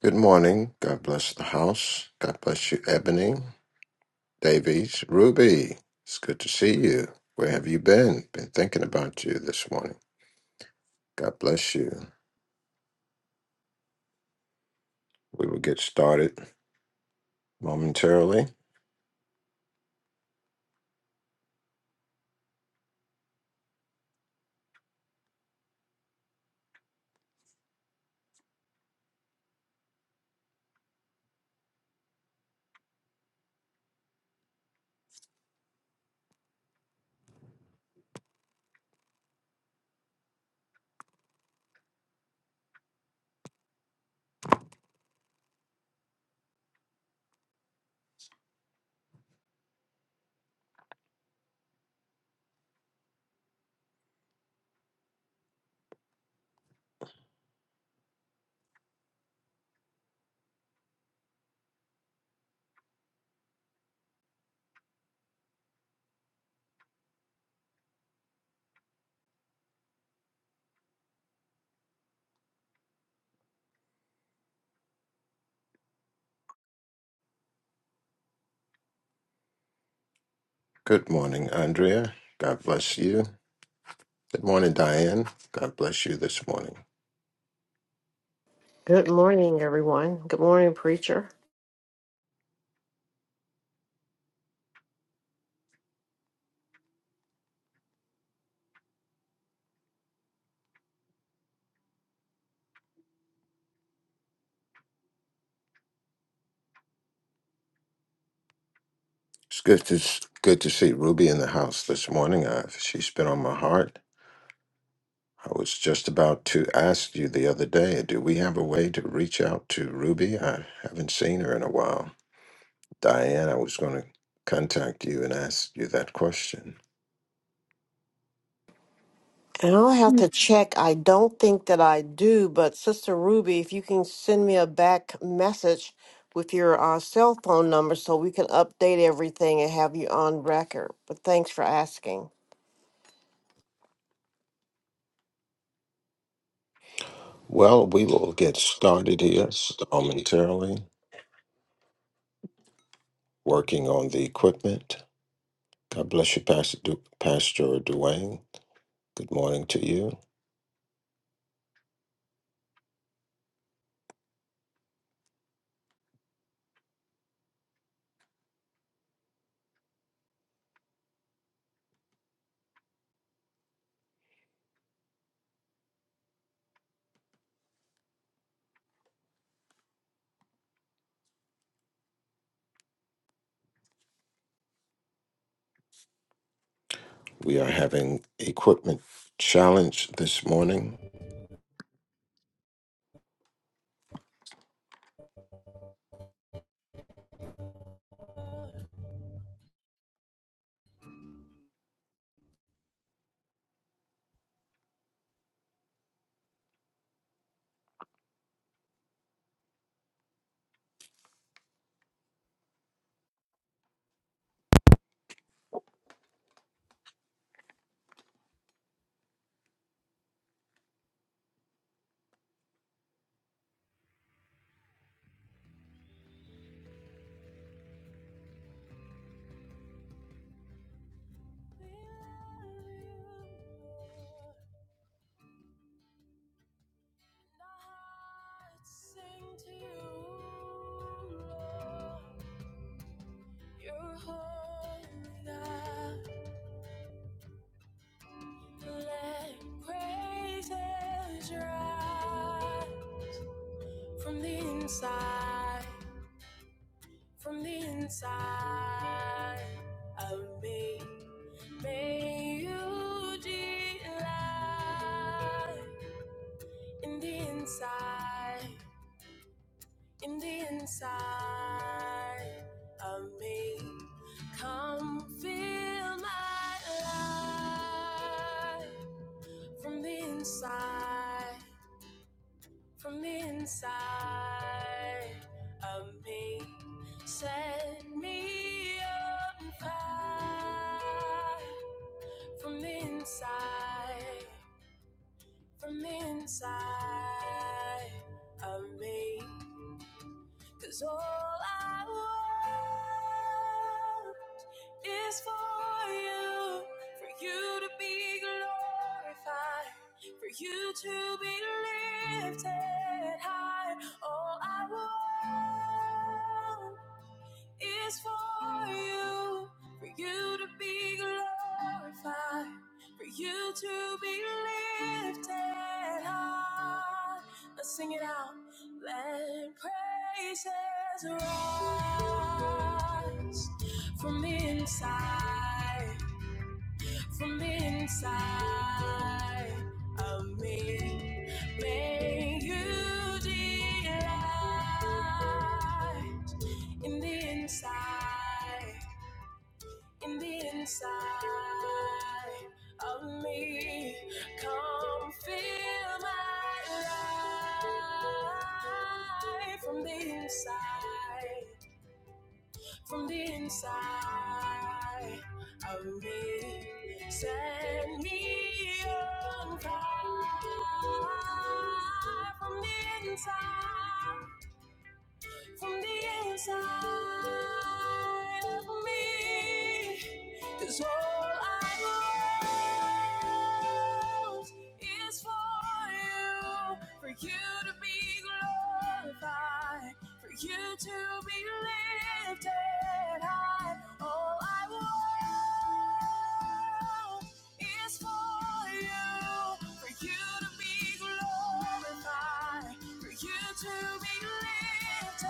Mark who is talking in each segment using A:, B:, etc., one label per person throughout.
A: Good morning. God bless the house. God bless you, Ebony, Davies, Ruby. It's good to see you. Where have you been? Been thinking about you this morning. God bless you. We will get started momentarily. Good morning, Andrea. God bless you. Good morning, Diane. God bless you this morning.
B: Good morning, everyone. Good morning, preacher.
A: It's good to good to see Ruby in the house this morning. Uh, she's been on my heart. I was just about to ask you the other day, do we have a way to reach out to Ruby? I haven't seen her in a while. Diane, I was going to contact you and ask you that question.
B: And I'll have to check. I don't think that I do, but Sister Ruby, if you can send me a back message with your uh, cell phone number so we can update everything and have you on record. But thanks for asking.
A: Well, we will get started here momentarily, working on the equipment. God bless you, Pastor, du- Pastor Duane. Good morning to you. We are having equipment challenge this morning.
C: We love you, Lord. And our hearts sing to you, Lord. You're holy, God. Let praises rise from the inside, from the inside of me. May you delight in the inside. in the inside of me. Come feel my life from the inside, from the inside of me. Set me on fire from the inside, from the inside of me. Cause all I want is for you, for you to be glorified, for you to be lifted high. All I want is for you, for you to be glorified, for you to be lifted high. Let's sing it out. Let praises rise from the inside from inside of me. May you delight in the inside, in the inside of me. Come fill my life from the inside, from the inside of me, set me on fire from the inside from the inside of me, 'cause all I want is for you, for you to be glorified, for you to be lifted high. All I want is for you, for you to be glorified for you to be lifted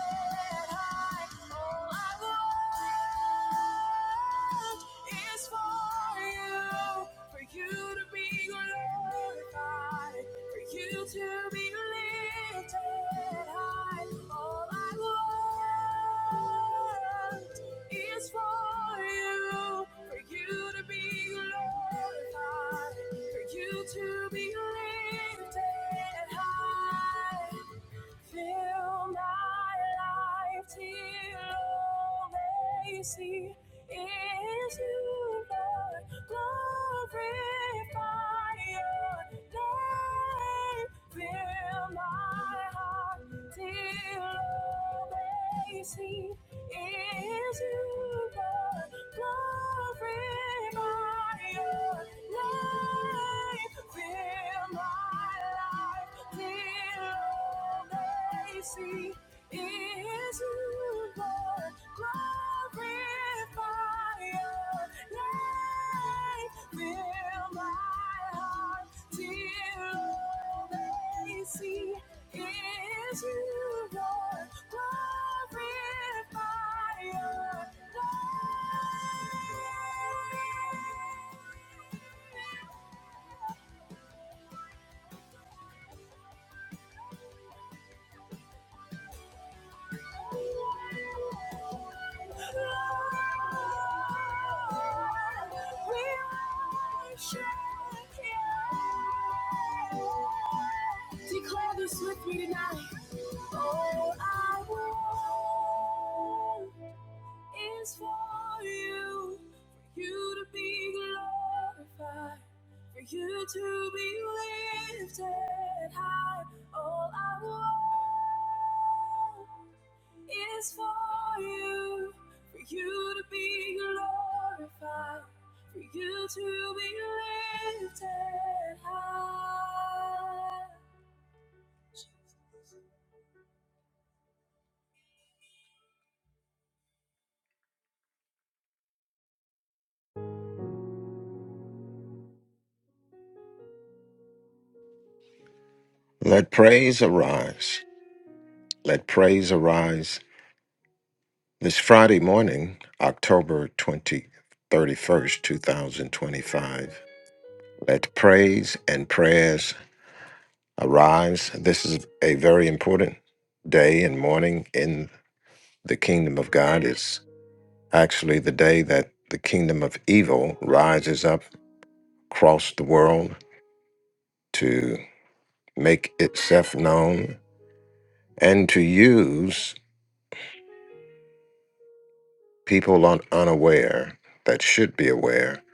C: high. All I want is for you, for you to be glorified, for you to be lifted. To be lifted high, Fill my life till all they see is you, Lord. Glorify your name. Fill my heart till all they see is you, Lord. Glorify your name. Fill my life. Till all all they they see see is You, Lord, glorify Your name. Fill my heart, till all they see Is you Lord, glorify your name. Declare this with me tonight. All I want is for you, for you to be glorified, for you to be lifted high. All I want. It is for you, for you to be glorified, for you to be lifted high. Jesus.
A: Let praise arise. Let praise arise. It's Friday morning, October twenty thirty first, 2025. Let praise and prayers arise. This is a very important day and morning in the kingdom of God. It's actually the day that the kingdom of evil rises up across the world to make itself known and to use people un- unaware that should be aware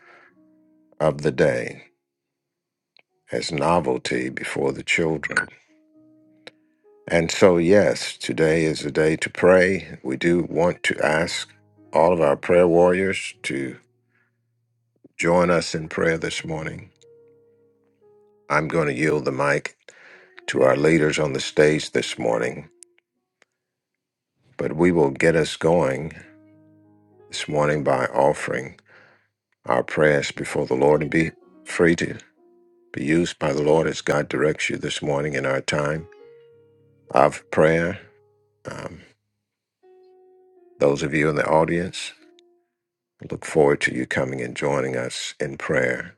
A: of the day as novelty before the children. And so, yes, today is a day to pray. We do want to ask all of our prayer warriors to join us in prayer this morning. I'm going to yield the mic to our leaders on the stage this morning, but we will get us going this morning by offering our prayers before the Lord and be free to be used by the Lord as God directs you this morning in our time of prayer. Um, those of you in the audience. I Look forward to you coming and joining us in prayer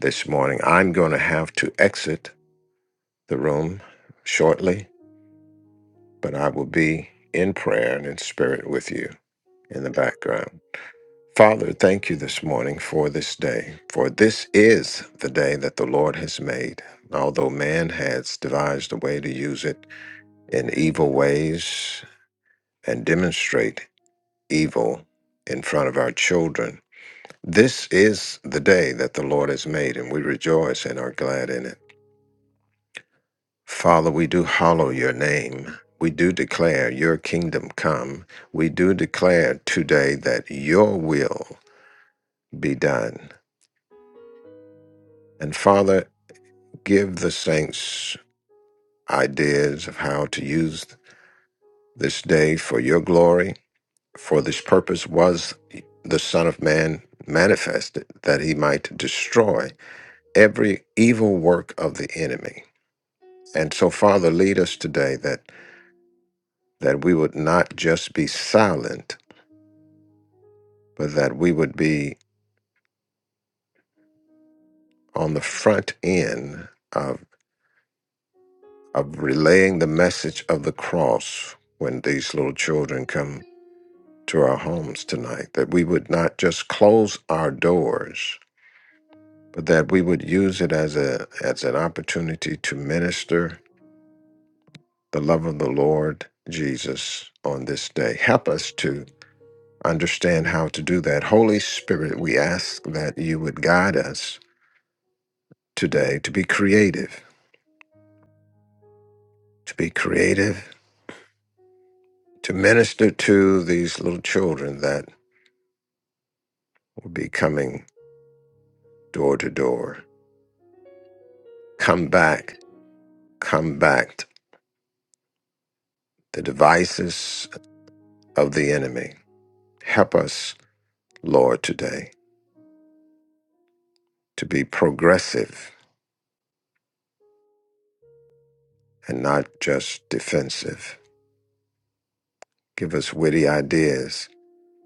A: this morning. I'm going to have to exit the room shortly, but I will be in prayer and in spirit with you in the background. Father, thank you this morning for this day, for this is the day that the Lord has made. Although man has devised a way to use it in evil ways and demonstrate evil in front of our children, This is the day that the Lord has made, and we rejoice and are glad in it. Father, we do hallow your name. We do declare your kingdom come. We do declare today that your will be done. And Father, give the saints ideas of how to use this day for your glory. For this purpose was the Son of Man manifested, that he might destroy every evil work of the enemy. And so, Father, lead us today that that we would not just be silent, but that we would be on the front end of of relaying the message of the cross when these little children come to our homes tonight. That we would not just close our doors, but that we would use it as a as an opportunity to minister the love of the Lord Jesus on this day. Help us to understand how to do that. Holy Spirit, we ask that you would guide us today to be creative, to be creative, to minister to these little children that will be coming door to door. Come back, come back, the devices of the enemy. Help us, Lord, today to be progressive and not just defensive. Give us witty ideas,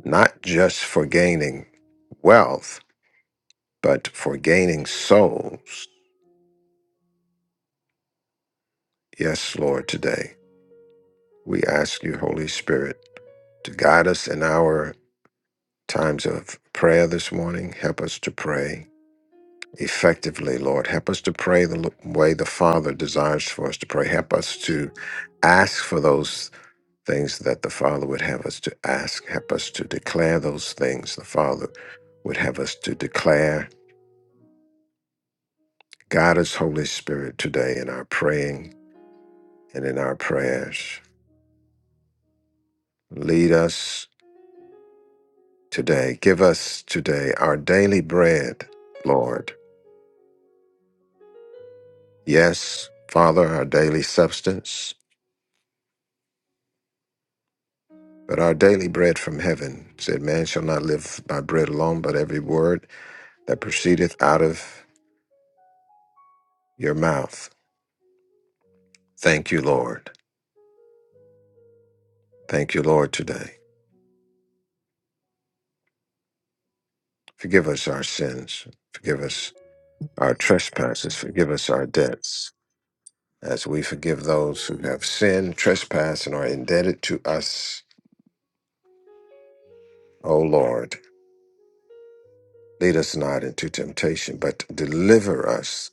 A: not just for gaining wealth but for gaining souls. Yes, Lord, today we ask you, Holy Spirit, to guide us in our times of prayer this morning. Help us to pray effectively, Lord. Help us to pray the l- way the Father desires for us to pray. Help us to ask for those things that the Father would have us to ask. Help us to declare those things the Father would have us to declare. God is Holy Spirit today in our praying and in our prayers. Lead us today. Give us today our daily bread, Lord. Yes, Father, our daily substance, but our daily bread from heaven. It Said, Man shall not live by bread alone, but every word that proceedeth out of your mouth. Thank you, Lord. Thank you, Lord, today. Forgive us our sins. Forgive us our trespasses. Forgive us our debts, as we forgive those who have sinned, trespassed, and are indebted to us, O Lord. Lead us not into temptation, but deliver us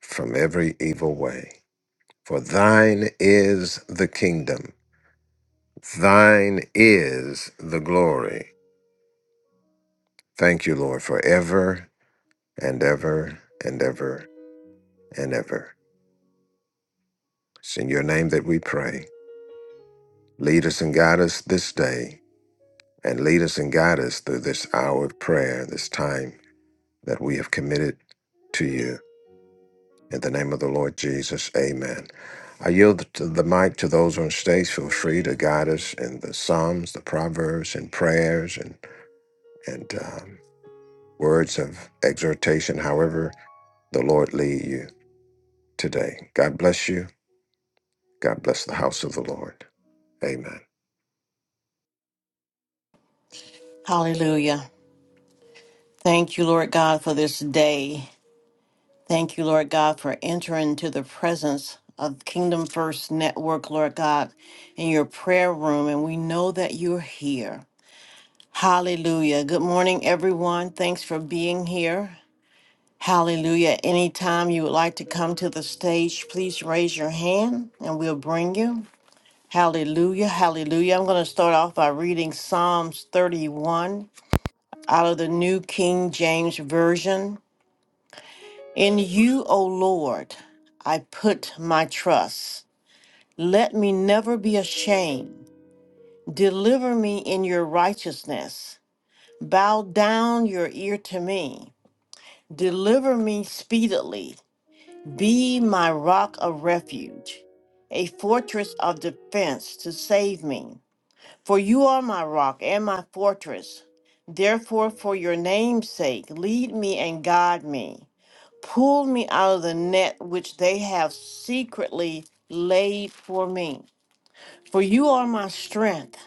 A: from every evil way. For thine is the kingdom, thine is the glory. Thank you, Lord, for ever and ever and ever and ever. It's in your name that we pray. Lead us and guide us this day, and lead us and guide us through this hour of prayer, this time that we have committed to you. In the name of the Lord Jesus, amen. I yield to the mic to those on stage. Feel free to guide us in the Psalms, the Proverbs, and prayers and, and um, words of exhortation, however the Lord lead you today. God bless you. God bless the house of the Lord. Amen.
B: Hallelujah. Thank you, Lord God, for this day. Thank you, Lord God, for entering to the presence of Kingdom First Network, Lord God, in your prayer room. And we know that you're here. Hallelujah. Good morning, everyone. Thanks for being here. Hallelujah. Anytime you would like to come to the stage, please raise your hand and we'll bring you. Hallelujah. Hallelujah. I'm going to start off by reading Psalms 31 out of the New King James Version. In you, O Lord, I put my trust. Let me never be ashamed. Deliver me in your righteousness. Bow down your ear to me. Deliver me speedily. Be my rock of refuge, a fortress of defense to save me. For you are my rock and my fortress. Therefore, for your name's sake, lead me and guide me. Pull me out of the net which they have secretly laid for me. For you are my strength.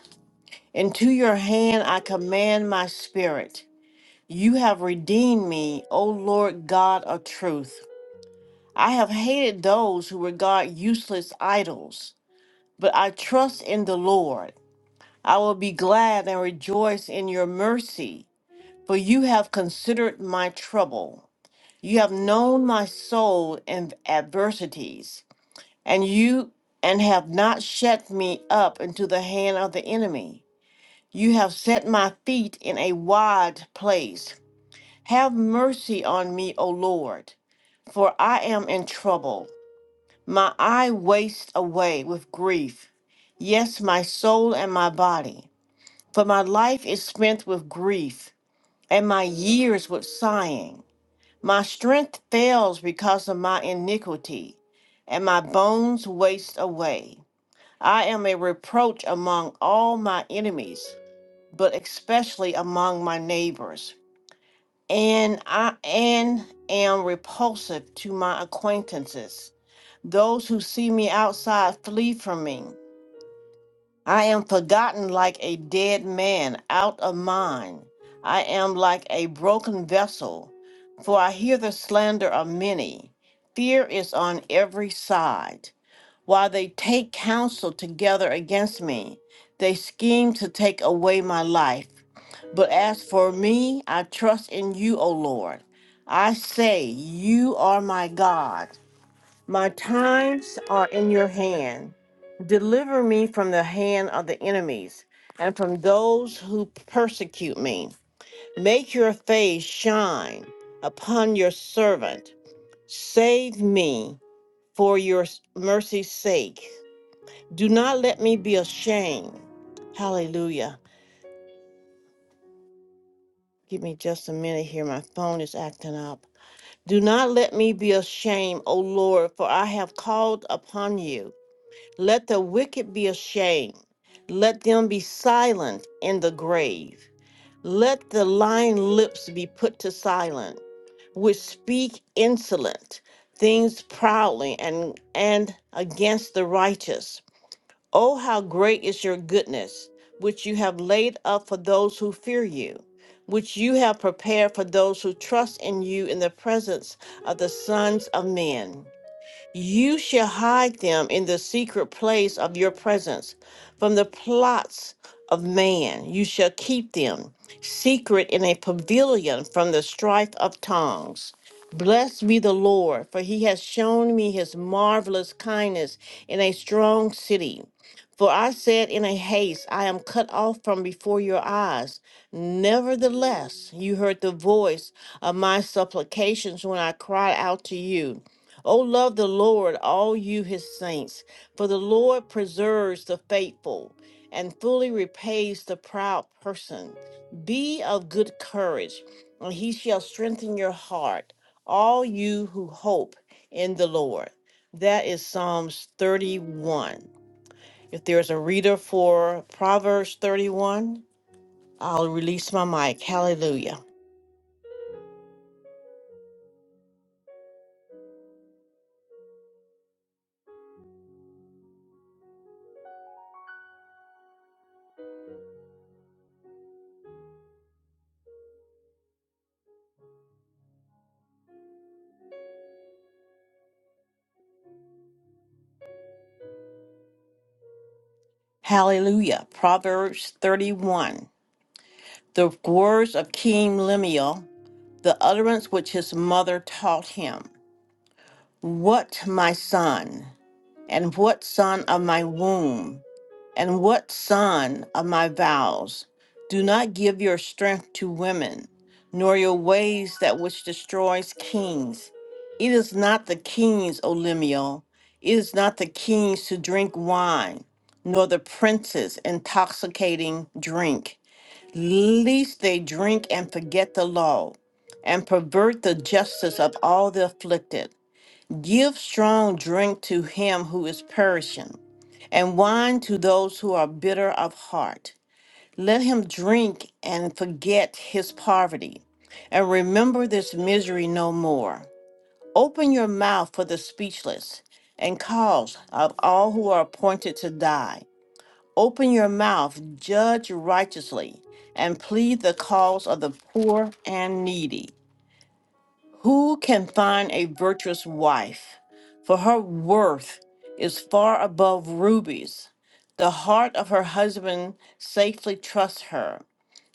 B: Into your hand I command my spirit. You have redeemed me, O Lord God of truth. I have hated those who regard useless idols, but I trust in the Lord. I will be glad and rejoice in your mercy, for you have considered my trouble. You have known my soul in adversities, and you and have not shut me up into the hand of the enemy. You have set my feet in a wide place. Have mercy on me, O Lord, for I am in trouble. My eye wastes away with grief, yes, my soul and my body. For my life is spent with grief, and my years with sighing. My strength fails because of my iniquity, and my bones waste away. I am a reproach among all my enemies, but especially among my neighbors and I and am repulsive to my acquaintances. Those who see me outside flee from me. I am forgotten like a dead man out of mind. I am like a broken vessel, for I hear the slander of many. Fear is on every side. While they take counsel together against me, they scheme to take away my life. But as for me, I trust in you, O Lord. I say, You are my God. My times are in your hand. Deliver me from the hand of the enemies and from those who persecute me. Make your face shine upon your servant. Save me for your mercy's sake. Do not let me be ashamed. Hallelujah. Give me just a minute here. My phone is acting up. Do not let me be ashamed, O Lord, for I have called upon you. Let the wicked be ashamed. Let them be silent in the grave. Let the lying lips be put to silence, which speak insolent things proudly and, and against the righteous. Oh, how great is your goodness, which you have laid up for those who fear you, which you have prepared for those who trust in you in the presence of the sons of men. You shall hide them in the secret place of your presence from the plots of man. You shall keep them secret in a pavilion from the strife of tongues. Blessed be the Lord, for he has shown me his marvelous kindness in a strong city. For I said in a haste, I am cut off from before your eyes. Nevertheless, you heard the voice of my supplications when I cried out to you. O love the Lord, all you his saints, for the Lord preserves the faithful and fully repays the proud person. Be of good courage, and he shall strengthen your heart, all you who hope in the Lord. That is Psalms 31. If there's a reader for Proverbs 31, I'll release my mic. Hallelujah. Hallelujah. Proverbs 31. The words of King Lemuel the utterance which his mother taught him. What, my son, and what son of my womb, and what son of my vows? Do not give your strength to women, nor your ways that which destroys kings. It is not the kings, O Lemuel, it is not the kings to drink wine, nor the princes intoxicating drink Least they drink and forget the law and pervert the justice of all the afflicted. Give strong drink to him who is perishing, and wine to those who are bitter of heart. Let him drink and forget his poverty, and remember this misery no more. Open your mouth for the speechless, and cause of all who are appointed to die. Open your mouth, judge righteously, and plead the cause of the poor and needy. Who can find a virtuous wife? For her worth is far above rubies. The heart of her husband safely trusts her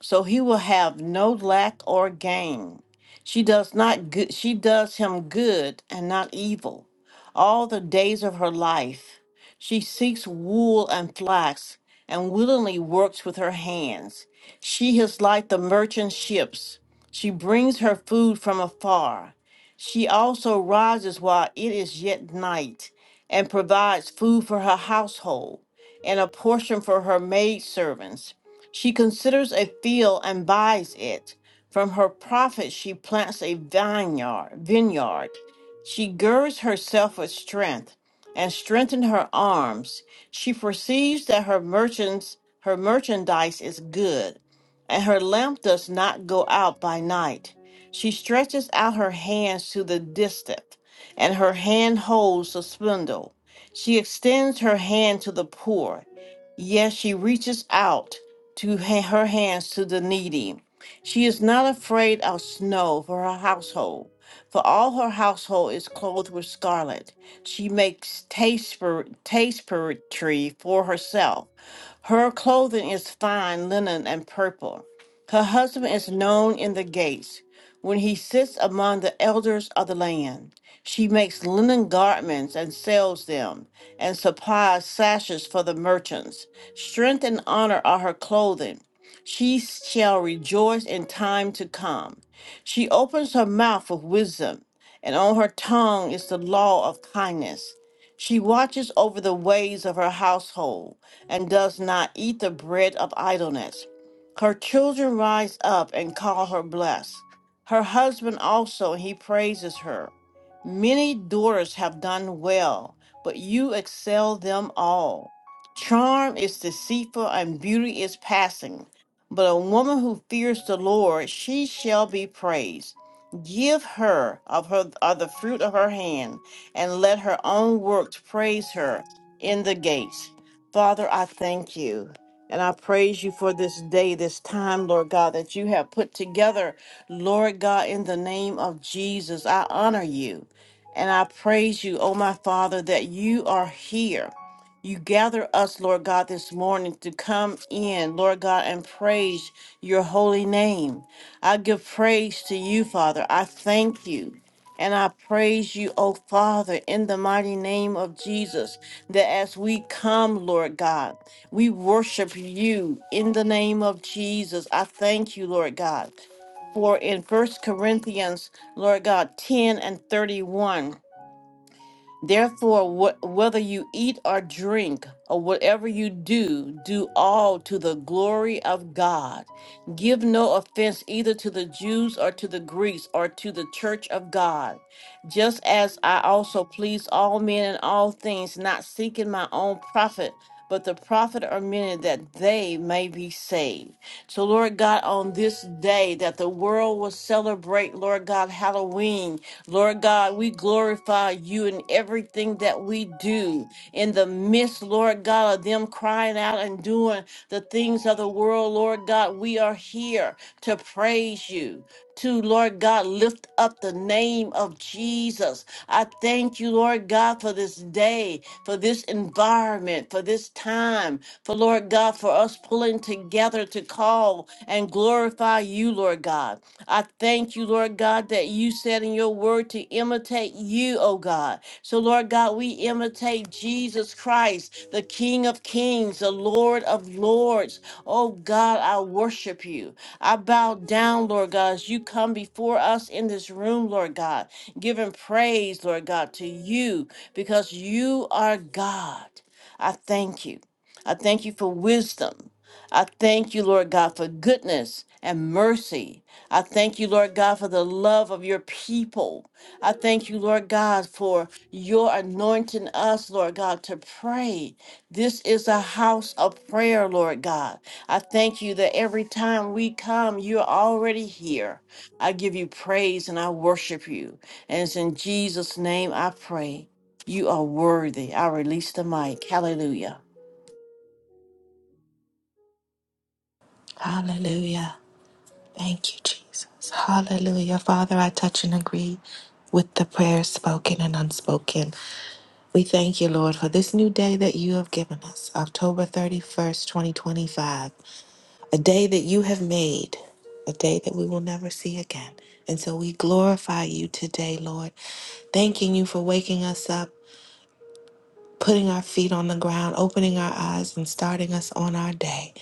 B: so he will have no lack or gain. She does not good, she does him good and not evil. All the days of her life, she seeks wool and flax and willingly works with her hands. She is like the merchant ships. She brings her food from afar. She also rises while it is yet night and provides food for her household and a portion for her maidservants she considers a field and buys it. From her profits she plants a vineyard vineyard. She girds herself with strength and strengthens her arms. She perceives that her merchants her merchandise is good, and her lamp does not go out by night. She stretches out her hands to the distant, and her hand holds the spindle. She extends her hand to the poor. Yes, she reaches out to ha- her hands to the needy. She is not afraid of snow for her household, for all her household is clothed with scarlet. She makes taste tapestry for herself her clothing is fine linen and purple. Her husband is known in the gates. When he sits among the elders of the land, she makes linen garments and sells them, and supplies sashes for the merchants. Strength and honor are her clothing. She shall rejoice in time to come. She opens her mouth with wisdom, and on her tongue is the law of kindness. She watches over the ways of her household and does not eat the bread of idleness. Her children rise up and call her blessed. Her husband also, he praises her. Many daughters have done well, but you excel them all. Charm is deceitful and beauty is passing, but a woman who fears the Lord, she shall be praised. Give her of her of the fruit of her hand, and let her own works praise her in the gates. Father, I thank you. And I praise you for this day, this time, Lord God, that you have put together, Lord God, in the name of Jesus. I honor you. And I praise you, oh my Father, that you are here. You gather us, Lord God, this morning to come in, Lord God, and praise your holy name. I give praise to you, Father. I thank you. And I praise you, O Father, in the mighty name of Jesus, that as we come, Lord God, we worship you in the name of Jesus. I thank you, Lord God. For in First Corinthians, Lord God, 10 and 31, Therefore, wh- whether you eat or drink or whatever you do, do all to the glory of God. Give no offense either to the Jews or to the Greeks or to the church of God, just as I also please all men in all things, not seeking my own profit, but the profit of many that they may be saved. So, Lord God, on this day that the world will celebrate, Lord God, Halloween. Lord God, we glorify you in everything that we do. In the midst, Lord God, of them crying out and doing the things of the world, Lord God, we are here to praise you. To Lord God, lift up the name of Jesus. I thank you, Lord God, for this day, for this environment, for this time, for Lord God, for us pulling together to call and glorify you, Lord God. I thank you, Lord God, that you said in your word to imitate you, oh God. So, Lord God, we imitate Jesus Christ, the King of Kings, the Lord of Lords. Oh God, I worship you. I bow down, Lord God, as you come before us in this room, Lord God, giving praise, Lord God, to you because you are God. I thank you. I thank you for wisdom. I thank you, Lord God, for goodness and mercy. I thank you, Lord God, for the love of your people. I thank you, Lord God, for your anointing us, Lord God, to pray. This is a house of prayer, Lord God. I thank you that every time we come, you're already here. I give you praise and I worship you. And it's in Jesus' name I pray. You are worthy. I release the mic. Hallelujah.
D: Hallelujah. Thank you, Jesus. Hallelujah. Father, I touch and agree with the prayers spoken and unspoken. We thank you, Lord, for this new day that you have given us, October 31st, 2025, a day that you have made, a day that we will never see again. And so we glorify you today, Lord, thanking you for waking us up, putting our feet on the ground, opening our eyes, and starting us on our day.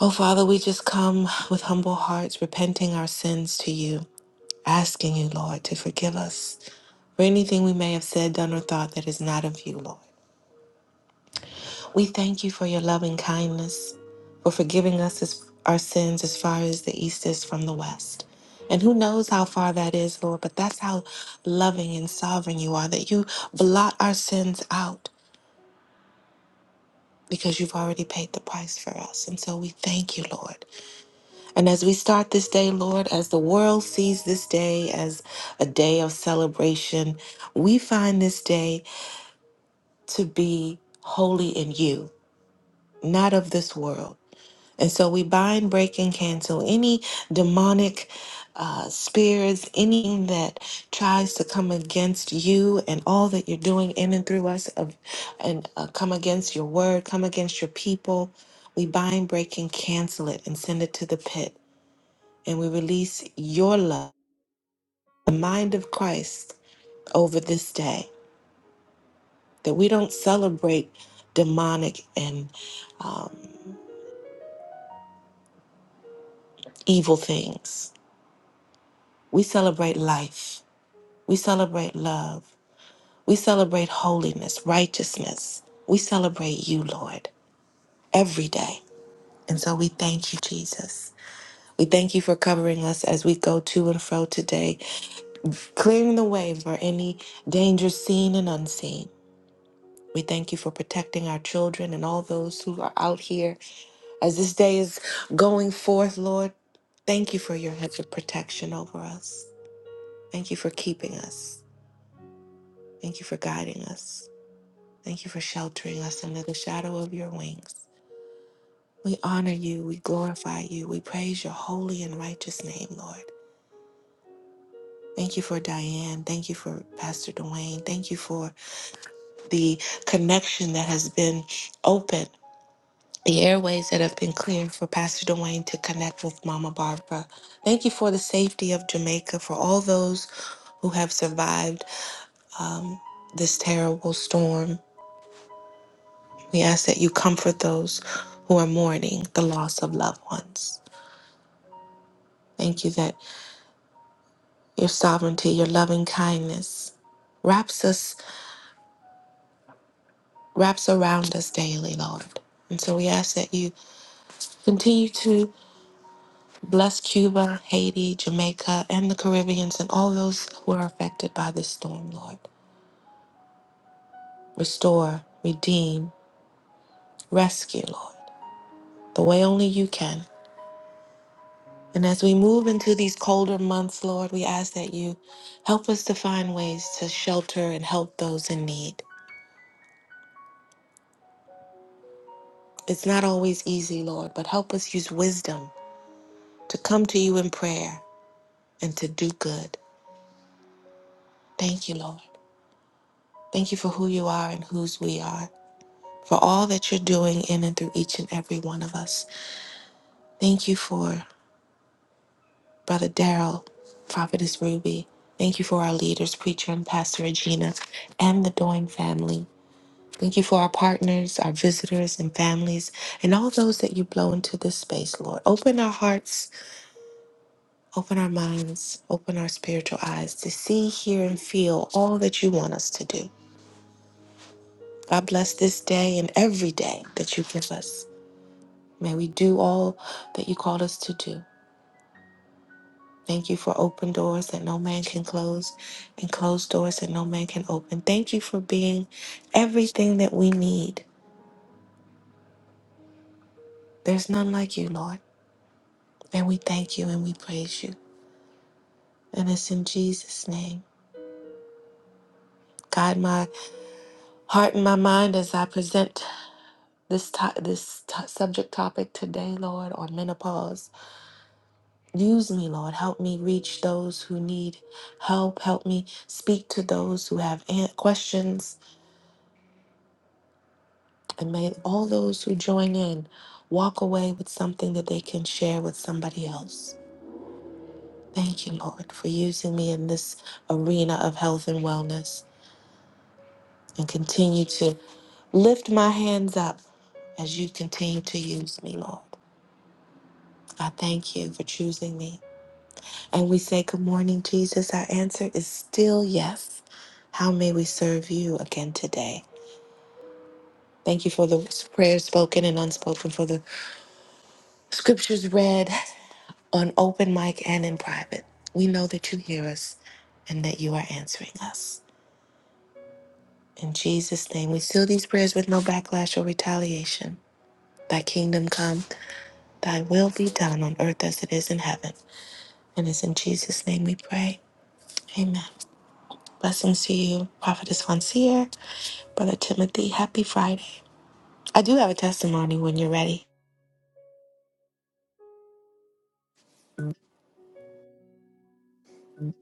D: Oh, Father, we just come with humble hearts, repenting our sins to you, asking you, Lord, to forgive us for anything we may have said, done, or thought that is not of you, Lord. We thank you for your loving kindness, for forgiving us as, our sins as far as the east is from the west. And who knows how far that is, Lord, but that's how loving and sovereign you are, that you blot our sins out because you've already paid the price for us. And so we thank you, Lord. And as we start this day, Lord, as the world sees this day as a day of celebration, we find this day to be holy in you, not of this world. And so we bind, break, and cancel any demonic uh, spirits, anything that tries to come against you and all that you're doing in and through us, of, and uh, come against your word, come against your people. We bind, break, and cancel it and send it to the pit. And we release your love, the mind of Christ, over this day, that we don't celebrate demonic and um, evil things. We celebrate life. We celebrate love. We celebrate holiness, righteousness. We celebrate you, Lord, every day. And so we thank you, Jesus. We thank you for covering us as we go to and fro today, clearing the way for any danger seen and unseen. We thank you for protecting our children and all those who are out here as this day is going forth, Lord. Thank you for your hedge of protection over us. Thank you for keeping us. Thank you for guiding us. Thank you for sheltering us under the shadow of your wings. We honor you. We glorify you. We praise your holy and righteous name, Lord. Thank you for Diane. Thank you for Pastor Dwayne. Thank you for the connection that has been open the airways that have been cleared for Pastor Dwayne to connect with Mama Barbara. Thank you for the safety of Jamaica, for all those who have survived this terrible storm. We ask that you comfort those who are mourning the loss of loved ones. Thank you that your sovereignty, your loving kindness wraps us, wraps around us daily, Lord. And so we ask that you continue to Bless Cuba, Haiti, Jamaica, and the Caribbeans and all those who are affected by this storm, Lord. Restore, redeem, rescue, Lord, the way only you can. And as we move into these colder months, Lord, we ask that you help us to find ways to shelter and help those in need. It's not always easy, Lord, but help us use wisdom to come to you in prayer and to do good. Thank you, Lord. Thank you for who you are and whose we are. for all that you're doing in and through each and every one of us. Thank you for Brother Daryl, Prophetess Ruby. Thank you for our leaders, Preacher and Pastor Regina, and the Doing family. Thank you for our partners, our visitors and families, and all those that you blow into this space, Lord. Open our hearts, open our minds, open our spiritual eyes to see, hear, and feel all that you want us to do. God bless this day and every day that you give us. May we do all that you called us to do. Thank you for open doors that no man can close and closed doors that no man can open. Thank you for being everything that we need. There's none like you, Lord. And we thank you and we praise you. And it's in Jesus' name. God, my heart and my mind as I present this to- this to- subject topic today, Lord, on menopause. Use me, Lord. Help me reach those who need help. Help me speak to those who have an- questions And may all those who join in walk away with something that they can share with somebody else. Thank you, Lord, for using me in this arena of health and wellness and continue to lift my hands up as you continue to use me, Lord. I thank you for choosing me. And we say, Good morning, Jesus. Our answer is still yes. How may we serve you again today? Thank you for the prayers spoken and unspoken, for the scriptures read. on open mic and in private. We know that you hear us and that you are answering us. In Jesus' name, we seal these prayers with no backlash or retaliation. Thy kingdom come, thy will be done on earth as it is in heaven. And it's in Jesus' name we pray. Amen. Blessings to you, Prophetess Fonseer, Brother Timothy. Happy Friday. I do have a testimony when you're ready.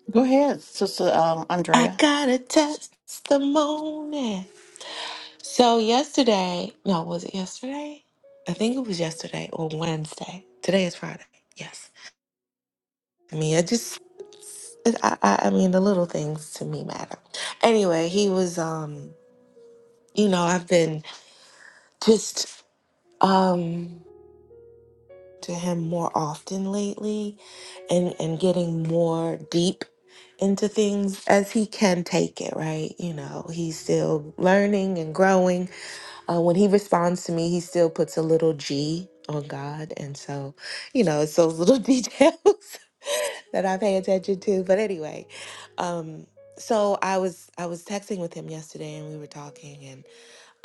B: Go ahead, Sister um,
D: I
B: Andrea.
D: got a testimony. So yesterday, no, was it yesterday? I think it was yesterday or Wednesday. Today is Friday. Yes. I mean, I just, it, I, I, I mean, the little things to me matter. Anyway, he was, um, you know, I've been just um to him more often lately, and and getting more deep into things as he can take it. Right? You know, he's still learning and growing Uh, when he responds to me, he still puts a little G on God. And so, you know, it's those little details that I pay attention to. But anyway, um, so I was I was texting with him yesterday and we were talking and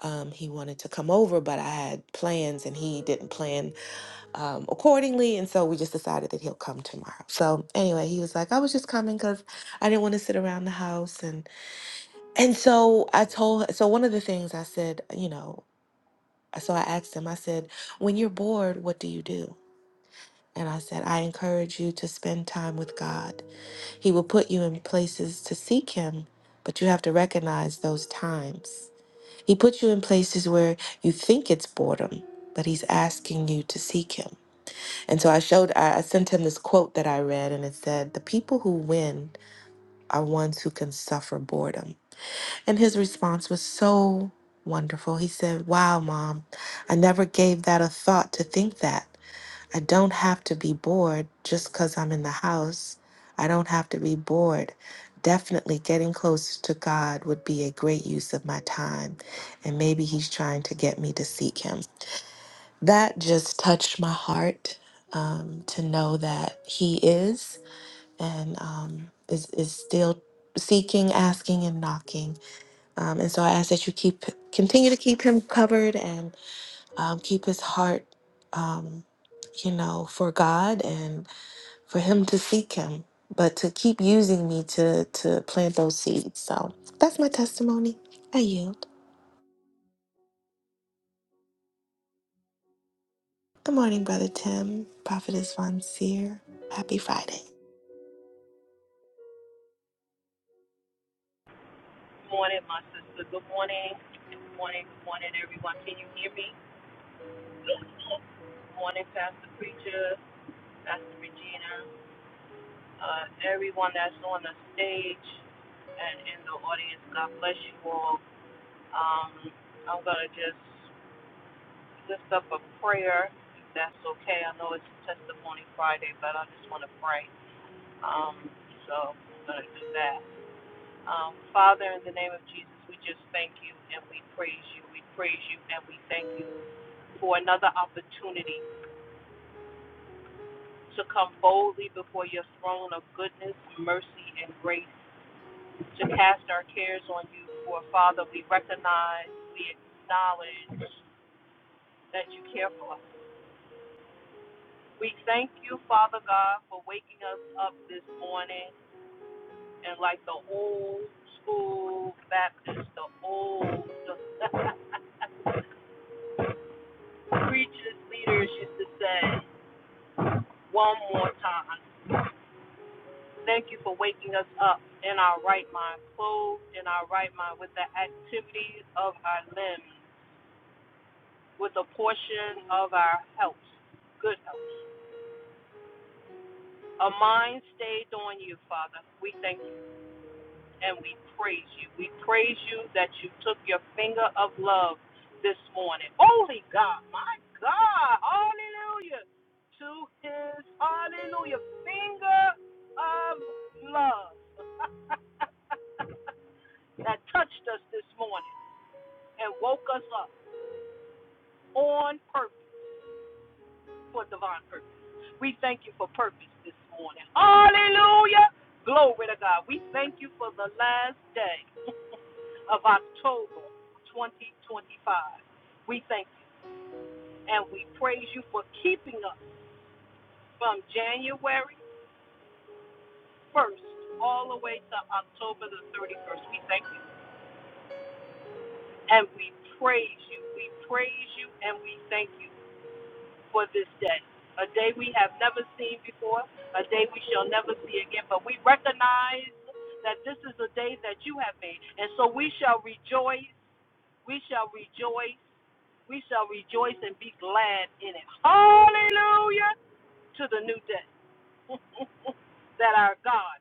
D: um, he wanted to come over, but I had plans and he didn't plan um, accordingly. And so we just decided that he'll come tomorrow. So anyway, he was like, I was just coming because I didn't want to sit around the house. And, and so I told, so one of the things I said, you know, so I asked him, I said, when you're bored, what do you do? And I said, I encourage you to spend time with God. He will put you in places to seek Him, but you have to recognize those times. He puts you in places where you think it's boredom, but He's asking you to seek Him. And so I showed, I I sent him this quote that I read, and it said, The people who win are ones who can suffer boredom. And his response was so wonderful. He said, Wow, mom, I never gave that a thought to think that. I don't have to be bored just because I'm in the house. I don't have to be bored. Definitely getting close to God would be a great use of my time. And maybe he's trying to get me to seek him. That just touched my heart um, to know that he is and um, is, is still seeking, asking, and knocking um, and so I ask that you keep continue to keep him covered and um, keep his heart, um, you know, for God and for him to seek Him, but to keep using me to to plant those seeds. So that's my testimony. I yield. Good morning, Brother Tim. Prophet is Von Seer. Happy Friday.
E: Good morning, my sister. Good morning. Good morning. Good morning, everyone. Can you hear me? Good morning, Pastor Preacher, Pastor Regina, uh, everyone that's on the stage and in the audience. God bless you all. Um, I'm going to just lift up a prayer, if that's okay. I know it's Testimony Friday, but I just want to pray. Um, so I'm going to do that. Um, Father, in the name of Jesus, we just thank you and we praise you. We praise you and we thank you for another opportunity to come boldly before your throne of goodness, mercy, and grace, to cast our cares on you. For Father, we recognize, we acknowledge that you care for us. We thank you, Father God, for waking us up this morning and like the old school Baptist, the old preachers, leaders used to say, one more time. Thank you for waking us up in our right mind, clothed in our right mind, with the activities of our limbs, with a portion of our health, good health. A mind stayed on you, Father. We thank you and we praise you. We praise you that you took your finger of love this morning. Holy God, my God, hallelujah. To his, hallelujah, finger of love. that touched us this morning and woke us up on purpose for divine purpose. We thank you for purpose this morning. Hallelujah. Glory to God. We thank you for the last day of October 2025. We thank you and we praise you for keeping us from January 1st all the way to October the 31st. We thank you and we praise you. We praise you and we thank you. for this day, a day we have never seen before, a day we shall never see again. But we recognize that this is a day that you have made. And so we shall rejoice, we shall rejoice, we shall rejoice and be glad in it. Hallelujah to the new day that our God,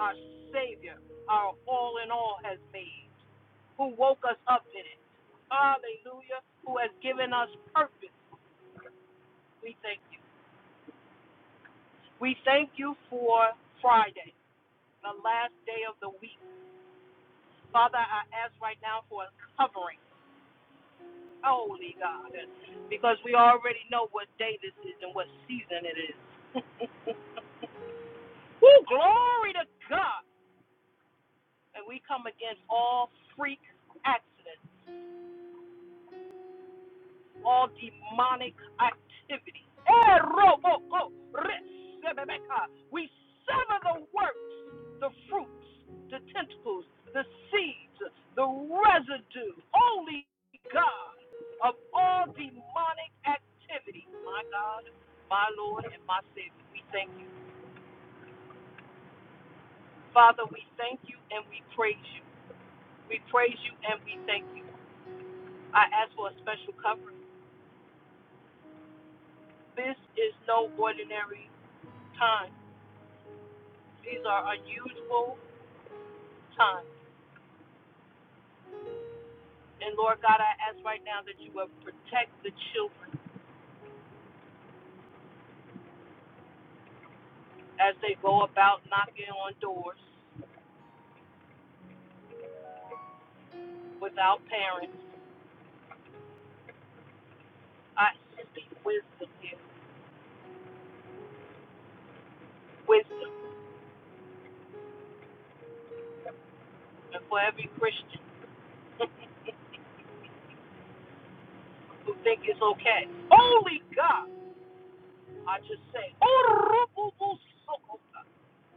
E: our Savior, our all in all has made, who woke us up in it. Hallelujah, who has given us purpose. We thank you. We thank you for Friday, the last day of the week. Father, I ask right now for a covering. Holy God, because we already know what day this is and what season it is. Woo, glory to God. And we come against all freak accidents. all demonic activity. Eh, We sever the works, the fruits, the tentacles, the seeds, the residue, holy God, of all demonic activity. My God, my Lord, and my Savior, we thank you. Father, we thank you and we praise you. We praise you and we thank you. I ask for a special covering. This is no ordinary time. These are unusual times. And Lord God, I ask right now that you will protect the children as they go about knocking on doors without parents. I speak wisdom here, wisdom. And for every Christian who think it's okay, holy God, I just say,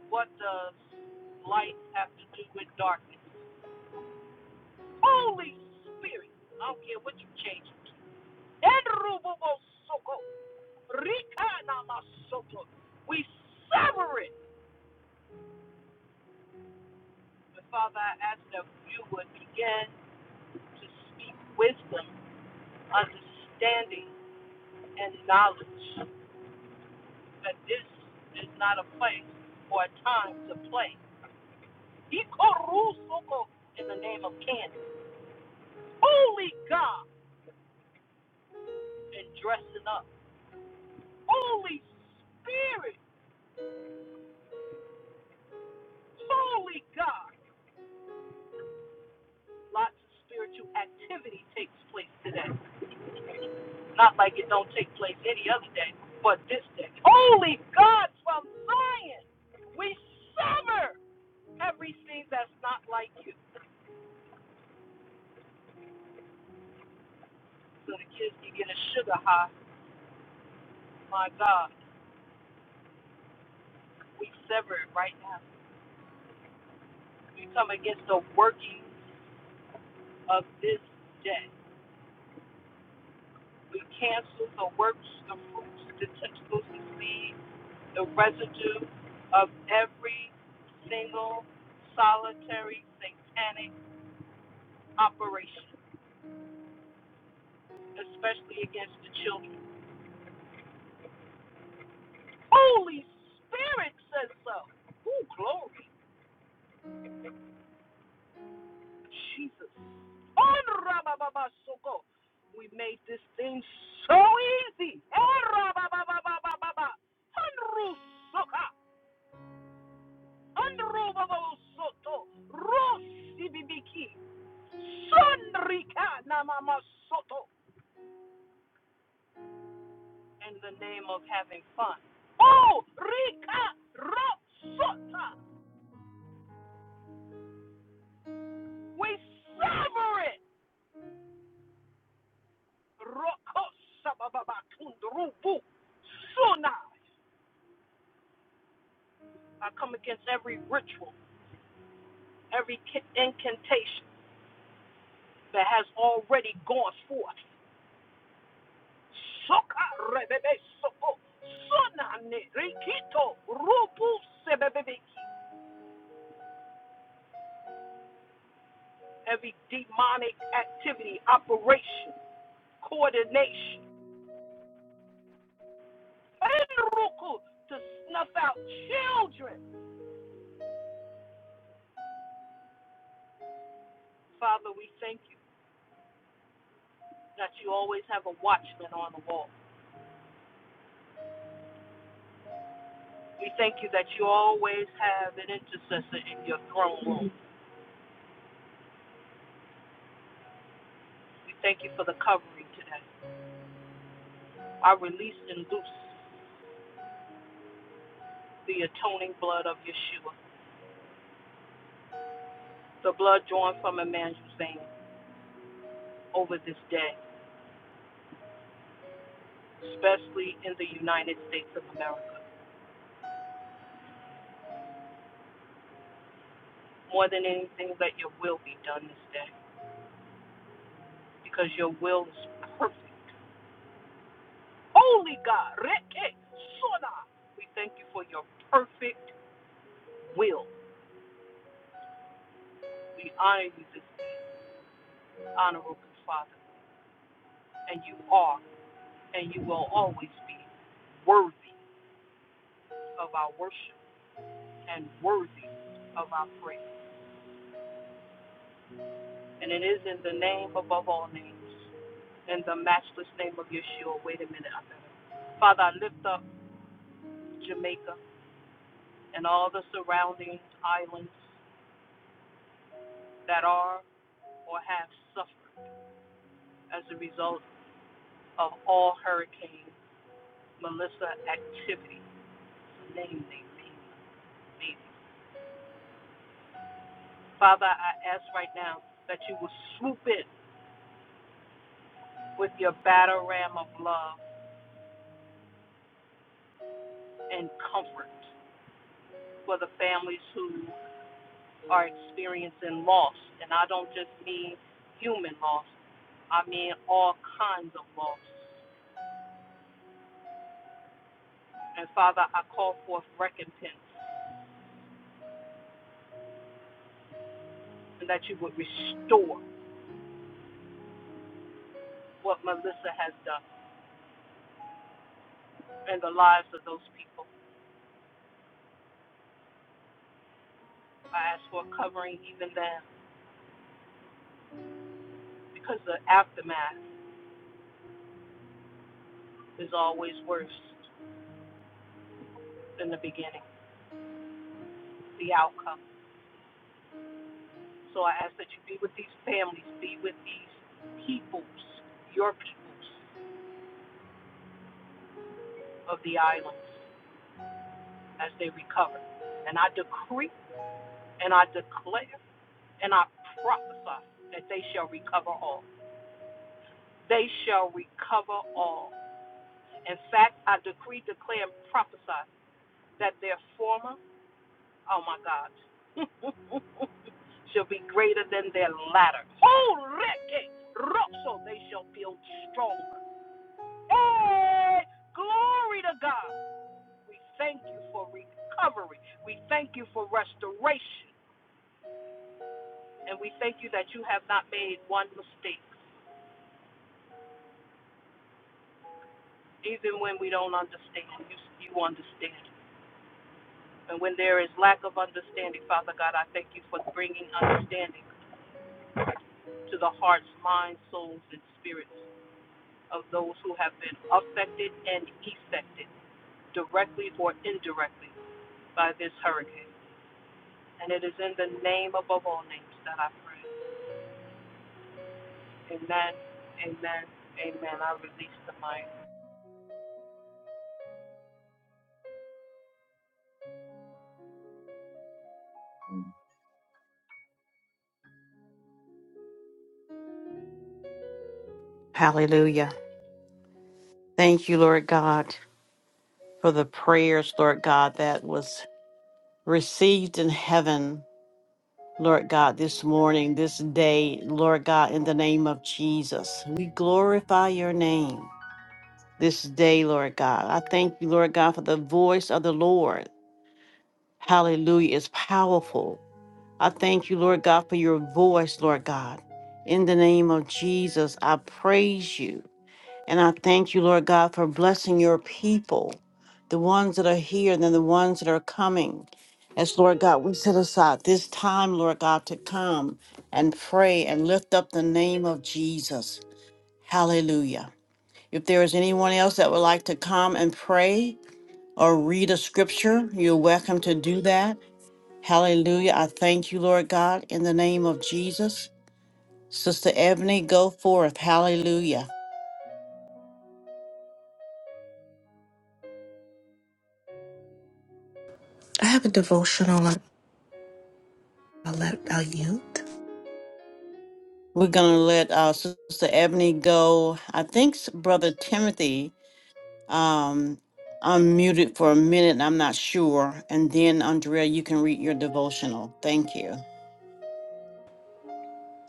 E: what does light have to do with darkness? Holy Spirit, I don't care what you change it to. Rikanamasoko. We sever it. But Father, I ask that you would begin to speak wisdom, understanding, and knowledge that this is not a place or a time to play. Ikorusoko in the name of Candy. Holy God and dressing up. Holy Spirit. Holy God. Lots of spiritual activity takes place today. Not like it don't take place any other day, but this day. Holy God from Zion! We sever everything that's not like you. So the kids can get a sugar high. My God, we sever it right now. We come against the working of this day. We cancel the works, the fruits, the tentacles, the seed, the residue of every single solitary satanic operation especially against the children. Holy Spirit says so. Ooh, glory, Jesus. We made this thing so easy. In the name of having fun. Oh, Rika Rosota. We sever it. Rokosababakundrubu. Sunai. I come against every ritual, every incantation that has already gone forth. Soka rebebe soko. Sunane rikito rubu sebebebeki. Every demonic activity, operation, coordination, enruku, to snuff out children. Father, we thank you that you always have a watchman on the wall. We thank you that you always have an intercessor in your throne room. We thank you for the covering today. I release and loose the atoning blood of Yeshua, the blood drawn from Emmanuel's vein over this day, especially in the United States of America. More than anything, let your will be done this day, because your will is perfect. Holy God, Reke Sona, we thank you for your perfect will. We honor you this day, honorable Father. and you are and you will always be worthy of our worship and worthy of our praise. And it is in the name above all names, in the matchless name of Yeshua. Wait a minute, I better. Father, I lift up Jamaica and all the surrounding islands that are or have suffered as a result of all Hurricane Melissa activity. Name, name, name, name. Father, I ask right now that you will swoop in with your battle ram of love and comfort for the families who are experiencing loss. And I don't just mean human loss, I mean all kinds of loss. And Father, I call forth recompense and that you would restore what Melissa has done in the lives of those people. I ask for covering even then because the aftermath is always worse than the beginning, the outcome. So I ask that you be with these families, be with these peoples, your peoples of the islands as they recover. And I decree and I declare and I prophesy that they shall recover all. They shall recover all. In fact, I decree, declare, and prophesy that their former, oh my God, shall be greater than their latter. Oh, Ricky, Rosso, they shall build stronger. Hey, glory to God. We thank you for recovery. We thank you for restoration. And we thank you that you have not made one mistake. Even when we don't understand, you, you understand. And when there is lack of understanding, Father God, I thank you for bringing understanding to the hearts, minds, souls, and spirits of those who have been affected and effected directly or indirectly by this hurricane. And it is in the name above all names that I pray. Amen. Amen. Amen. I release the mic.
B: Hallelujah. Thank you, Lord God. for the prayers, Lord God, that was received in heaven, Lord God, this morning, this day, Lord God, in the name of Jesus. We glorify your name this day, Lord God. I thank you, Lord God, for the voice of the Lord. Hallelujah. It's powerful. I thank you, Lord God, for your voice, Lord God. In the name of Jesus, I praise you. And I thank you, Lord God, for blessing your people, the ones that are here and then the ones that are coming. As Lord God, we set aside this time, Lord God, to come and pray and lift up the name of Jesus. Hallelujah. If there is anyone else that would like to come and pray or read a scripture, you're welcome to do that. Hallelujah. I thank you, Lord God, in the name of Jesus. Sister Ebony, go forth. Hallelujah.
D: I have a devotional. I'll, I'll let I'll yield.
B: We're gonna let uh, Sister Ebony go. I think s- Brother Timothy um, unmuted for a minute. I'm not sure. And then Andrea, you can read your devotional. Thank you.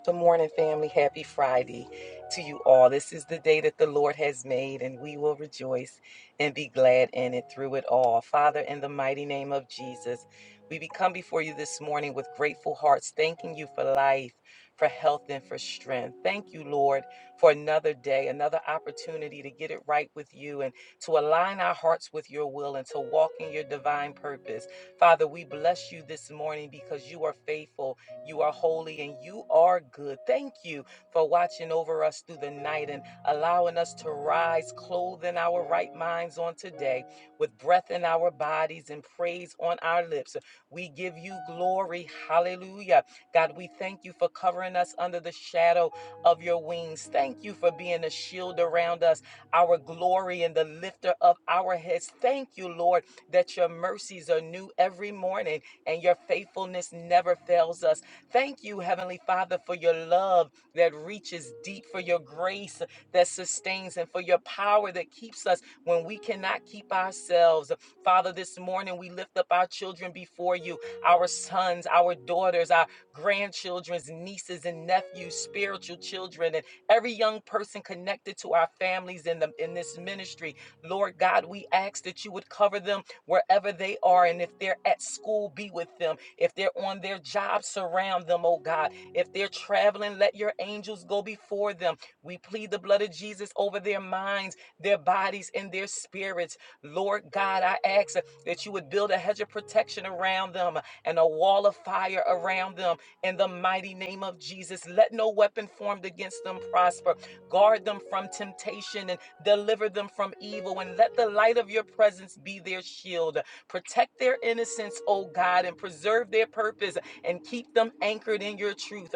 F: Good morning, family. Happy Friday to you all. This is the day that the Lord has made, and we will rejoice and be glad in it through it all. Father, in the mighty name of Jesus, we become before you this morning with grateful hearts, thanking you for life, for health, and for strength. Thank you, Lord, for another day, another opportunity to get it right with you and to align our hearts with your will and to walk in your divine purpose. Father, we bless you this morning because you are faithful you are holy and you are good. Thank you for watching over us through the night and allowing us to rise, clothing our right minds on today with breath in our bodies and praise on our lips. We give you glory. Hallelujah. God, we thank you for covering us under the shadow of your wings. Thank you for being a shield around us, our glory and the lifter of our heads. Thank you, Lord, that your mercies are new every morning and your faithfulness never fails us. Thank you, Heavenly Father, for your love that reaches deep, for your grace that sustains, and for your power that keeps us when we cannot keep ourselves. Father, this morning we lift up our children before you, our sons, our daughters, our grandchildren's nieces and nephews, spiritual children, and every young person connected to our families in the in this ministry. Lord God, we ask that you would cover them wherever they are. And if they're at school, be with them. If they're on their job, surround them, oh God. If they're traveling, let your angels go before them. We plead the blood of Jesus over their minds, their bodies, and their spirits. Lord God, I ask that you would build a hedge of protection around them and a wall of fire around them in the mighty name of Jesus. Let no weapon formed against them prosper. Guard them from temptation and deliver them from evil. And let the light of your presence be their shield. Protect their innocence, O God, and preserve their purpose and keep them anchored in your truth.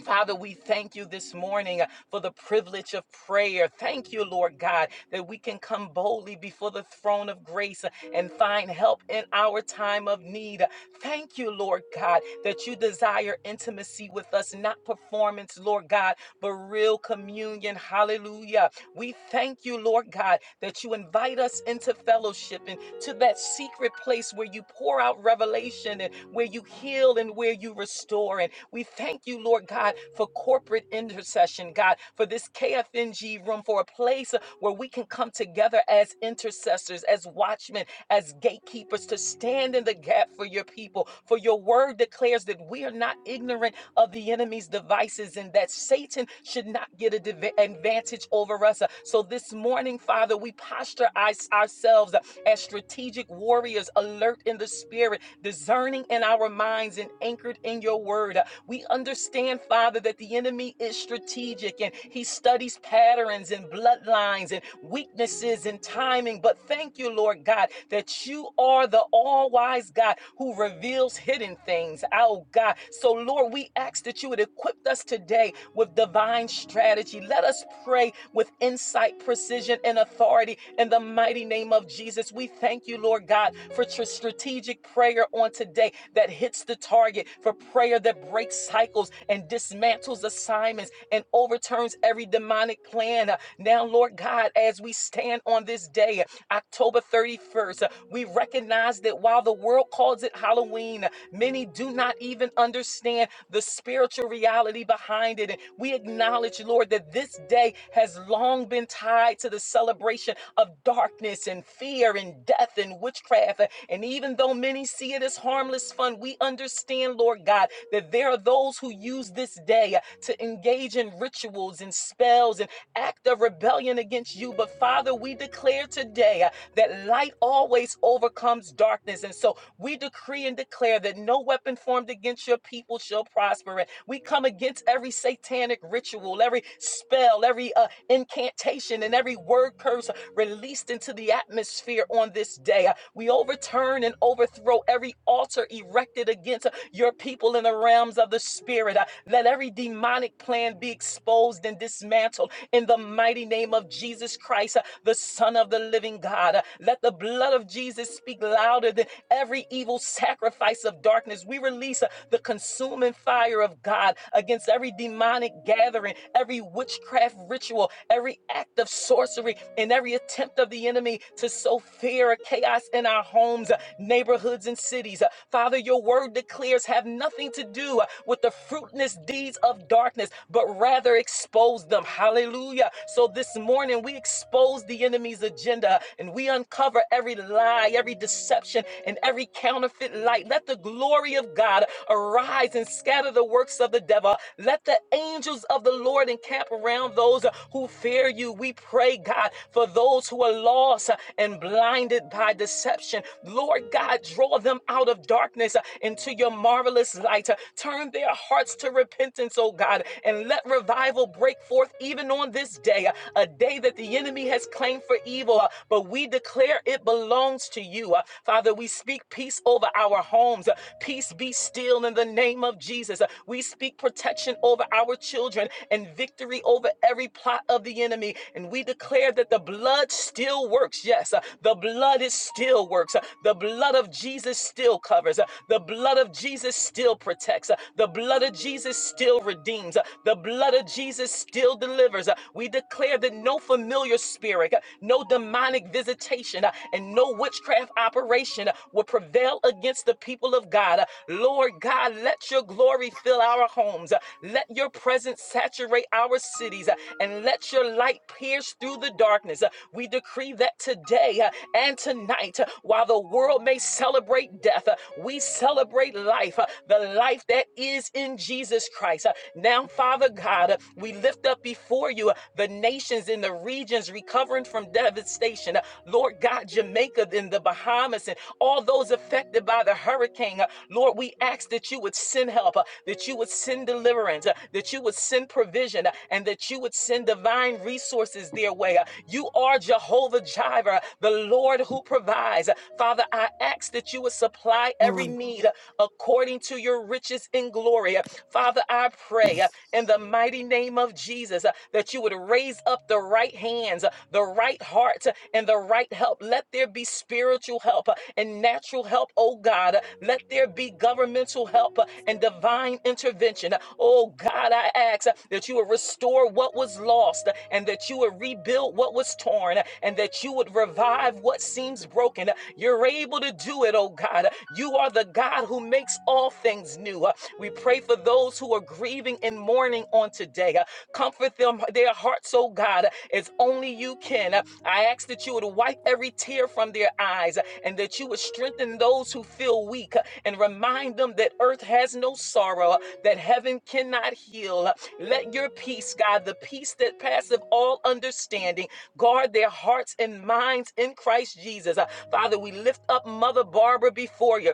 F: Father, we thank you this morning uh, for the privilege of prayer. Thank you, Lord God, that we can come boldly before the throne of grace uh, and find help in our time of need. Uh, Thank you, Lord God, that you desire intimacy with us, not performance, Lord God, but real communion. Hallelujah. We thank you, Lord God, that you invite us into fellowship and to that secret place where you pour out revelation and where you heal and where you restore. And we thank you, Lord God, for corporate intercession, God, for this KFNG room, for a place where we can come together as intercessors, as watchmen, as gatekeepers to stand in the gap for your people. For your word declares that we are not ignorant of the enemy's devices and that Satan should not get an advantage over us. Uh, So this morning, Father, we posture our- ourselves as strategic warriors, alert in the spirit, discerning in our minds, and anchored in your word. Uh, We understand, Father, that the enemy is strategic and he studies patterns and bloodlines and weaknesses and timing. But thank you, Lord God, that you are the all wise God who reveals hidden things. Oh, God. So, Lord, we ask that you would equip us today with with divine strategy. Let us pray with insight, precision, and authority in the mighty name of Jesus. We thank you, Lord God, for tr- strategic prayer on today that hits the target, for prayer that breaks cycles and dismantles assignments and overturns every demonic plan. Uh, Now, Lord God, as we stand on this day, October 31st, uh, we recognize that. But while the world calls it Halloween, many do not even understand the spiritual reality behind it. And we acknowledge, Lord, that this day has long been tied to the celebration of darkness and fear and death and witchcraft. And even though many see it as harmless fun, we understand, Lord God, that there are those who use this day to engage in rituals and spells and act of rebellion against you. But Father, we declare today that light always overcomes darkness. And so we decree and declare that no weapon formed against your people shall prosper. And we come against every satanic ritual, every spell, every uh, incantation, and every word curse released into the atmosphere on this day. Uh, We overturn and overthrow every altar erected against uh, your people in the realms of the spirit. Uh, Let every demonic plan be exposed and dismantled in the mighty name of Jesus Christ, uh, the Son of the living God. Uh, Let the blood of Jesus. Jesus, speak louder than every evil sacrifice of darkness. We release uh, the consuming fire of God against every demonic gathering, every witchcraft ritual, every act of sorcery, and every attempt of the enemy to sow fear or chaos in our homes, uh, neighborhoods, and cities. Uh, Father, your word declares have nothing to do uh, with the fruitless deeds of darkness, but rather expose them. Hallelujah. So this morning, we expose the enemy's agenda God, and we uncover every lie, every deception, and every counterfeit light. Let the glory of God arise and scatter the works of the devil. Let the angels of the Lord encamp around those who fear you. We pray, God, for those who are lost and blinded by deception. Lord God, draw them out of darkness into your marvelous light. Turn their hearts to repentance, oh God, and let revival break forth even on this day, a day that the the enemy has claimed for evil, uh, but we declare it belongs to you. Uh, Father, we speak peace over our homes. Uh, Peace be still in the name of Jesus. Uh, We speak protection over our children and victory over every plot of the enemy. And we declare that the blood still works. Yes, uh, the blood is still works. Uh, The blood of Jesus still covers. Uh, The blood of Jesus still protects. Uh, The blood of Jesus still redeems. Uh, The blood of Jesus still delivers believers. Uh, We declare that no familiar spirit, uh, no demonic visitation, uh, and no witchcraft operation uh, will prevail against the people of God. Uh, Lord God, let your glory fill our homes. Uh, Let your presence saturate our cities, uh, and let your light pierce through the darkness. Uh, We decree that today uh, and tonight, uh, while the world may celebrate death, uh, we celebrate life, uh, the life that is in Jesus Christ. Uh, Now, Father God, God. We lift up before you the nations in the regions recovering from devastation. Lord God, Jamaica and the Bahamas and all those affected by the hurricane. Lord, we ask that you would send help, uh, that you would send deliverance, uh, that you would send provision, uh, and that you would send divine resources their way. Uh, You are Jehovah Jireh, the Lord who provides. Uh, Father, I ask that you would supply every need uh, according to your riches in glory. Uh, Father, I pray uh, in the mighty name of Jesus uh, that you would raise up the right hands, uh, the right heart, uh, and the right help. Let there be spiritual help uh, and natural help, oh God. Uh, Let there be governmental help uh, and divine intervention. Uh, Oh God, I ask uh, that you would restore what was lost uh, and that you would rebuild what was torn uh, and that you would revive what seems broken. Uh, You're able to do it, oh God. Uh, You are the God who makes all things things new. Uh, We pray for those who are grieving and mourning on today. Uh, Comfort them, their hearts, oh God, uh, as only you can. Uh, I ask that you would wipe every tear from their eyes uh, and that you would strengthen those who feel weak uh, and remind them that earth has no sorrow, uh, that heaven cannot heal. Uh, Let your peace, God, the peace that passeth all understanding, guard their hearts and minds in Christ Jesus. Uh, Father, we lift up Mother Barbara before you.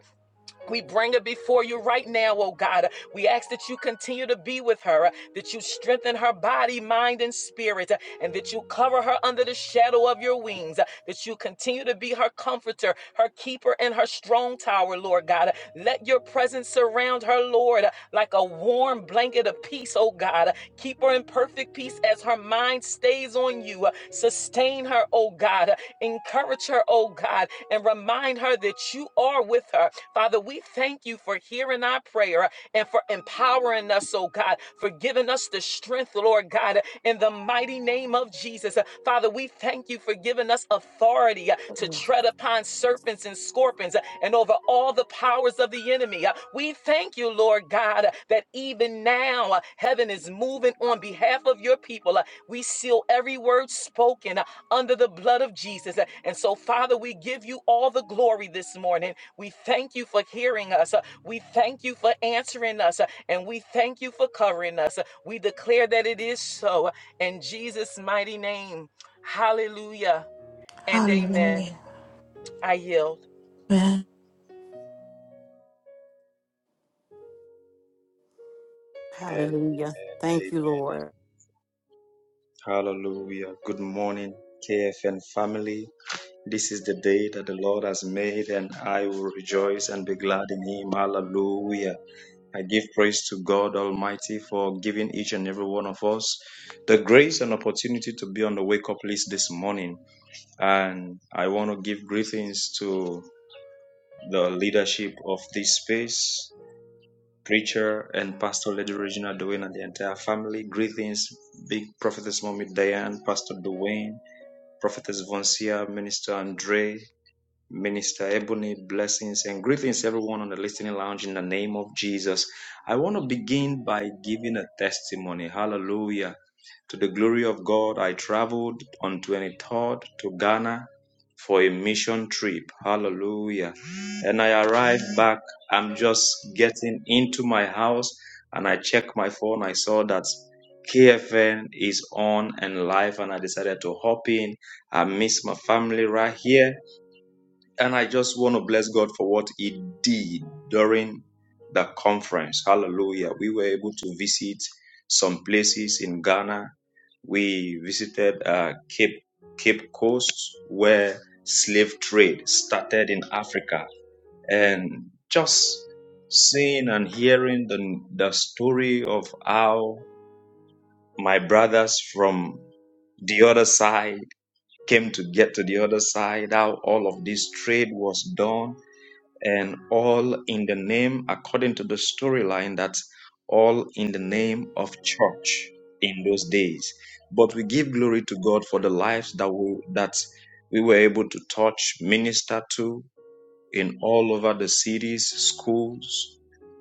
F: We bring her before you right now, oh God. We ask that you continue to be with her, that you strengthen her body, mind, and spirit, and that you cover her under the shadow of your wings, that you continue to be her comforter, her keeper, and her strong tower, Lord God. Let your presence surround her, Lord, like a warm blanket of peace, oh God. Keep her in perfect peace as her mind stays on you. Sustain her, oh God. Encourage her, oh God alive and remind her that you are with her. Father, we thank you for hearing our prayer and for empowering us, oh God, for giving us the strength, Lord God, in the mighty name of Jesus. Uh, Father, we thank you for giving us authority uh, to tread upon serpents and scorpions uh, and over all the powers of the enemy. Uh, We thank you, Lord God, uh, that even now uh, heaven is moving on behalf of your people. Uh, We seal every word spoken under the blood of Jesus. And so, Father, we give you all the glory this morning. We thank you for hearing us. We thank you for answering us. And we thank you for covering us. We declare that it is so. In Jesus' mighty name, hallelujah and amen.
D: Hallelujah.
F: I yield.
D: Amen.
G: Amen.
B: Hallelujah. Thank
G: Amen.
B: you, Lord.
G: Hallelujah. Good morning, KFN family. This is the day that the Lord has made, and I will rejoice and be glad in Him. Hallelujah. I give praise to God Almighty for giving each and every one of us the grace and opportunity to be on the wake up list this morning. And I want to give greetings to the leadership of this space. Preacher and Pastor Lady Regina Dwayne and the entire family. Greetings, Big Prophetess Mommy Diane, Pastor Dwayne, Prophetess Vonsia, Minister Andre, Minister Ebony, blessings and greetings everyone on the listening lounge in the name of Jesus. I want to begin by giving a testimony. Hallelujah. To the glory of God, I traveled on 23rd to Ghana for a mission trip. Hallelujah. And I arrived back. I'm just getting into my house and I checked my phone. I saw that KFN is on and live and I decided to hop in. I miss my family right here and I just want to bless God for what He did during the conference. Hallelujah. We were able to visit some places in Ghana. We visited uh, Cape, Cape Coast, where slave trade started in Africa. And just seeing and hearing the, the story of how my brothers from the other side came to get to the other side, how all of this trade was done and all in the name, according to the storyline, that's all in the name of church in those days. But we give glory to God for the lives that we that we were able to touch, minister to in all over the cities, schools,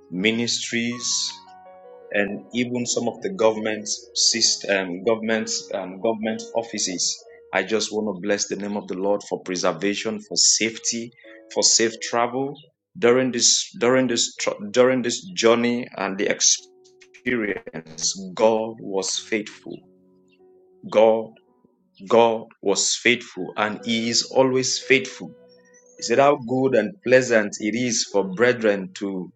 G: ministries and even some of the government system, government um, government offices. I just want to bless the name of the Lord for preservation, for safety, for safe travel during this during this during this journey and the experience. God was faithful. God God was faithful, and He is always faithful. He said, How good and pleasant it is for brethren to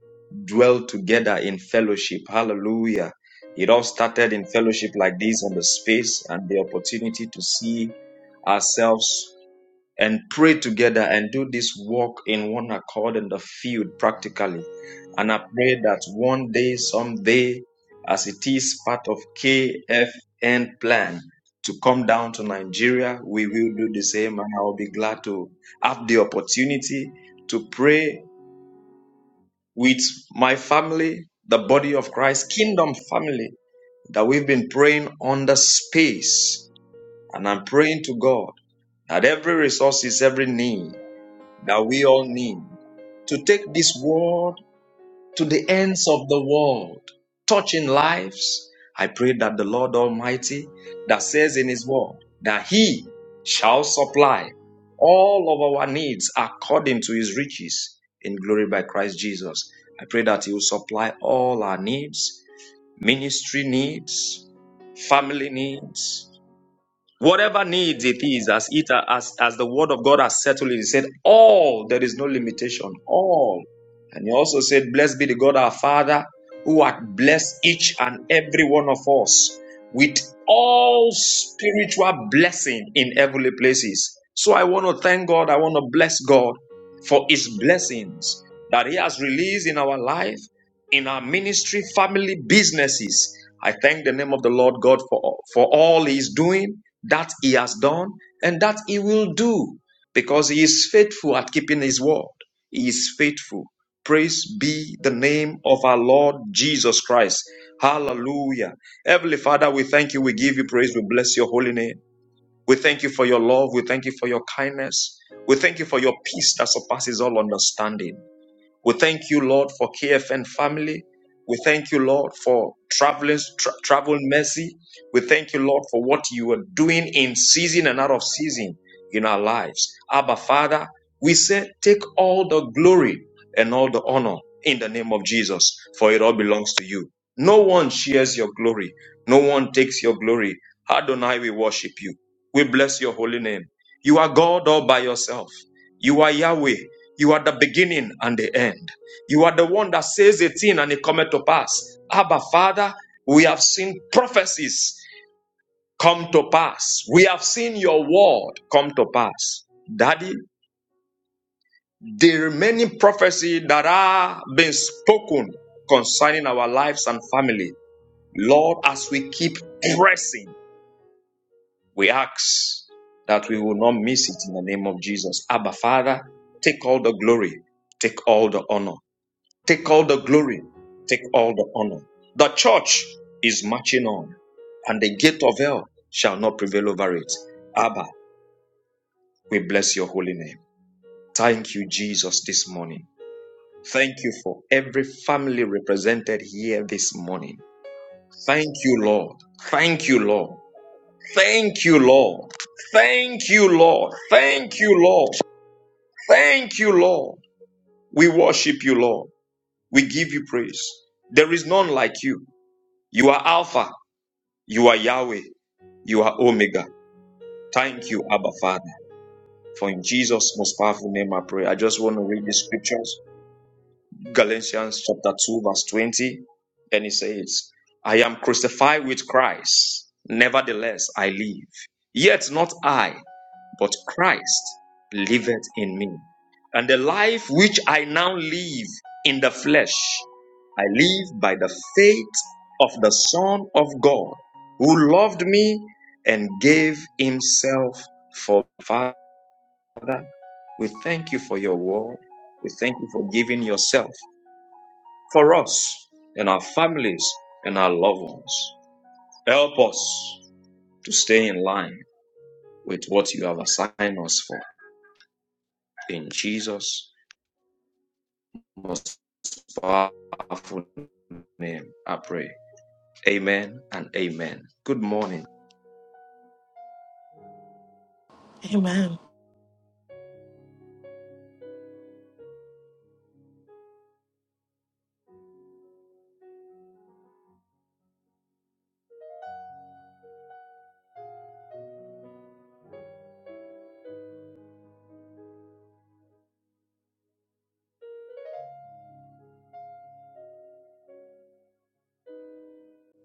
G: dwell together in fellowship. Hallelujah. It all started in fellowship like this on the space and the opportunity to see ourselves and pray together and do this work in one accord in the field practically. And I pray that one day, someday, as it is part of KFN plan to come down to Nigeria, we will do the same. And I'll be glad to have the opportunity to pray with my family, the body of Christ, kingdom family that we've been praying on the space. And I'm praying to God that every resources, every need that we all need to take this word to the ends of the world, touching lives. I pray that the Lord Almighty, that says in His word, that He shall supply all of our needs according to His riches in glory by Christ Jesus. I pray that He will supply all our needs, ministry needs, family needs, Whatever needs it is, as it as as the word of God has settled it, he said, All there is no limitation, all. And he also said, Blessed be the God our Father, who hath blessed each and every one of us with all spiritual blessing in heavenly places. So I want to thank God, I want to bless God for his blessings that he has released in our life in our ministry, family, businesses. I thank the name of the Lord God for, for all He is doing, that He has done, and that He will do, because He is faithful at keeping His word. He is faithful. Praise be the name of our Lord Jesus Christ. Hallelujah. Heavenly Father, we thank you. We give you praise. We bless your holy name. We thank you for your love. We thank you for your kindness. We thank you for your peace that surpasses all understanding. We thank you, Lord, for KFN family. We thank you, Lord, for traveling, tra- travel mercy. We thank you, Lord, for what you are doing in season and out of season in our lives. Abba, Father, we say, take all the glory and all the honor in the name of Jesus, for it all belongs to you. No one shares your glory. No one takes your glory. Adonai, we worship you. We bless your holy name. You are God all by yourself. You are Yahweh. You are the beginning and the end. You are the one that says a thing and it cometh to pass. Abba, Father, we have seen prophecies come to pass. We have seen your word come to pass. Daddy, the remaining prophecy that are being spoken concerning our lives and family, Lord, as we keep pressing, we ask that we will not miss it in the name of Jesus. Abba, Father, take all the glory, take all the honor. Take all the glory. Take all the honor. The church is marching on, and the gate of hell shall not prevail over it. Abba, we bless your holy name. Thank you, Jesus, this morning. Thank you for every family represented here this morning. Thank you, Lord. Thank you, Lord. Thank you, Lord. Thank you, Lord. Thank you, Lord. Thank you, Lord. We worship you, Lord. We give you praise. There is none like you. You are Alpha. You are Yahweh. You are Omega. Thank you, Abba Father. For in Jesus' most powerful name I pray. I just want to read the scriptures. Galatians chapter 2, verse 20. And it says, I am crucified with Christ. Nevertheless, I live. Yet not I but Christ liveth in me. And the life which I now live in the flesh, I live by the faith of the Son of God, who loved me and gave himself for me. Father. We thank you for your word. We thank you for giving yourself for us and our families and our loved ones. Help us to stay in line with what you have assigned us for. In Jesus' most powerful name, I pray. Amen and amen. Good morning.
D: Amen.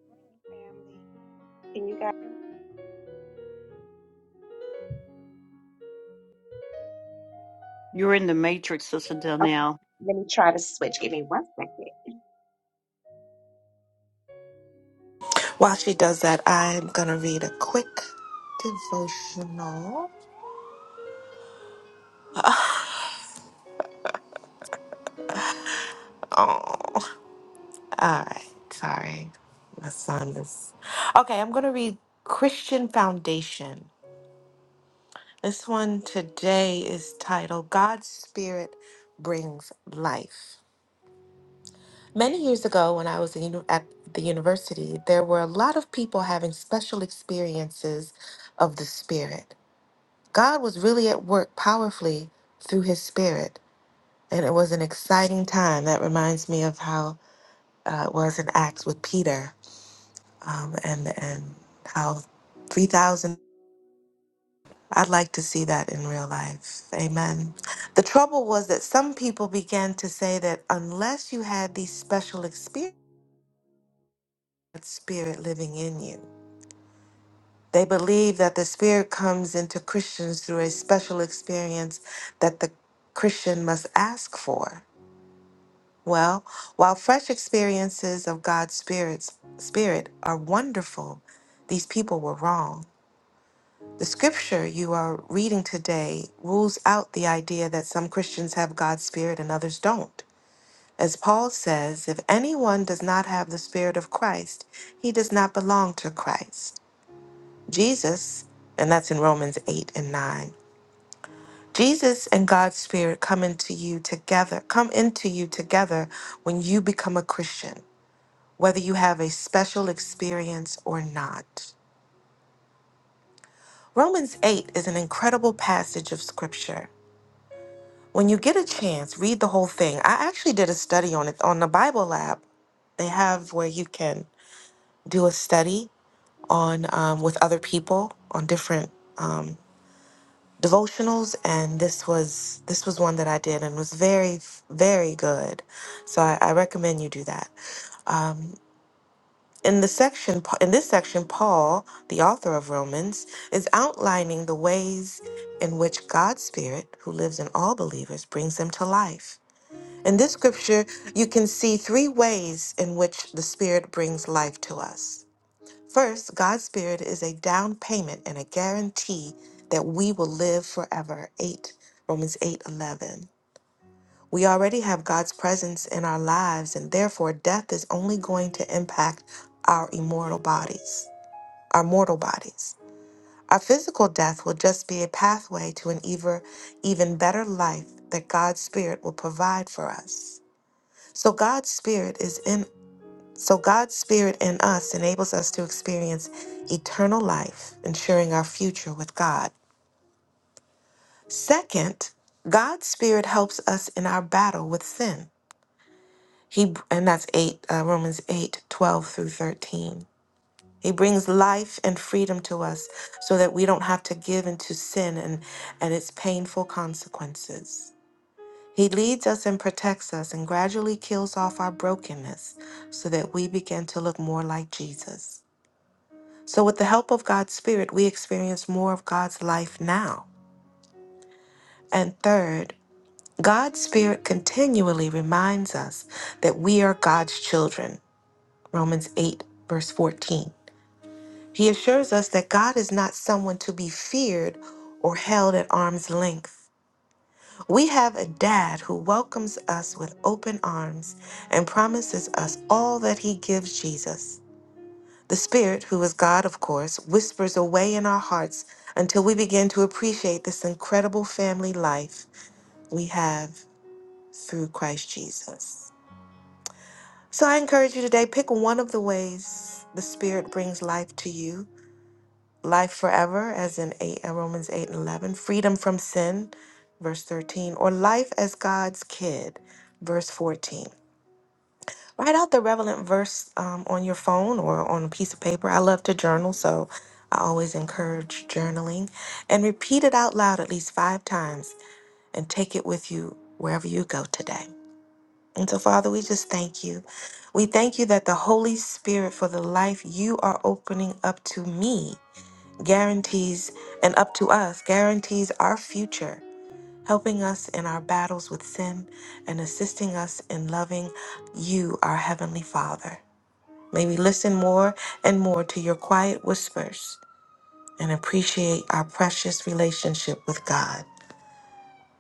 H: morning, family. Can you guys hear me?
B: You're in the matrix, Sister Donnell.
H: Okay, let me try to switch. Give me one second.
D: While she does that, I'm gonna read a quick devotional. All right, sorry. My son is. Okay, I'm going to read Christian Foundation. This one today is titled God's Spirit Brings Life. Many years ago, when I was in, uni- at the university, there were a lot of people having special experiences of the Spirit. God was really at work powerfully through His Spirit, and it was an exciting time. That reminds me of how uh, it was in Acts with Peter um, and and how three thousand. I'd like to see that in real life. Amen. The trouble was that some people began to say that unless you had these special experiences, spirit living in you, they believe that the spirit comes into Christians through a special experience that the Christian must ask for. Well, while fresh experiences of God's spirits spirit are wonderful, these people were wrong. The scripture you are reading today rules out the idea that some Christians have God's Spirit and others don't. As Paul says, if anyone does not have the Spirit of Christ, he does not belong to Christ. Jesus, and that's in Romans 8 and 9. Jesus and God's Spirit come into you together, come into you together when you become a Christian, whether you have a special experience or not. Romans 8 is an incredible passage of scripture. When you get a chance, read the whole thing. I actually did a study on it on the Bible Lab. They have where you can do a study on um, with other people on different um, devotionals, and this was this was one that I did and was very very good. So I, I recommend you do that. Um, in the section Pa- in this section, Paul, the author of Romans, is outlining the ways in which God's Spirit, who lives in all believers, brings them to life. In this scripture, you can see three ways in which the Spirit brings life to us. First, God's Spirit is a down payment and a guarantee that we will live forever. 8 Romans 8 11. We already have God's presence in our lives, and therefore death is only going to impact our immortal bodies, our mortal bodies. Our physical death will just be a pathway to an even, even better life that God's Spirit will provide for us. So God's spirit is in so God's spirit in us enables us to experience eternal life, ensuring our future with God. Second, God's spirit helps us in our battle with sin. He and that's 8 uh, Romans 8 12 through 13. He brings life and freedom to us so that we don't have to give into sin and, and its painful consequences. He leads us and protects us and gradually kills off our brokenness so that we begin to look more like Jesus. So, with the help of God's Spirit, we experience more of God's life now. And third, God's Spirit continually reminds us that we are God's children. Romans 8, verse 14. He assures us that God is not someone to be feared or held at arm's length. We have a dad who welcomes us with open arms and promises us all that he gives Jesus. The Spirit, who is God, of course, whispers away in our hearts until we begin to appreciate this incredible family life we have through Christ Jesus. So I encourage you today pick one of the ways the Spirit brings life to you life forever, as in eight, uh, Romans 8 and 11, freedom from sin, verse 13, or life as God's kid, verse 14. Write out the relevant verse um, on your phone or on a piece of paper. I love to journal, so I always encourage journaling. And repeat it out loud at least five times and take it with you wherever you go today. And so, Father, we just thank you. We thank you that the Holy Spirit for the life you are opening up to me guarantees, and up to us, guarantees our future, helping us in our battles with sin and assisting us in loving you, our Heavenly Father. May we listen more and more to your quiet whispers and appreciate our precious relationship with God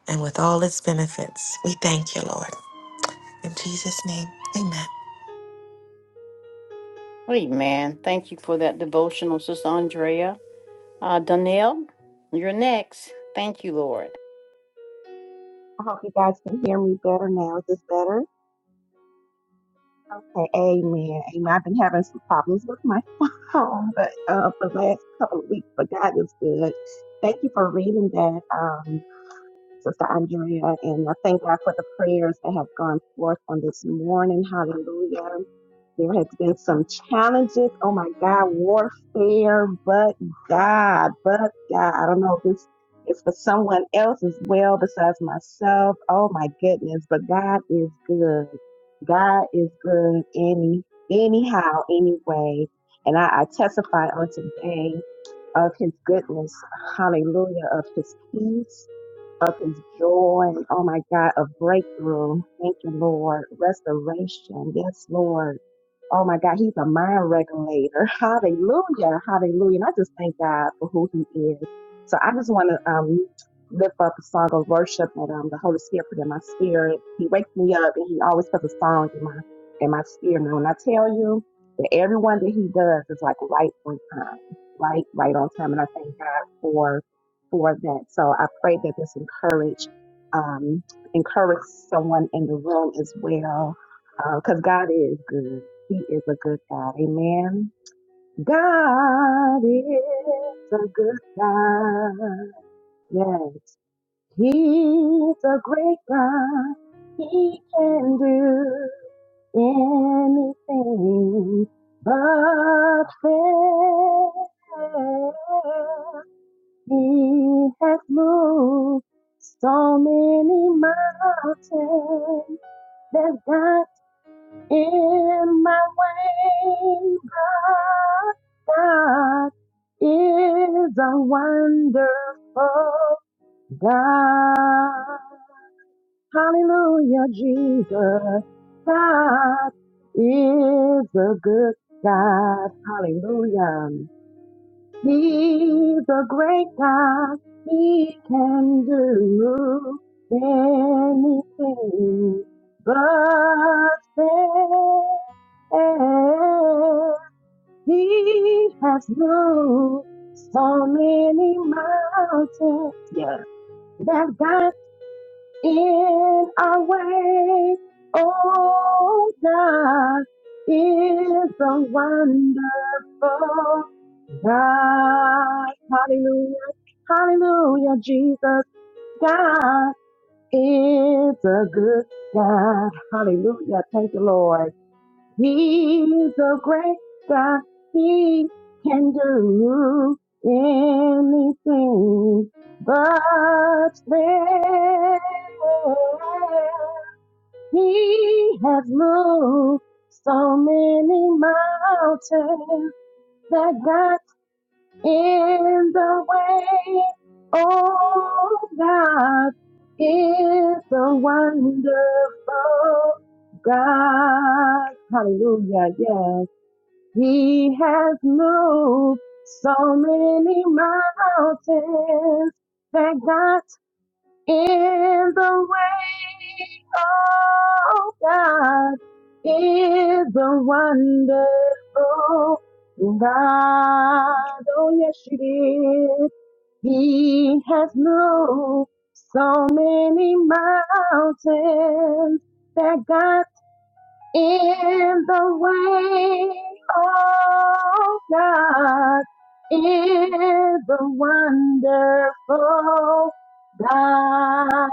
D: and with all its benefits. We thank you, Lord. In Jesus' name, amen.
B: Amen. Thank you for that devotional, Sister Andrea. Uh, Donnell, you're next. Thank you, Lord.
H: I hope you guys can hear me better now. Is this better? Okay, amen. Amen. I've been having some problems with my phone, but uh, for the last couple of weeks, but God is good. Thank you for reading that, um, Sister Andrea, and I thank God for the prayers that have gone forth on this morning. Hallelujah. There has been some challenges. Oh my God, warfare, but God, but God. I don't know if this is for someone else as well besides myself. Oh my goodness, but God is good. God is good any anyhow, anyway. And I, I testify on today of his goodness. Hallelujah. Of his peace, of his joy. Oh my God, of breakthrough. Thank you, Lord. Restoration. Yes, Lord. Oh my God, he's a mind regulator. Hallelujah. Hallelujah. And I just thank God for who he is. So I just want to um, lift up a song of worship that um, the Holy Spirit put in my spirit. He wakes me up and he always puts a song in my in my spirit. Now, when I tell you that everyone that he does is like right on time, right, right on time. And I thank God for for that. So I pray that this encourage um, encourage someone in the room as well because God is good. He is a good God. Amen. God is a good God. Yes, He's a great God. He can do anything but fail. He has moved so many mountains. There's God In my way, God is a wonderful God. Hallelujah, Jesus. God is a good God. Hallelujah. He's a great God. He can do anything but fail. He has moved so many mountains yeah, that got in our way. Oh, God is a wonderful God, hallelujah, hallelujah, Jesus, God is a good God, hallelujah, thank you, Lord. He's a great God, He can do anything but fail. He has moved so many mountains that God in the way. Oh God is a wonderful God. Hallelujah. Yes. He has moved so many mountains. Thank God in the way, oh God, is the wonderful God. Oh yes, it is. He has moved so many mountains that got in the way, oh God, is the wonderful God.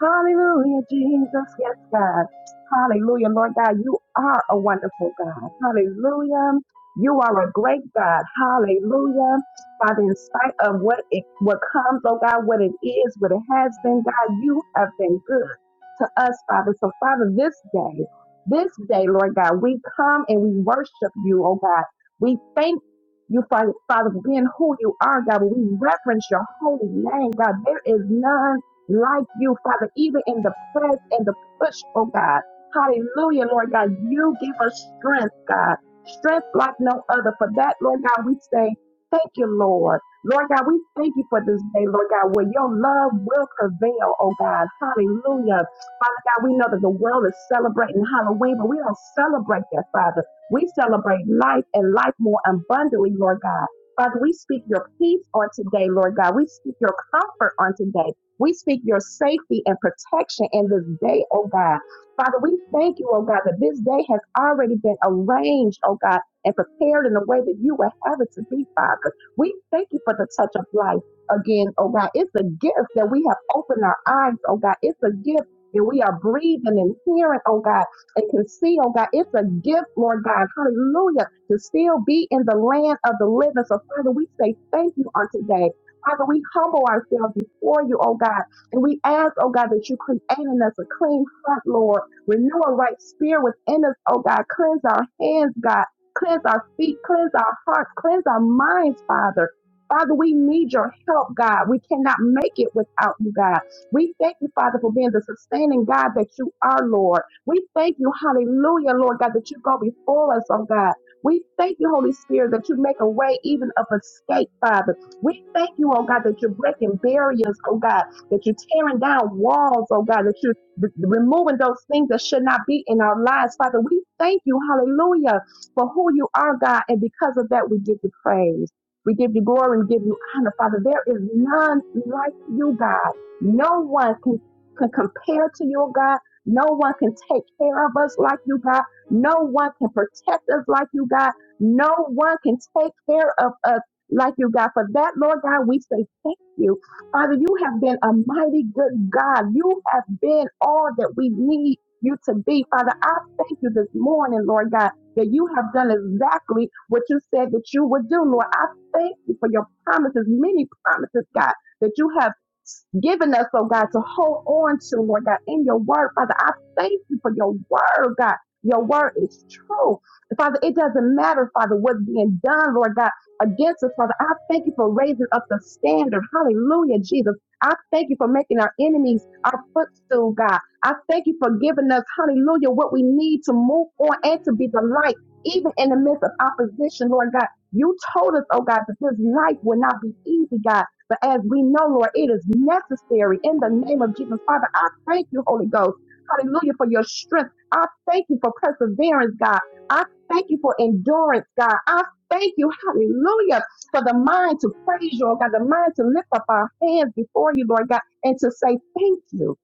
H: Hallelujah, Jesus. Yes, God. Hallelujah, Lord God. You are a wonderful God. Hallelujah. You are a great God. Hallelujah. Father, in spite of what it what comes, oh God, what it is, what it has been, God, you have been good to us, Father. So, Father, this day, this day, Lord God, we come and we worship you, oh God. We thank you, Father, Father, for being who you are, God. We reverence your holy name, God. There is none like you, Father, even in the press and the push, oh God. Hallelujah, Lord God. You give us strength, God. Strength like no other. For that, Lord God, we say, thank you, Lord. Lord God, we thank you for this day, Lord God, where your love will prevail, oh God. Hallelujah. Father God, we know that the world is celebrating Halloween, but we don't celebrate that, Father. We celebrate life and life more abundantly, Lord God. Father, we speak your peace on today, Lord God. We speak your comfort on today. We speak your safety and protection in this day, oh God. Father, we thank you, oh God, that this day has already been arranged, oh God, and prepared in the way that you would have it to be, Father. We thank you for the touch of life again, oh God. It's a gift that we have opened our eyes, oh God. It's a gift that we are breathing and hearing, oh God, and can see, oh God. It's a gift, Lord God. Hallelujah. To still be in the land of the living. So, Father, we say thank you on today. Father, we humble ourselves before you, oh God, and we ask, oh God, that you create in us a clean heart, Lord. Renew a right spirit within us, oh God. Cleanse our hands, God. Cleanse our feet. Cleanse our hearts. Cleanse our minds, Father. Father, we need your help, God. We cannot make it without you, God. We thank you, Father, for being the sustaining God that you are, Lord. We thank you, hallelujah, Lord God, that you go before us, oh God. We thank you, Holy Spirit, that you make a way even of escape, Father. We thank you, oh God, that you're breaking barriers, oh God, that you're tearing down walls, oh God, that you're r- removing those things that should not be in our lives. Father, we thank you, hallelujah, for who you are, God. And because of that, we give you praise. We give you glory and give you honor, Father. There is none like you, God. No one can, can compare to you, oh God. No one can take care of us like you, God. No one can protect us like you, God. No one can take care of us like you, God. For that, Lord God, we say thank you. Father, you have been a mighty good God. You have been all that we need you to be. Father, I thank you this morning, Lord God, that you have done exactly what you said that you would do, Lord. I thank you for your promises, many promises, God, that you have given us, oh God, to hold on to, Lord God, in your word. Father, I thank you for your word, God. Your word is true. Father, it doesn't matter, Father, what's being done, Lord God against us, Father. I thank you for raising up the standard. Hallelujah, Jesus. I thank you for making our enemies our footstool, God. I thank you for giving us, hallelujah, what we need to move on and to be the light, even in the midst of opposition, Lord God. You told us, oh God, that this life will not be easy, God. But as we know, Lord, it is necessary in the name of Jesus. Father, I thank you, Holy Ghost. Hallelujah, for your strength. I thank you for perseverance, God. I thank you for endurance, God. I Thank you, hallelujah, for the mind to praise you, oh God, the mind to lift up our hands before you, Lord God, and to say thank you.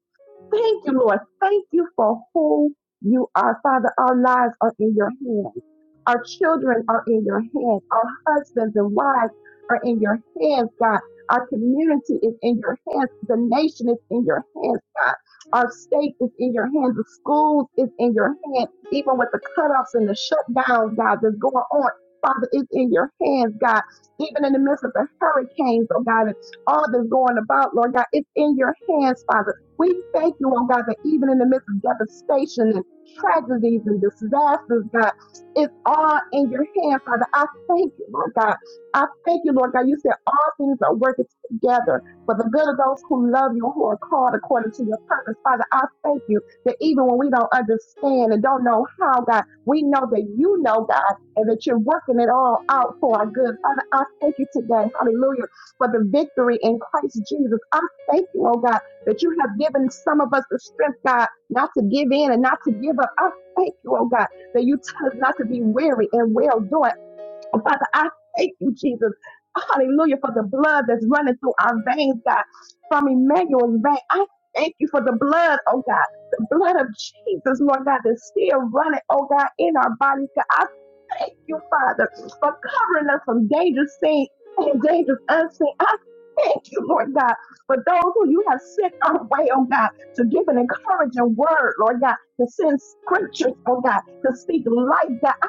H: Thank you, Lord. Thank you for who you are. Father, our lives are in your hands. Our children are in your hands. Our husbands and wives are in your hands, God. Our community is in your hands. The nation is in your hands, God. Our state is in your hands. The schools is in your hands. Even with the cutoffs and the shutdowns, God, that's going on. Father, it's in your hands, God. Even in the midst of the hurricanes, oh God, and all that's going about, Lord God, it's in your hands, Father. We thank you, oh God, that even in the midst of devastation and tragedies and disasters, God, it's all in your hand, Father. I thank you, Lord God. I thank you, Lord God. You said all things are working together for the good of those who love you, who are called according to your purpose. Father, I thank you that even when we don't understand and don't know how, God, we know that you know, God, and that you're working it all out for our good. Father, I thank you today, hallelujah, for the victory in Christ Jesus. I thank you, oh God that you have given some of us the strength, God, not to give in and not to give up. I thank you, oh God, that you tell us not to be weary and well doing. Oh, Father, I thank you, Jesus. Hallelujah for the blood that's running through our veins, God, from Emmanuel's vein. I thank you for the blood, oh God, the blood of Jesus, Lord God, that's still running, oh God, in our bodies, God. I Thank you, Father, for covering us from dangerous seen and dangerous unseen. I thank you, Lord God, for those who you have sent our way, oh God, to give an encouraging word, Lord God, to send scriptures, oh God, to speak life, God. I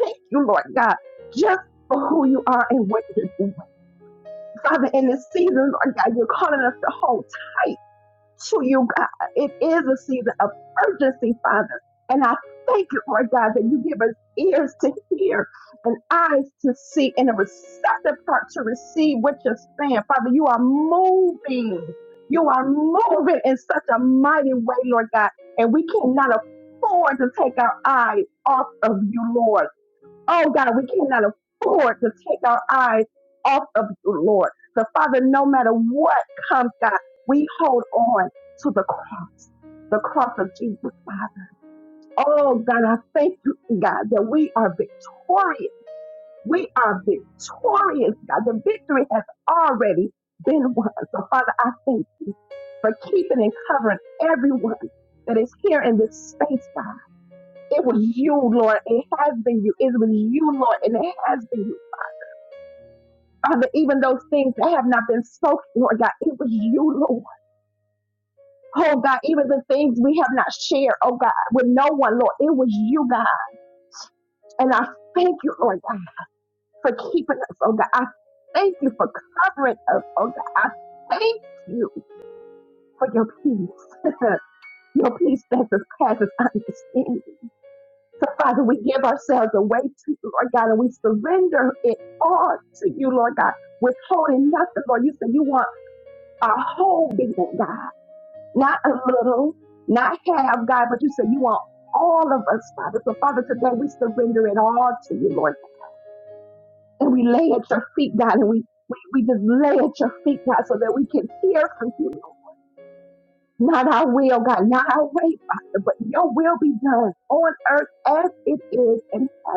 H: thank you, Lord God, just for who you are and what you're doing. Father, in this season, Lord God, you're calling us to hold tight to you, God. It is a season of urgency, Father. And I thank you, Lord God, that you give us ears to hear and eyes to see and a receptive heart to receive what you're saying. Father, you are moving. You are moving in such a mighty way, Lord God. And we cannot afford to take our eyes off of you, Lord. Oh God, we cannot afford to take our eyes off of you, Lord. So Father, no matter what comes, God, we hold on to the cross, the cross of Jesus, Father. Oh God, I thank you, God, that we are victorious. We are victorious, God. The victory has already been won. So Father, I thank you for keeping and covering everyone that is here in this space, God. It was you, Lord. It has been you. It was you, Lord, and it has been you. Father, even those things that have not been spoken, Lord God, it was you, Lord. Oh God, even the things we have not shared, oh God, with no one, Lord, it was you, God. And I thank you, Lord God, for keeping us, oh God. I thank you for covering us, oh God. I thank you for your peace, your peace that surpasses understanding. So Father, we give ourselves away to you, Lord God, and we surrender it all to you, Lord God, withholding nothing, Lord. You said you want our whole being, God. not a little, not half, God, but you said you want all of us, Father. So, Father, today we surrender it all to you, Lord, and we lay at your feet, God, and we we, we just lay at your feet, God, so that we can hear from you. Lord. Not our will, God, not our way, Father, but your will be done on earth as it is in heaven.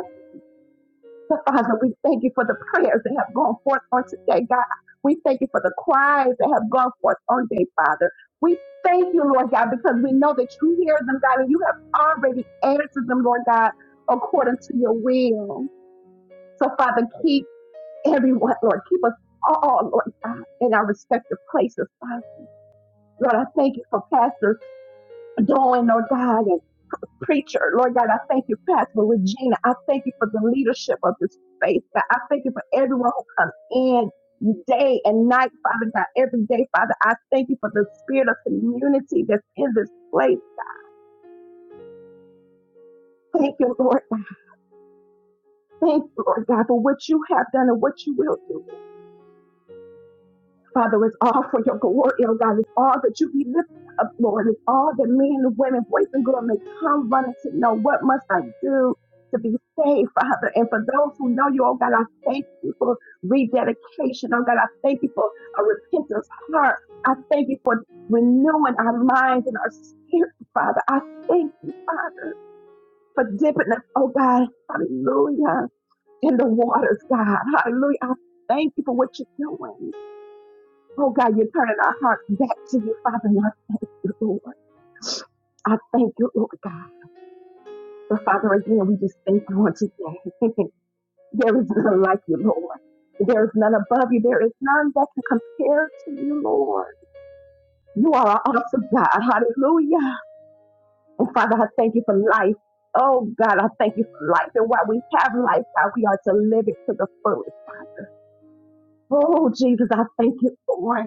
H: So Father, we thank you for the prayers that have gone forth on today, God. We thank you for the cries that have gone forth on today, Father. We thank you, Lord God, because we know that you hear them, God, and you have already answered them, Lord God, according to your will. So, Father, keep everyone, Lord, keep us all, Lord God, in our respective places, Father. Lord, I thank you for Pastor Dolan, Lord God, preacher. Lord God, I thank you, Pastor Regina. I thank you for the leadership of this faith. God, I thank you for everyone who comes in day and night, Father God, every day, Father. I thank you for the spirit of community that's in this place. Thank you, Lord. Thank you, Lord God, for what you have done and what you will do. Father, it's all for your glory, oh God. It's all that you be lifted up, Lord. It's all that men and women, boys and girls may come running to know what must I do to be saved, Father. And for those who know you, oh God, I thank you for rededication. Oh God, I thank you for a repentance heart. I thank you for renewing our minds and our spirit, Father. I thank you, Father, for dipping us, oh God, hallelujah, in the waters, God. Hallelujah. I thank you for what you're doing. Oh God, you're turning our hearts back to you, Father, and I thank you, Lord. I thank you, Lord God. So, Father, again, we just thank you on today. there is none like you, Lord. There is none above you. There is none that can compare to you, Lord. You are an awesome God. Hallelujah. And Father, I thank you for life. Oh God, I thank you for life. And while we have life, God, we are to live it to the fullest, Father. Oh Jesus, I thank you, Lord.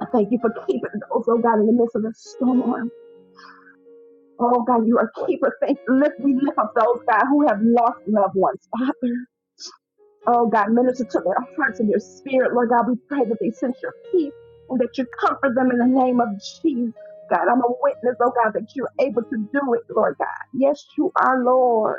H: I thank you for keeping those, oh God, in the midst of the storm. Oh God, you are a keeper. Thank you. lift we lift up those God who have lost loved ones, Father. Oh God, minister to their hearts and their spirit, Lord God. We pray that they sense your peace and that you comfort them in the name of Jesus. God, I'm a witness, oh God, that you're able to do it, Lord God. Yes, you are, Lord.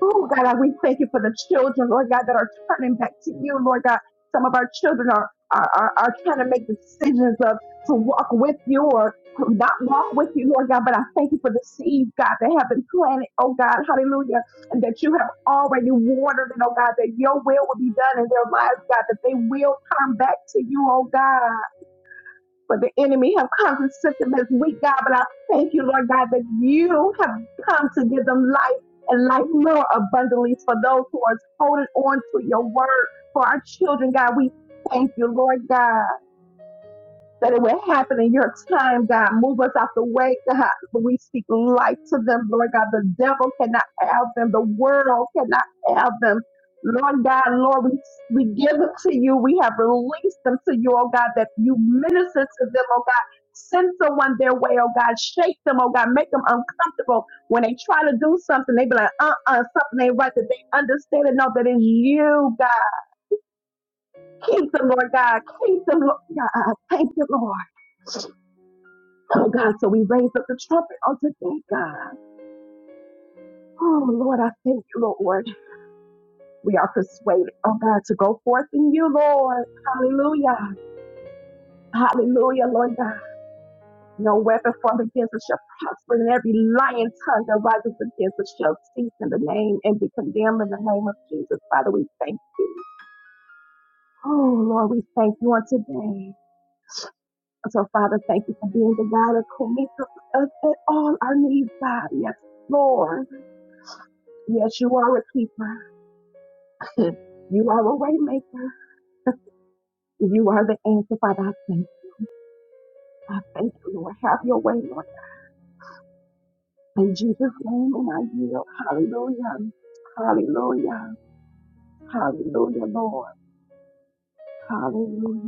H: Oh, God, I- we thank you for the children, Lord God, that are turning back to you, Lord God. Some of our children are, are, are, are trying to make decisions of to walk with you or to not walk with you, Lord God. But I thank you for the seeds, God, that have been planted, oh God, hallelujah, and that you have already watered it, oh God, that your will will be done in their lives, God, that they will turn back to you, oh God for the enemy have come to sift them as weak, God. But I thank you, Lord God, that you have come to give them life and life more abundantly for those who are holding on to your word for our children, God. We thank you, Lord God that it would happen in your time, God. Move us out the way, God. We speak life to them, Lord God. The devil cannot have them. The world cannot have them. Lord God, Lord, we, we give it to you. We have released them to you, oh God, that you minister to them, oh God. Send someone their way, oh God. Shake them, oh God. Make them uncomfortable. When they try to do something, they be like, uh-uh, something ain't right. That they understand and know that it's you, God. Keep them, Lord God. Keep them, Lord God. Thank you, Lord. Oh God, so we raise up the trumpet on today, God. Oh Lord, I thank you, Lord. We are persuaded, oh God, to go forth in you, Lord. Hallelujah. Hallelujah, Lord God. No weapon formed against us shall prosper, and every lying tongue that rises against us shall cease in the name and be condemned in the name of Jesus. Father, we thank you. Oh Lord, we thank you on today. So Father, thank you for being the God of who meets us at all our needs, God. Yes, Lord. Yes, you are a keeper. Because you are a way maker. You are the answer, Father. I thank you. I thank you, Lord. Have your way, Lord. In Jesus' name, and I yield. Hallelujah. Hallelujah. Hallelujah, Lord. Hallelujah.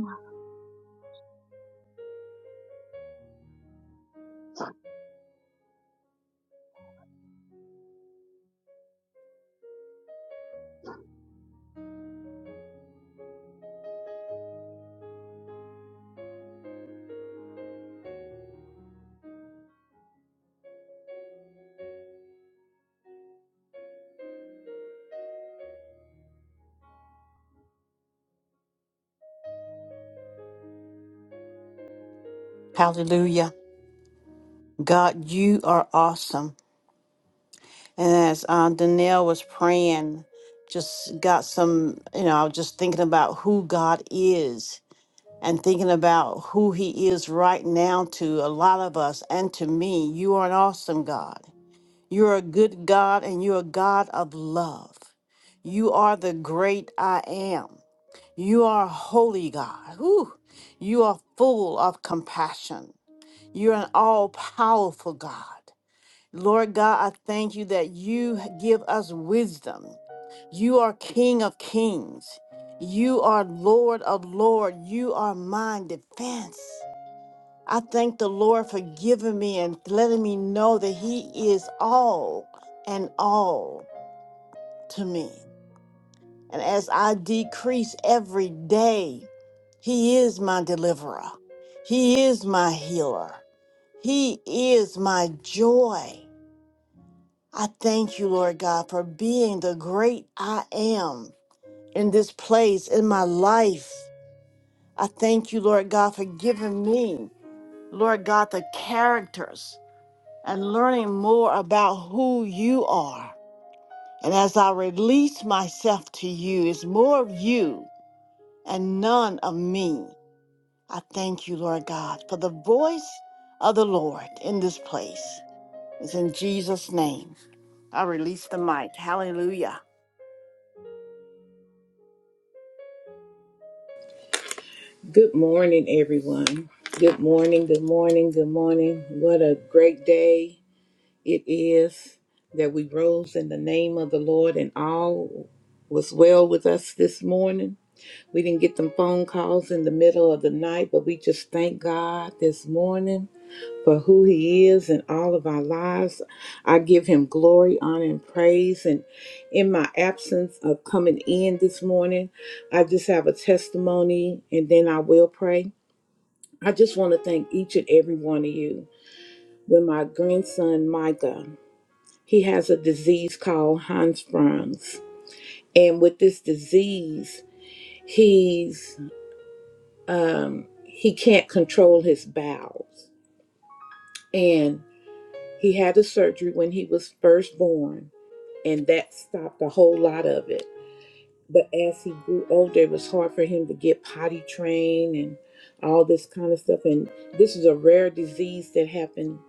B: Hallelujah. God, you are awesome. And as uh, Danielle was praying, just got some, you know, I was just thinking about who God is and thinking about who He is right now to a lot of us and to me. You are an awesome God. You're a good God and you're a God of love. You are the great I am. You are a holy God. Whew. You are full of compassion. You're an all powerful God. Lord God, I thank you that you give us wisdom. You are King of kings. You are Lord of lords. You are my defense. I thank the Lord for giving me and letting me know that He is all and all to me. And as I decrease every day, He is my deliverer. He is my healer. He is my joy. I thank you, Lord God, for being the great I am in this place, in my life. I thank you, Lord God, for giving me, Lord God, the characters and learning more about who you are. And as I release myself to you, it's more of you and none of me. I thank you, Lord God, for the voice of the Lord in this place. It's in Jesus' name. I release the mic. Hallelujah.
I: Good morning, everyone. Good morning, good morning, good morning. What a great day it is that we rose in the name of the Lord and all was well with us this morning. We didn't get them phone calls in the middle of the night, but we just thank God this morning for who He is in all of our lives. I give Him glory, honor, and praise. And in my absence of coming in this morning, I just have a testimony and then I will pray. I just want to thank each and every one of you. With my grandson Micah, he has a disease called Hirschsprung's, and with this disease, he's um, he can't control his bowels, and he had a surgery when he was first born, and that stopped a whole lot of it. But as he grew older, it was hard for him to get potty trained and all this kind of stuff. And this is a rare disease that happened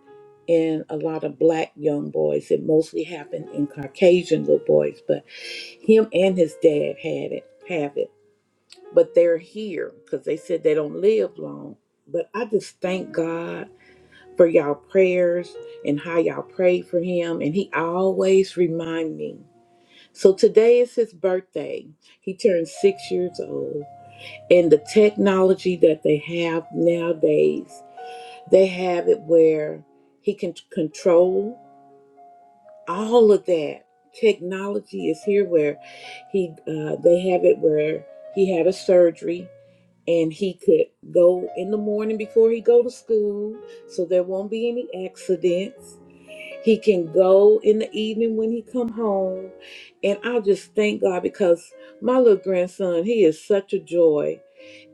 I: in a lot of black young boys. It mostly happened in Caucasian little boys, but him and his dad had it, have it. But they're here because they said they don't live long. But I just thank God for y'all prayers and how y'all prayed for him. And he always remind me. So today is his birthday. He turned six years old. And the technology that they have nowadays, they have it where he can control all of that technology is here where he uh, they have it where he had a surgery and he could go in the morning before he go to school so there won't be any accidents he can go in the evening when he come home and i just thank god because my little grandson he is such a joy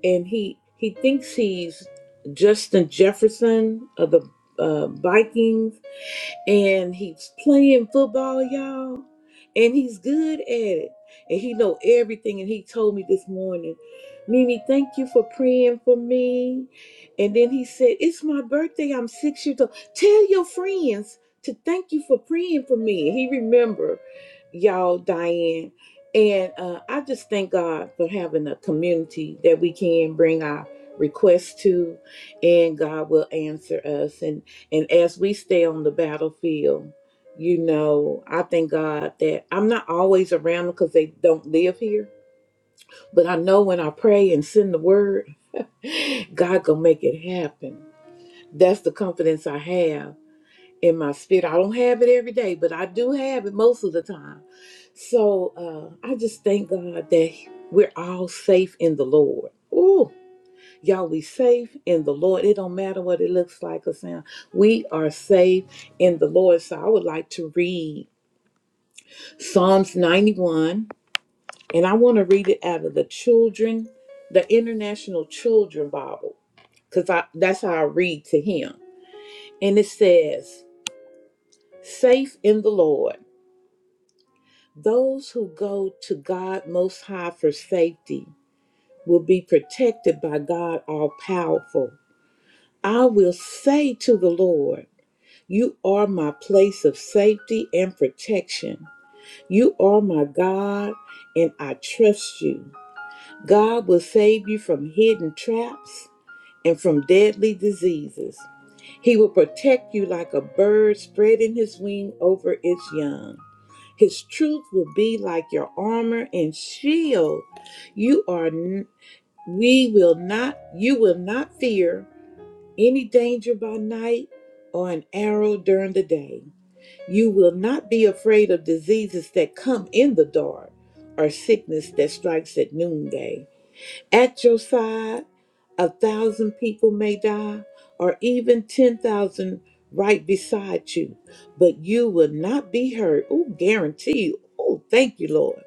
I: and he he thinks he's justin jefferson of the uh, vikings and he's playing football, y'all, and he's good at it, and he know everything. And he told me this morning, Mimi, thank you for praying for me. And then he said, "It's my birthday. I'm six years old. Tell your friends to thank you for praying for me." And he remember, y'all, Diane. And uh, I just thank God for having a community that we can bring our requests to, and God will answer us. And and as we stay on the battlefield, you know, I thank God that I'm not always around them because they don't live here. But I know when I pray and send the word, God gonna make it happen. That's the confidence I have in my spirit. I don't have it every day, but I do have it most of the time. So uh, I just thank God that we're all safe in the Lord. Ooh, Y'all, we safe in the Lord. It don't matter what it looks like or sound. We are safe in the Lord. So I would like to read Psalms 91, and I want to read it out of the children, the International Children Bible, because I that's how I read to him. And it says, Safe in the Lord. Those who go to God Most High for safety will be protected by God All Powerful. I will say to the Lord, You are my place of safety and protection. You are my God, and I trust you. God will save you from hidden traps and from deadly diseases. He will protect you like a bird spreading his wing over its young. His truth will be like your armor and shield. You are n- we will not you will not fear any danger by night or an arrow during the day. You will not be afraid of diseases that come in the dark or sickness that strikes at noonday. At your side, a thousand people may die or even 10,000 right beside you, but you will not be hurt. Oh, guaranteed. Oh, thank you, Lord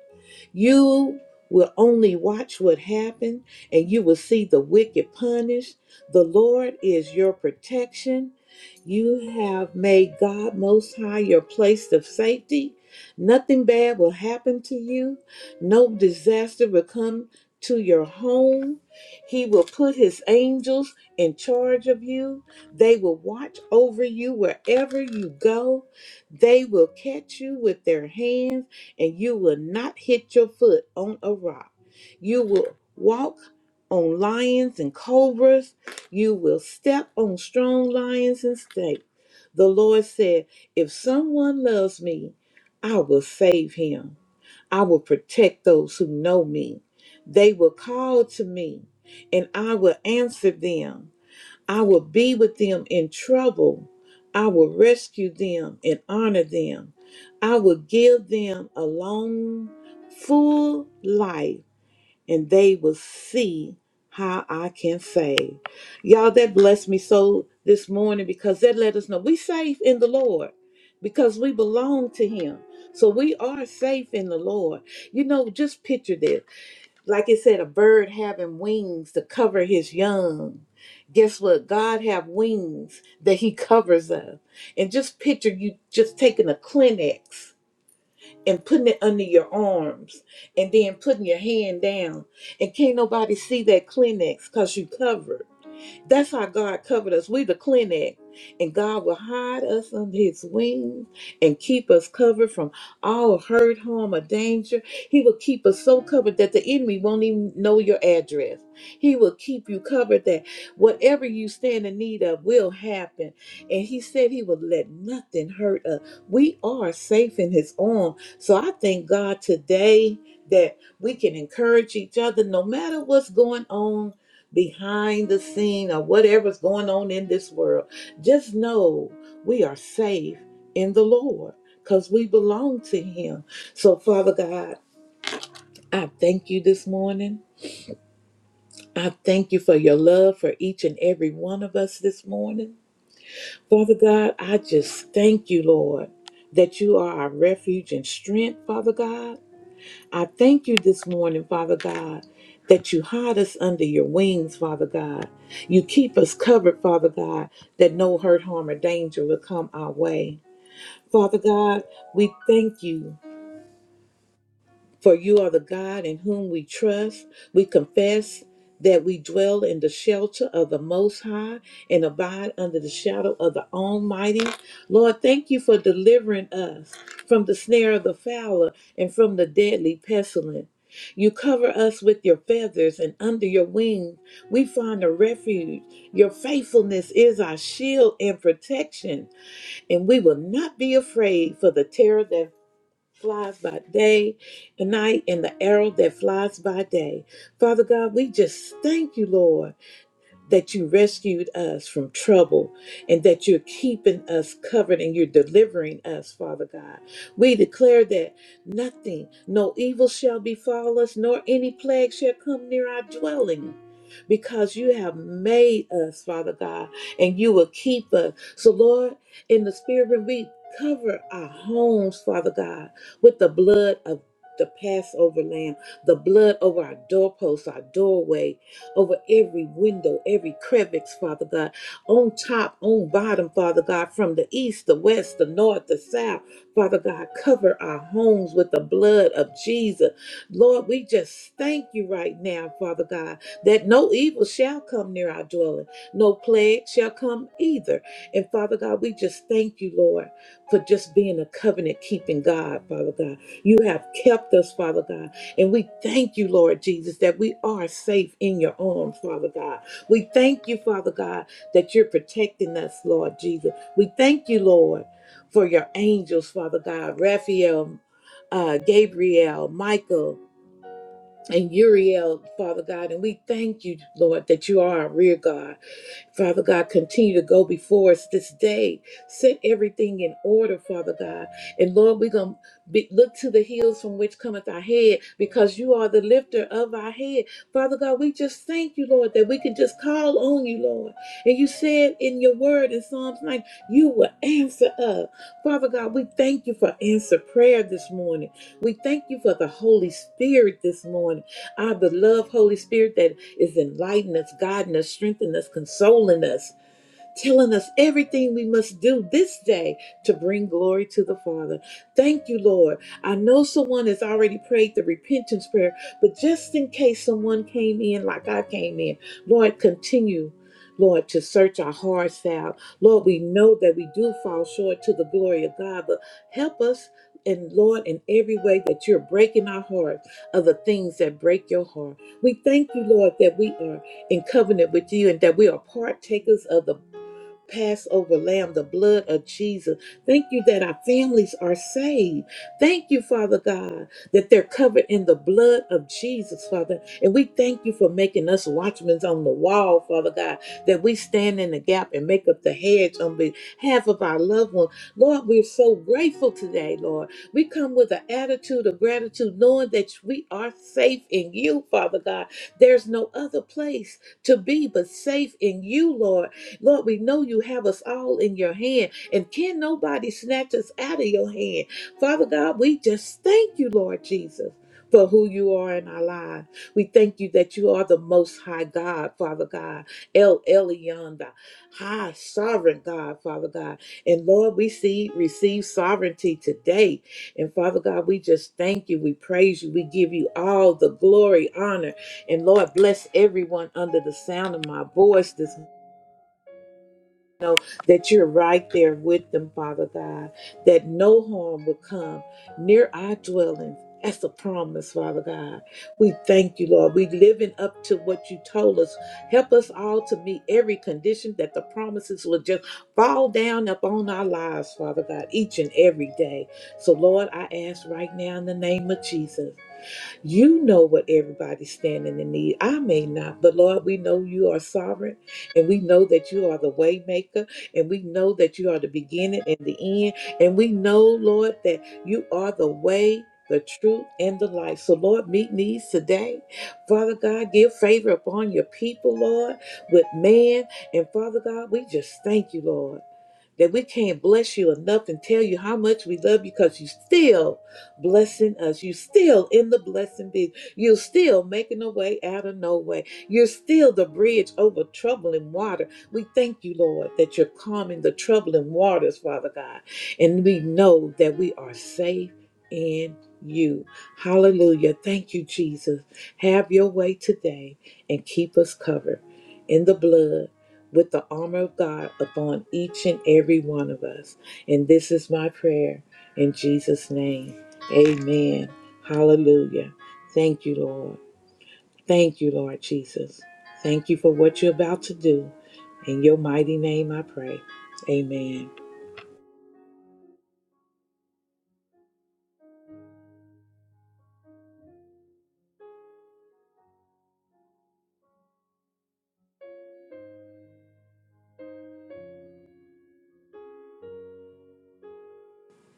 I: you will only watch what happened and you will see the wicked punished. The Lord is your protection. You have made God Most High your place of safety. Nothing bad will happen to you. No disaster will come to your home. He will put his angels in charge of you. They will watch over you wherever you go. They will catch you with their hands and you will not hit your foot on a rock. You will walk on lions and cobras. You will step on strong lions and snakes. The Lord said, If someone loves me, I will save him. I will protect those who know me. They will call to me, and I will answer them. I will be with them in trouble. I will rescue them and honor them. I will give them a long, full life, and they will see how I can save. Y'all, that blessed me so this morning because that let us know we safe in the Lord because we belong to Him. So we are safe in the Lord. You know, just picture this like it said, a bird having wings to cover his young. Guess what? God have wings that he covers up. And just picture you just taking a Kleenex and putting it under your arms and then putting your hand down. And can't nobody see that Kleenex because you covered. That's how God covered us. We the clinic. And God will hide us under his wings and keep us covered from all hurt, harm, or danger. He will keep us so covered that the enemy won't even know your address. He will keep you covered that whatever you stand in need of will happen. And he said he would let nothing hurt us. We are safe in his arm. So I thank God today that we can encourage each other no matter what's going on behind the scene or whatever's going on in this world. Just know we are safe in the Lord because we belong to Him. So, Father God, I thank you this morning. I thank you for your love for each and every one of us this morning. Father God, I just thank you, Lord, that you are our refuge and strength, Father God. I thank you this morning, Father God, that you hide us under your wings, Father God. You keep us covered, Father God, that no hurt, harm, or danger will come our way. Father God, we thank you for you are the God in whom we trust. We confess that we dwell in the shelter of the Most High and abide under the shadow of the Almighty. Lord, thank you for delivering us from the snare of the fowler and from the deadly pestilence. You cover us with your feathers, and under your wing we find a refuge. Your faithfulness is our shield and protection, and we will not be afraid for the terror that flies by day and night and the arrow that flies by day. Father God, we just thank you, Lord that you rescued us from trouble and that you're keeping us covered and you're delivering us, Father God. We declare that nothing, no evil shall befall us, nor any plague shall come near our dwelling. Because you have made us, Father God, and you will keep us. So, Lord, in the spirit, when we cover our homes, Father God, with the blood of the Passover lamb, the blood over our doorposts, our doorway, over every window, every crevice, Father God, on top, on bottom, Father God, from the east, the west, the north, the south. Father God, cover our homes with the blood of Jesus. Lord, we just thank you right now, Father God, that no evil shall come near our dwelling, no plague shall come either. And Father God, we just thank you, Lord, for just being a covenant keeping God, Father God. You have kept us, Father God. And we thank you, Lord Jesus, that we are safe in your arms, Father God. We thank you, Father God, that you're protecting us, Lord Jesus. We thank you, Lord, for your angels, Father God, Raphael, uh, Gabriel, Michael, and Uriel, Father God. And we thank you, Lord, that you are our rear God. Father God, continue to go before us this day. Set everything in order, Father God. And Lord, we're going to look to the hills from which cometh our head because you are the lifter of our head. Father God, we just thank you, Lord, that we can just call on you, Lord. And you said in your word in Psalms 9, you will answer us. Father God, we thank you for answer prayer this morning. We thank you for the Holy Spirit this morning. Ah, the love, Holy Spirit, that is enlightening us, guiding us, strengthening us, consoling us telling us everything we must do this day to bring glory to the Father. Thank you, Lord. I know someone has already prayed the repentance prayer, but just in case someone came in like I came in, Lord, continue. Lord, to search our hearts out. Lord, we know that we do fall short to the glory of God, but help us, and Lord, in every way that you're breaking our hearts of the things that break your heart. We thank you, Lord, that we are in covenant with you and that we are partakers of the Passover lamb, the blood of Jesus. Thank you that our families are saved. Thank you, Father God, that they're covered in the blood of Jesus, Father. And we thank you for making us watchmen on the wall, Father God, that we stand in the gap and make up the hedge on behalf of our loved one. Lord, we're so grateful today, Lord. We come with an attitude of gratitude, knowing that we are safe in you, Father God. There's no other place to be but safe in you, Lord. Lord, we know you have us all in your hand, and can nobody snatch us out of your hand. Father God, we just thank you, Lord Jesus. For who you are in our lives. We thank you that you are the most high God, Father God, El Elyon, the high sovereign God, Father God. And Lord, we see receive sovereignty today. And Father God, we just thank you. We praise you. We give you all the glory, honor, and Lord, bless everyone under the sound of my voice this know that you're right there with them, Father God, that no harm will come near our dwelling. That's a promise, Father God. We thank you, Lord. We living up to what you told us. Help us all to meet every condition that the promises will just fall down upon our lives, Father God, each and every day. So, Lord, I ask right now in the name of Jesus you know what everybody's standing in need. I may not, but Lord, we know you are sovereign and we know that you are the way maker and we know that you are the beginning and the end. And we know, Lord, that you are the way. The truth and the life. So, Lord, meet needs today. Father God, give favor upon your people, Lord, with man. And Father God, we just thank you, Lord that we can't bless you enough and tell you how much we love you because you still blessing us. You still in the blessing biz. You're still making a way out of no way. You're still the bridge over troubling water. We thank you, Lord, that you're calming the troubling waters, Father God. And we know that we are safe in you. Hallelujah. Thank you, Jesus. Have your way today and keep us covered in the blood with the armor of God upon each and every one of us. And this is my prayer in Jesus' name. Amen. Hallelujah. Thank you, Lord. Thank you, Lord Jesus. Thank you for what you're about to do. In your mighty name I pray. Amen.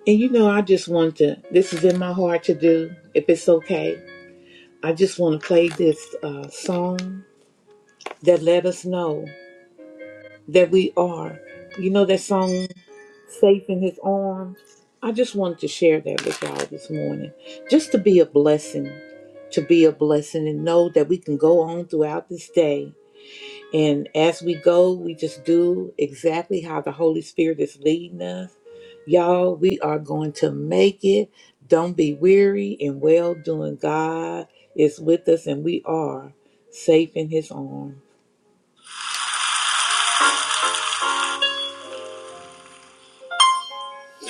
I: And you know, I just want to, this is in my heart to do, if it's okay. I just want to play this uh, song that let us know that we are. You know that song? safe in his arms. I just wanted to share that with y'all this morning. Just to be a blessing, to be a blessing and know that we can go on throughout this day. And as we go, we just do exactly how the Holy Spirit is leading us. Y'all, we are going to make it. Don't be weary and well doing. God is with us and we are safe in his arms.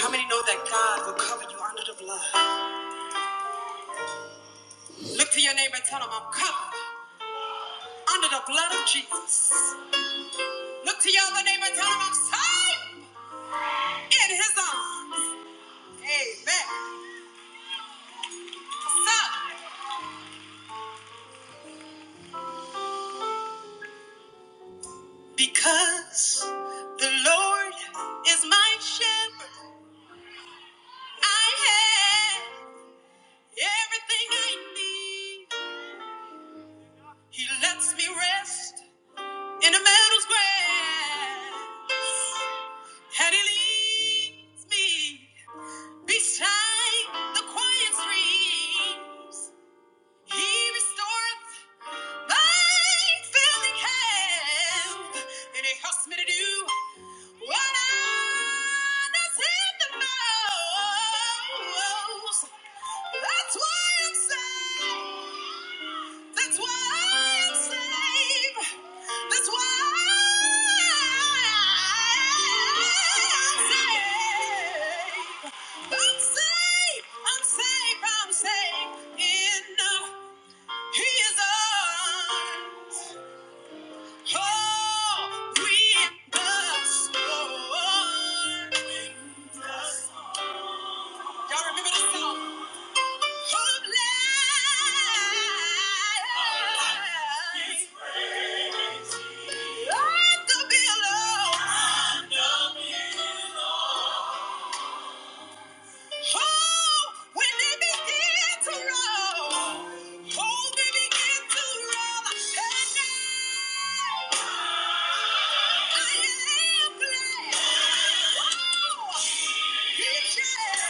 I: How many know that God will cover you under the blood? Look to your neighbor and tell him, I'm covered. under the blood of Jesus. Look to your other neighbor and tell him I'm safe in his arms. Amen. So, because the Lord is my shepherd, I have everything I need. He lets me rest in the meadow's grass, and he leads me beside the quiet stream. He restoreth I finally have, and it helps me to do what I need the most. That's why I'm safe. That's why I'm safe. That's why I'm saved. I'm saved. I'm saved. I'm saved in the he is ours. Oh, we the storm. Y'all remember this song? Of life. Like a billow. Oh, when they begin to roll, oh, they begin to roll. And I, I am glad. Oh, he shall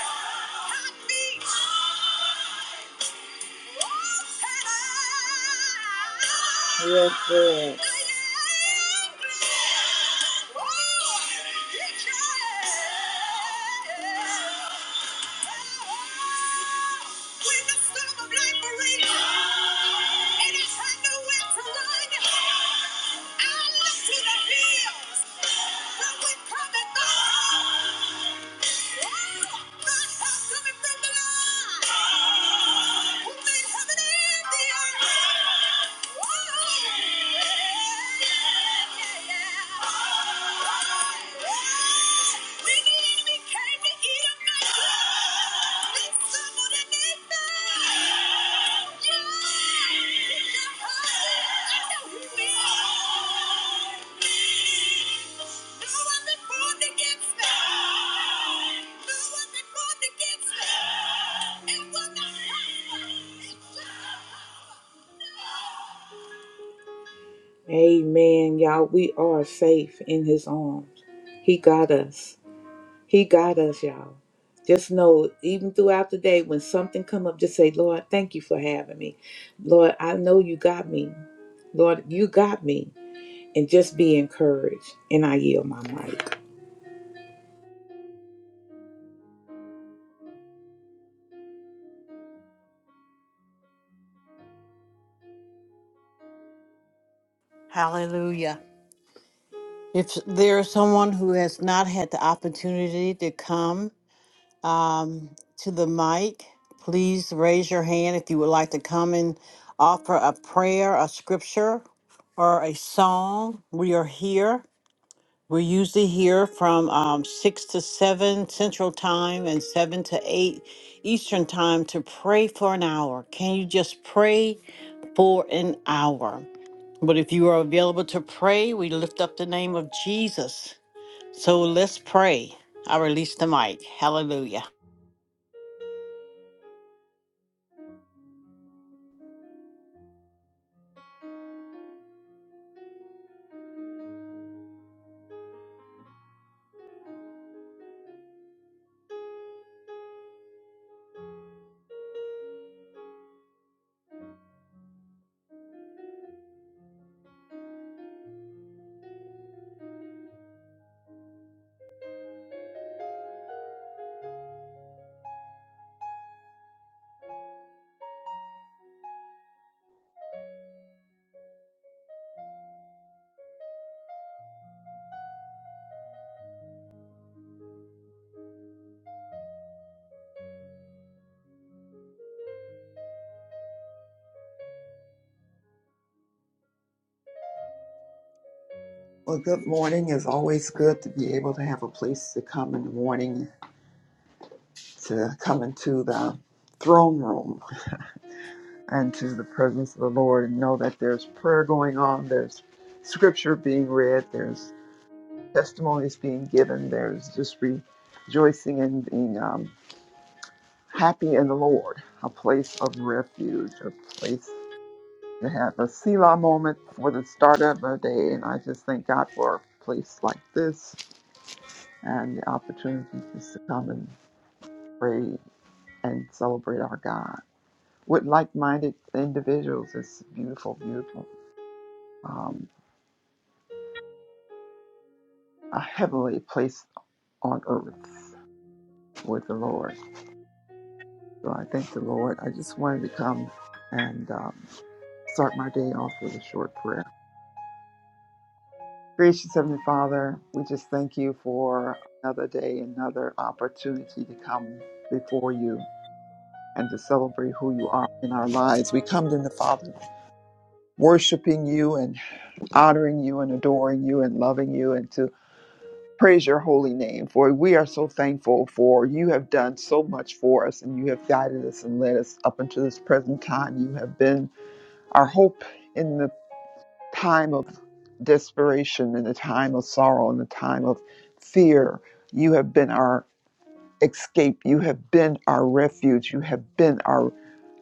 I: not be. Yes, Lord we're to be kind to eat Yeah. Amen, y'all. We are safe in his arms. He got us. He got us, y'all. Just know, even throughout the day, when something come up, just say, Lord, thank you for having me. Lord, I know you got me. Lord, you got me. And just be encouraged. And I yield my mic.
B: Hallelujah. If there is someone who has not had the opportunity to come um, to the mic, please raise your hand if you would like to come and offer a prayer, a scripture, or a song. We are here. We're usually here from um, 6 to 7 Central Time and 7 to 8 Eastern Time to pray for an hour. Can you just pray for an hour? But if you are available to pray, we lift up the name of Jesus. So let's pray. I release the mic. Hallelujah.
J: Well, good morning. It's always good to be able to have a place to come in the morning, to come into the throne room and to the presence of the Lord and know that there's prayer going on, there's scripture being read, there's testimonies being given, there's just rejoicing and being um, happy in the Lord, a place of refuge, a place to have a Selah moment for the start of a day. And I just thank God for a place like this and the opportunity just to come and praise and celebrate our God with like minded individuals. It's beautiful, beautiful. Um, a heavenly place on earth with the Lord. So I thank the Lord. I just wanted to come and um, start my day off with a short prayer. Gracious Heavenly Father, we just thank you for another day, another opportunity to come before you and to celebrate who you are in our lives. We come to the Father worshiping you and honoring you and adoring you and loving you and to praise your holy name. For we are so thankful for you have done so much for us and you have guided us and led us up until this present time. You have been our hope in the time of desperation, in the time of sorrow, in the time of fear. You have been our escape. You have been our refuge. You have been our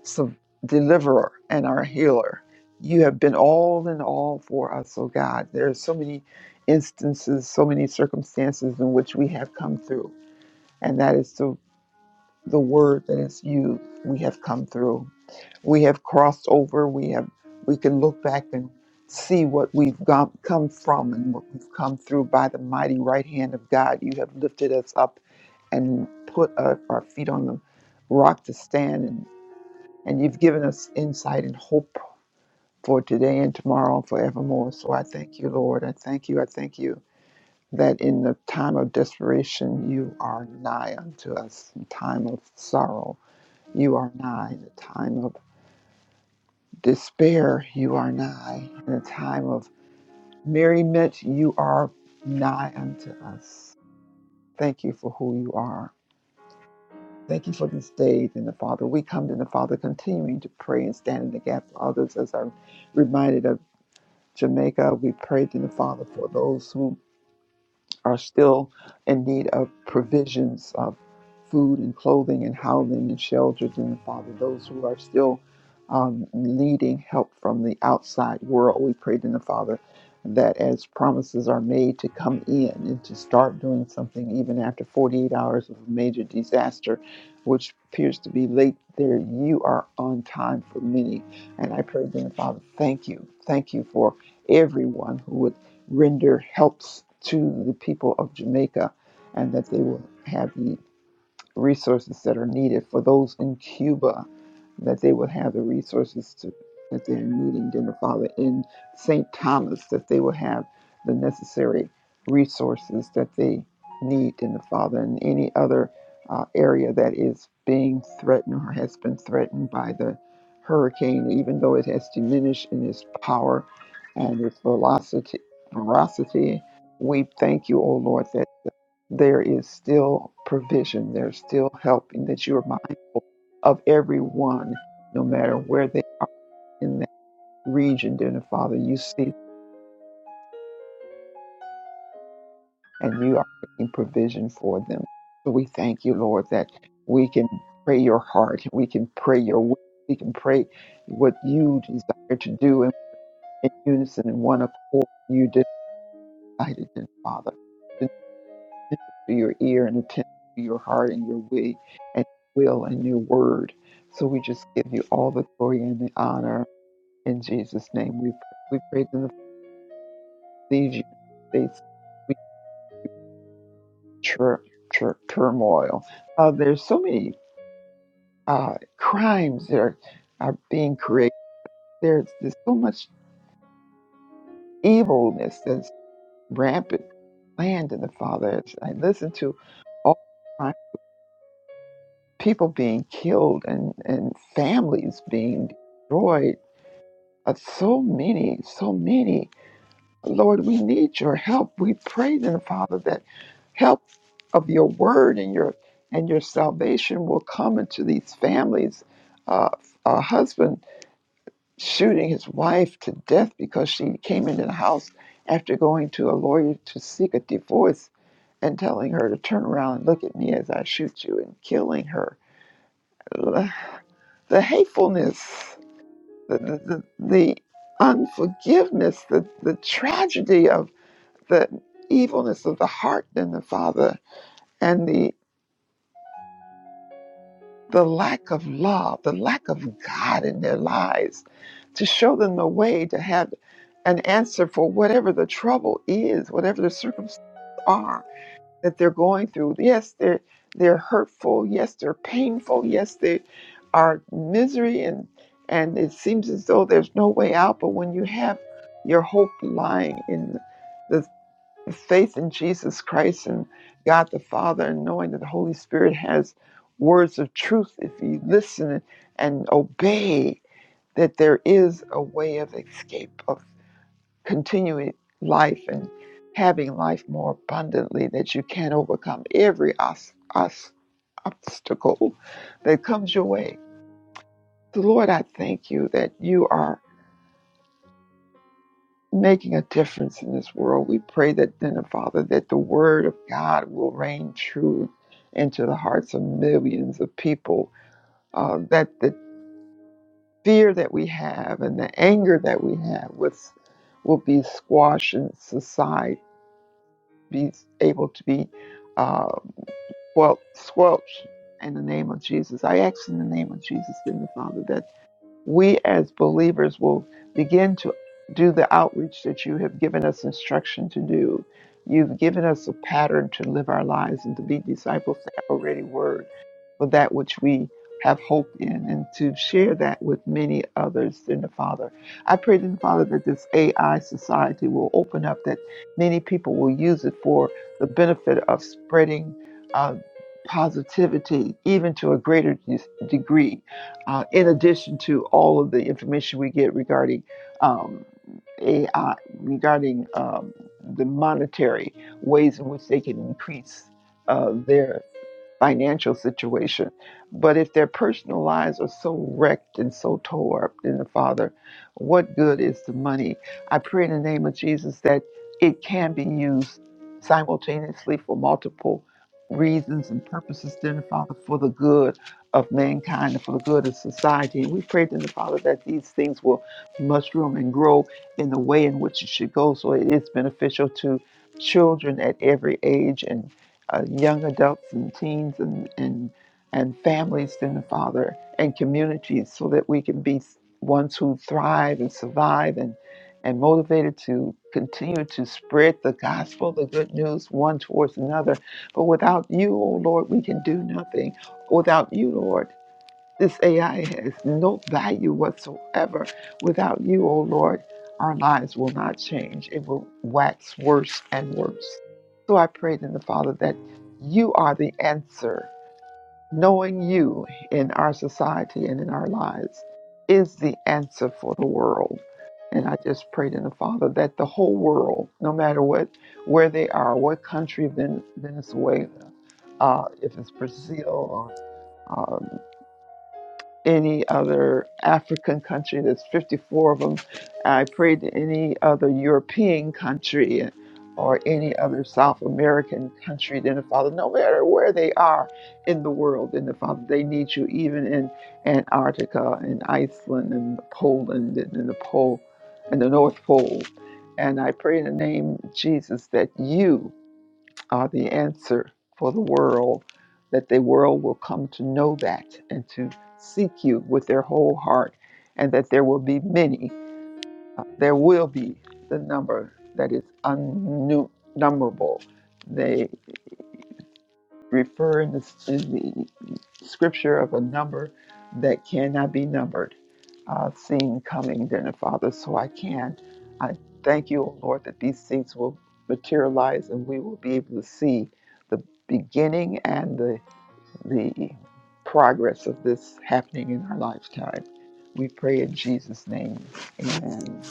J: so deliverer and our healer. You have been all in all for us, oh God. There are so many instances, so many circumstances in which we have come through. And that is the, the word that is used. We have come through we have crossed over we have we can look back and see what we've gone, come from and what we've come through by the mighty right hand of god you have lifted us up and put uh, our feet on the rock to stand and, and you've given us insight and hope for today and tomorrow and forevermore so i thank you lord i thank you i thank you that in the time of desperation you are nigh unto us in time of sorrow you are nigh in the time of despair, you are nigh. In a time of merriment, you are nigh unto us. Thank you for who you are. Thank you for this day, in the Father. We come to the Father continuing to pray and stand in the gap for others as I'm reminded of Jamaica. We prayed to the Father for those who are still in need of provisions of food and clothing and housing and shelter, dear Father. Those who are still um, needing help from the outside world, we pray, to the Father, that as promises are made to come in and to start doing something even after 48 hours of a major disaster, which appears to be late there, you are on time for many. And I pray, dear Father, thank you. Thank you for everyone who would render helps to the people of Jamaica and that they will have the resources that are needed for those in Cuba, that they would have the resources to, that they're needing, dear Father, in St. Thomas, that they will have the necessary resources that they need, dear Father, In any other uh, area that is being threatened or has been threatened by the hurricane, even though it has diminished in its power and its velocity. Veracity, we thank you, O Lord, that there is still provision, there's still help, and that you are mindful of everyone, no matter where they are in that region, dear Father. You see and you are making provision for them. So we thank you, Lord, that we can pray your heart, we can pray your will, we can pray what you desire to do in, in unison, in one accord. You decided, dear Father. attentive to your ear and attentive to your heart and your way and will and your word. So we just give you all the glory and the honor in Jesus' name. We pray. we praise in the these United States. We tur- tur- turmoil. Uh, there's so many uh, crimes that are, are being created. There's, there's so much evilness that's rampant land in the Father. As I listen to all. people being killed and, and families being destroyed. Uh, so many, so many. Lord, we need your help. We pray then, Father, that help of your word and your and your salvation will come into these families. Uh, a husband shooting his wife to death because she came into the house after going to a lawyer to seek a divorce and telling her to turn around and look at me as I shoot you and killing her. the hatefulness, the, the, the, unforgiveness, the, the tragedy of the evilness of the heart and the father, and the the lack of love, the lack of God in their lives, to show them the way to have an answer for whatever the trouble is, whatever the circumstances are that they're going through. Yes, they're they're hurtful. Yes, they're painful. Yes, they are misery and and it seems as though there's no way out. But when you have your hope lying in the the faith in Jesus Christ and God the Father, and knowing that the Holy Spirit has words of truth, if you listen and obey, that there is a way of escape of continuing life and having life more abundantly, that you can overcome every os- os- obstacle that comes your way. So, Lord, I thank you that you are making a difference in this world. We pray that then, uh, Father, that the word of God will reign true into the hearts of millions of people, uh, that the fear that we have and the anger that we have with, will be squashed and society be able to be. uh, squelch, squelch in the name of Jesus. I ask in the name of Jesus, Heavenly Father, that we as believers will begin to do the outreach that you have given us instruction to do. You've given us a pattern to live our lives and to be disciples that have a ready word for that which we have hope in and to share that with many others in the Father. I pray then, Father, that this AI society will open up, that many people will use it for the benefit of spreading uh, positivity even to a greater de- degree, uh, in addition to all of the information we get regarding um, AI, regarding um, the monetary ways in which they can increase uh, their financial situation. But if their personal lives are so wrecked and so tore up in the Father, what good is the money? I pray in the name of Jesus that it can be used simultaneously for multiple reasons and purposes, then the Father, for the good of mankind and for the good of society. And we pray then the Father that these things will mushroom and grow in the way in which it should go so it is beneficial to children at every age and uh, young adults and teens and, and, and families in the Father and communities so that we can be ones who thrive and survive and, and motivated to continue to spread the gospel, the good news, one towards another. But without you, O Lord, we can do nothing. Without you, Lord. This AI has no value whatsoever. Without you, O Lord, our lives will not change. It will wax worse and worse. So I prayed in the Father that you are the answer. Knowing you in our society and in our lives is the answer for the world. And I just prayed in the Father that the whole world, no matter what, where they are, what country, Venezuela, uh, if it's Brazil or um, any other African country. There's 54 of them. I prayed to any other European country or any other South American country. Then the Father, no matter where they are in the world, then the Father, they need you even in Antarctica and Iceland and Poland and in the pole and the North Pole. And I pray in the name of Jesus that you are the answer for the world, that the world will come to know that and to seek you with their whole heart, and that there will be many. There will be the number that is unnumberable. They refer in the, in the scripture of a number that cannot be numbered, uh, seen coming, then, Father. So I can. I thank you, O Lord, that these things will materialize and we will be able to see the beginning and the, the progress of this happening in our lifetime. We pray in Jesus' name. Amen.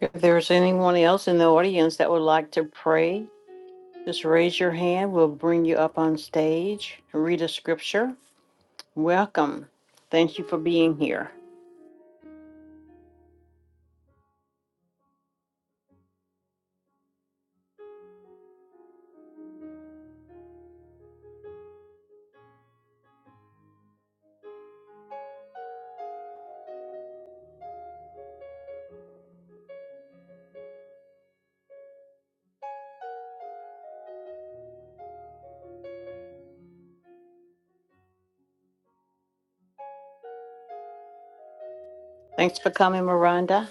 B: If there's anyone else in the audience that would like to pray, just raise your hand. We'll bring you up on stage. Read a scripture. Welcome. Thank you for being here. Thanks for coming, Miranda.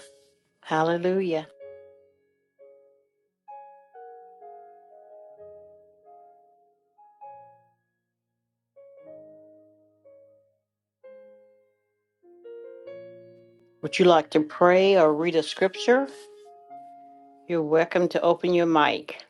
B: Hallelujah. Would you like to pray or read a scripture? You're welcome to open your mic.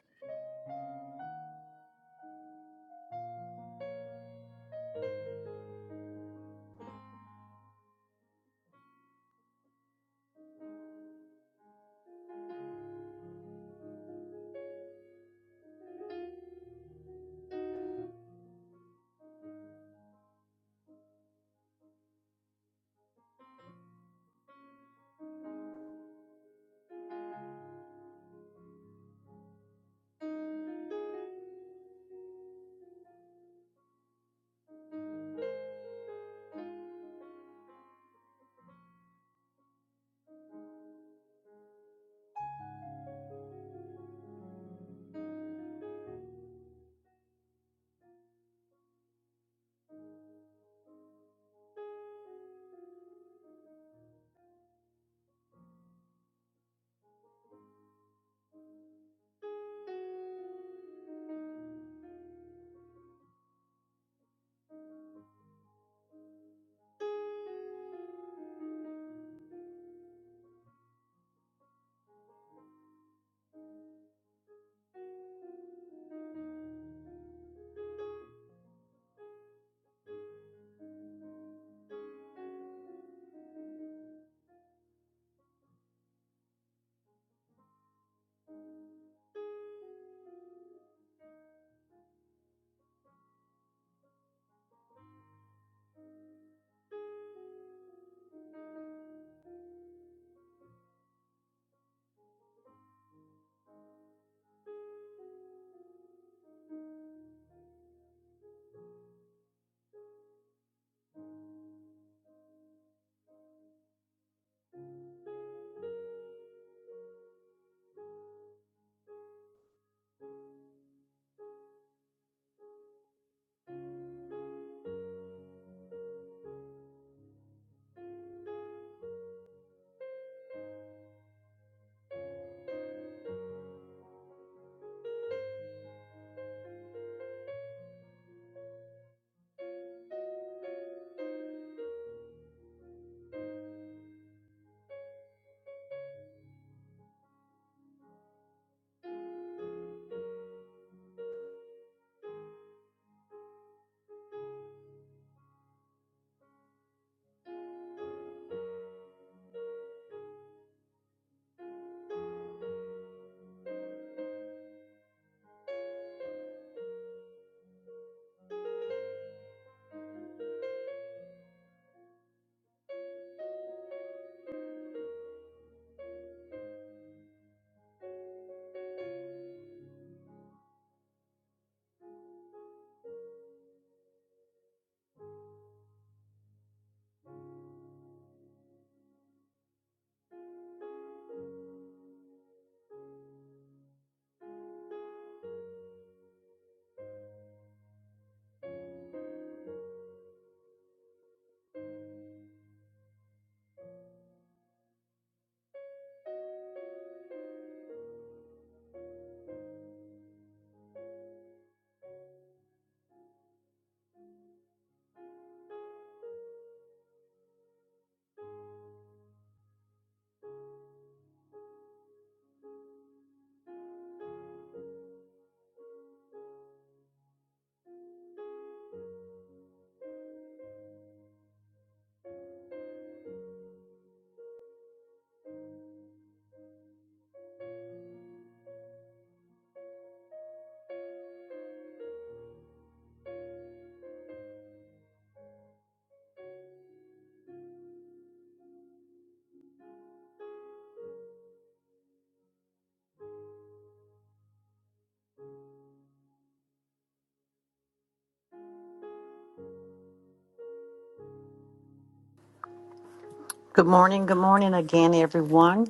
B: Good morning. Good morning again, everyone.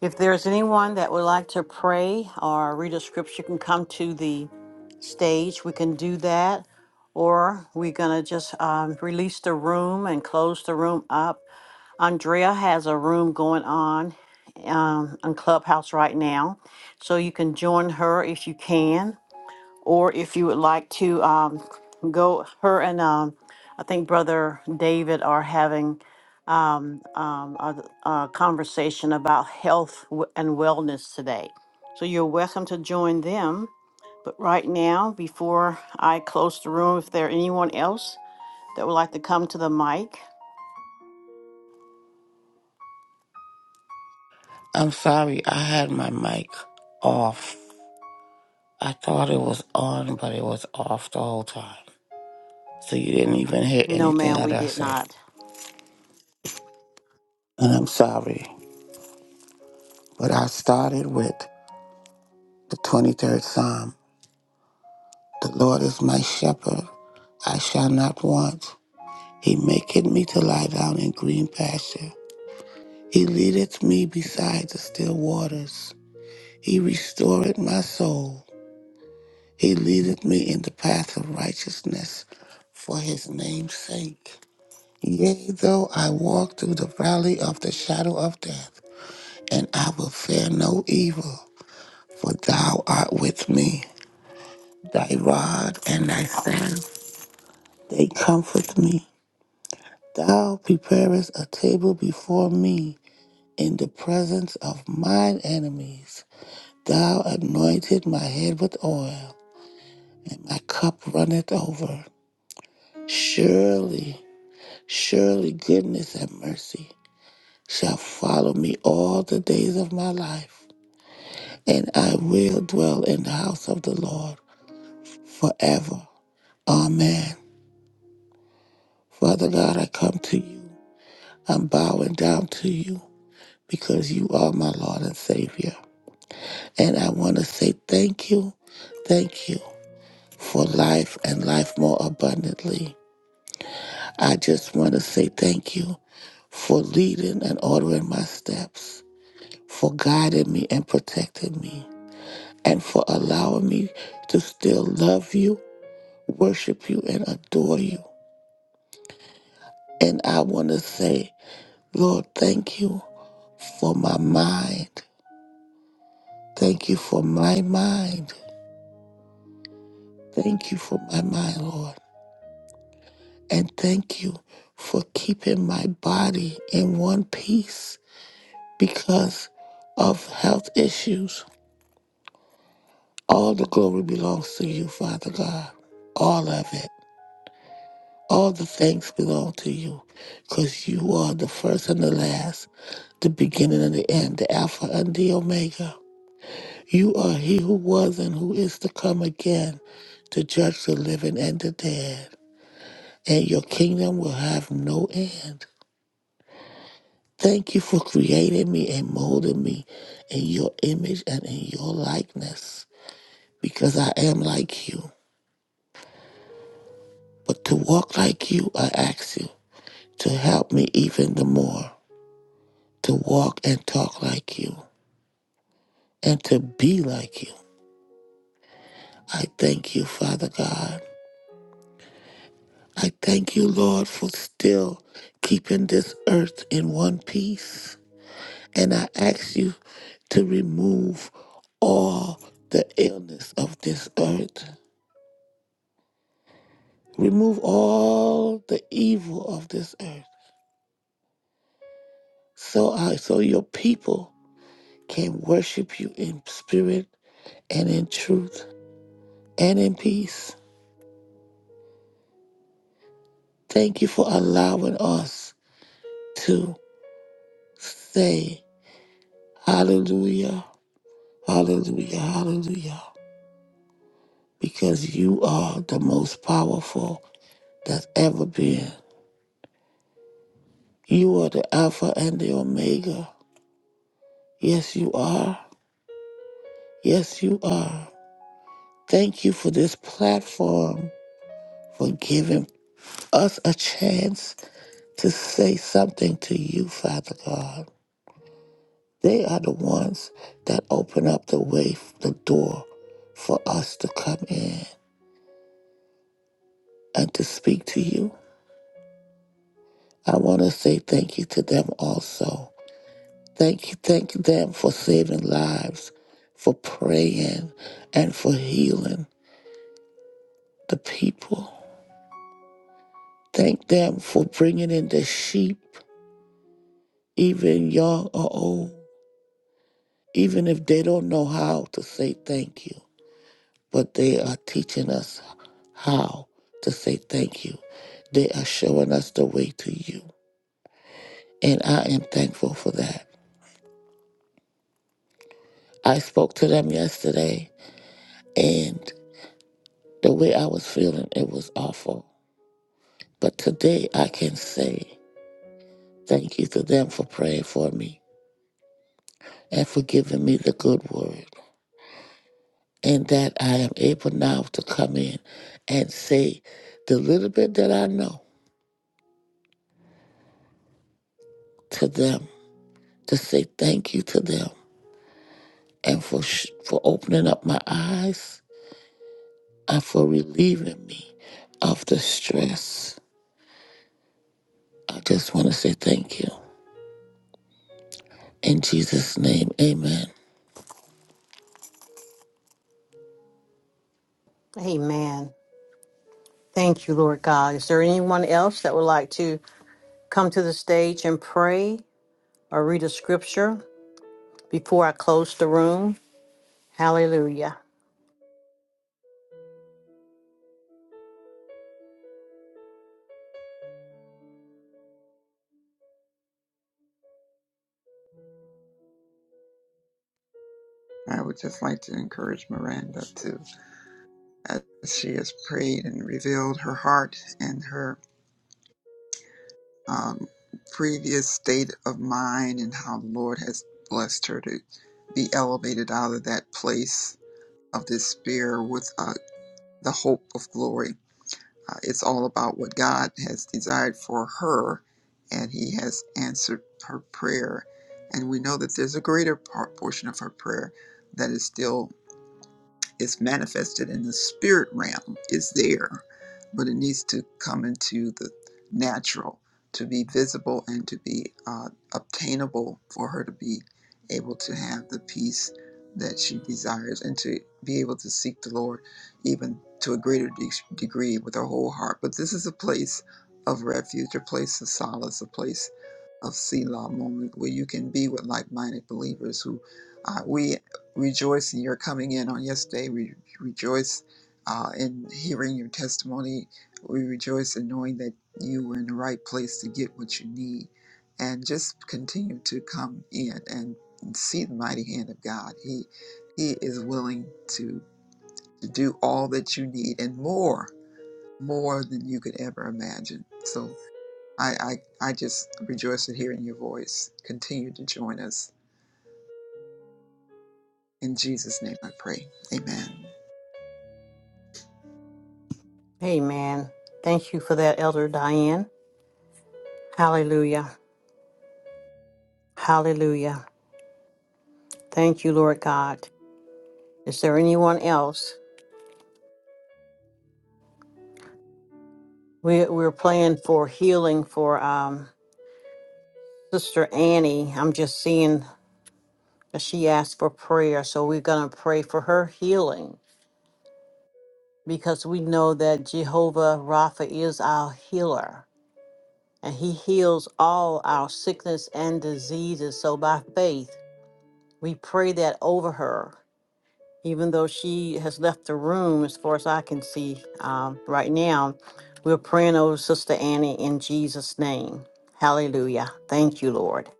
B: If there's anyone that would like to pray or read a scripture, can come to the stage. We can do that. Or we're going to just um, release the room and close the room up. Andrea has a room going on um, on Clubhouse right now. So you can join her if you can or if you would like to um, go, her and um, I think Brother David are having um, um, a, a conversation about health w- and wellness today. So you're welcome to join them. But right now, before I close the room, if there anyone else that would like to come to the mic,
K: I'm sorry, I had my mic off. I thought it was on, but it was off the whole time. So you didn't even hear
B: no,
K: anything
B: ma'am, we
K: that I
B: did
K: said.
B: not.
K: And I'm sorry, but I started with the 23rd Psalm. The Lord is my shepherd, I shall not want. He maketh me to lie down in green pasture. He leadeth me beside the still waters. He restoreth my soul. He leadeth me in the path of righteousness for his name's sake. Yea, though I walk through the valley of the shadow of death, and I will fear no evil, for thou art with me. Thy rod and thy staff, they comfort me. Thou preparest a table before me in the presence of mine enemies. Thou anointed my head with oil, and my cup runneth over. Surely Surely goodness and mercy shall follow me all the days of my life, and I will dwell in the house of the Lord forever. Amen. Father God, I come to you. I'm bowing down to you because you are my Lord and Savior. And I want to say thank you, thank you for life and life more abundantly. I just want to say thank you for leading and ordering my steps. for guiding me and protecting me, and for allowing me to still love you, worship you, and adore you. And I want to say, Lord, thank you for my mind. Thank you for my mind. Thank you for my mind, Lord. And thank you for keeping my body in one piece because of health issues. All the glory belongs to you, Father God. All of it. All the thanks belong to you because you are the first and the last, the beginning and the end, the Alpha and the Omega. You are he who was and who is to come again to judge the living and the dead, and your kingdom will have no end. Thank you for creating me and molding me in your image and in your likeness because I am like you. But to walk like you, I ask you to help me even the more. to walk and talk like you and to be like you. I thank you, Father God. I thank you, Lord, for still keeping this earth in one piece. And I ask you to remove all the illness of this earth. Remove all the evil of this earth. So I so your people can worship you in spirit and in truth and in peace. Thank you for allowing us to say hallelujah, hallelujah, hallelujah, because you are the most powerful that's ever been. You are the Alpha and the Omega. Yes, you are. Yes, you are. Thank you for this platform, for giving us a chance to say something to you, Father God. They are the ones that open up the way, the door for us to come in and to speak to you. I want to say thank you to them also. Thank you, thank them for saving lives, for praying, and for healing the people. Thank them for bringing in the sheep, even young or old, even if they don't know how to say thank you. But they are teaching us how to say thank you. They are showing us the way to you. And I am thankful for that. I spoke to them yesterday, and. The way I was feeling, it was awful. But today I can say thank you to them for praying for me and for giving me the good word. And that I am able now to come in and say the little bit that I know to them, to say thank you to them and for, sh- for opening up my eyes and for relieving me of the stress. I just want to say thank you. In Jesus' name, amen.
B: Amen. Thank you, Lord God. Is there anyone else that would like to come to the stage and pray or read a scripture? before I close the room. Hallelujah.
J: I would just like to encourage Miranda to, as she has prayed and revealed her heart and her um, previous state of mind and how the Lord has blessed her to be elevated out of that place of despair with uh, the hope of glory. Uh, it's all about what God has desired for her, and He has answered her prayer. And we know that there's a greater part, portion of her prayer that is still it's manifested in the spirit realm It's there but it needs to come into the natural to be visible and to be uh, obtainable for her to be able to have the peace that she desires and to be able to seek the lord even to a greater de- degree with her whole heart but this is a place of refuge a place of solace a place of selah moment where you can be with like-minded believers who uh, we rejoice in your coming in on yesterday. We rejoice uh, in hearing your testimony. We rejoice in knowing that you were in the right place to get what you need. And just continue to come in and see the mighty hand of God. He He is willing to, to do all that you need and more, more than you could ever imagine. So I, I, I just rejoice in hearing your voice. Continue to join us. In Jesus' name I pray. Amen.
B: Amen. Thank you for that, Elder Diane. Hallelujah. Hallelujah. Thank you, Lord God. Is there anyone else? We, we're praying for healing for um, Sister Annie. I'm just seeing that she asked for prayer, so we're going to pray for her healing because we know that Jehovah Rapha is our healer and he heals all our sickness and diseases. So by faith, We pray that over her, even though she has left the room, as far as I can see um, right now. We're praying over Sister Annie in Jesus' name. Hallelujah. Thank you, Lord.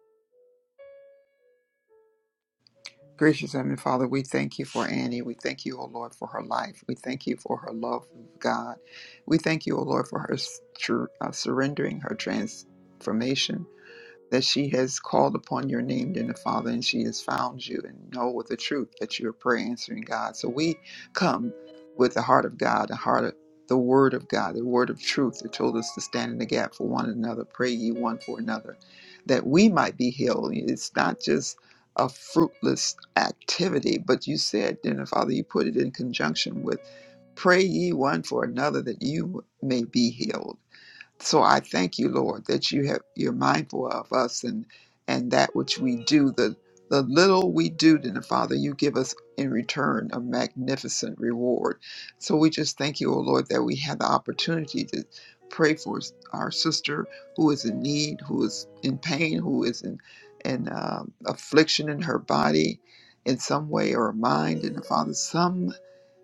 J: Gracious Heavenly Father, we thank you for Annie. We thank you, O Lord, for her life. We thank you for her love of God. We thank you, O Lord, for her sur- uh, surrendering, her transformation that she has called upon your name then the father and she has found you and know with the truth that you are prayer answering god so we come with the heart of god the heart of the word of god the word of truth that told us to stand in the gap for one another pray ye one for another that we might be healed it's not just a fruitless activity but you said then the father you put it in conjunction with pray ye one for another that you may be healed so I thank you, Lord, that you have you're mindful of us and and that which we do, the the little we do, then Father, you give us in return a magnificent reward. So we just thank you, O Lord, that we have the opportunity to pray for s- our sister who is in need, who is in pain, who is in in um affliction in her body, in some way or mind, and Father, some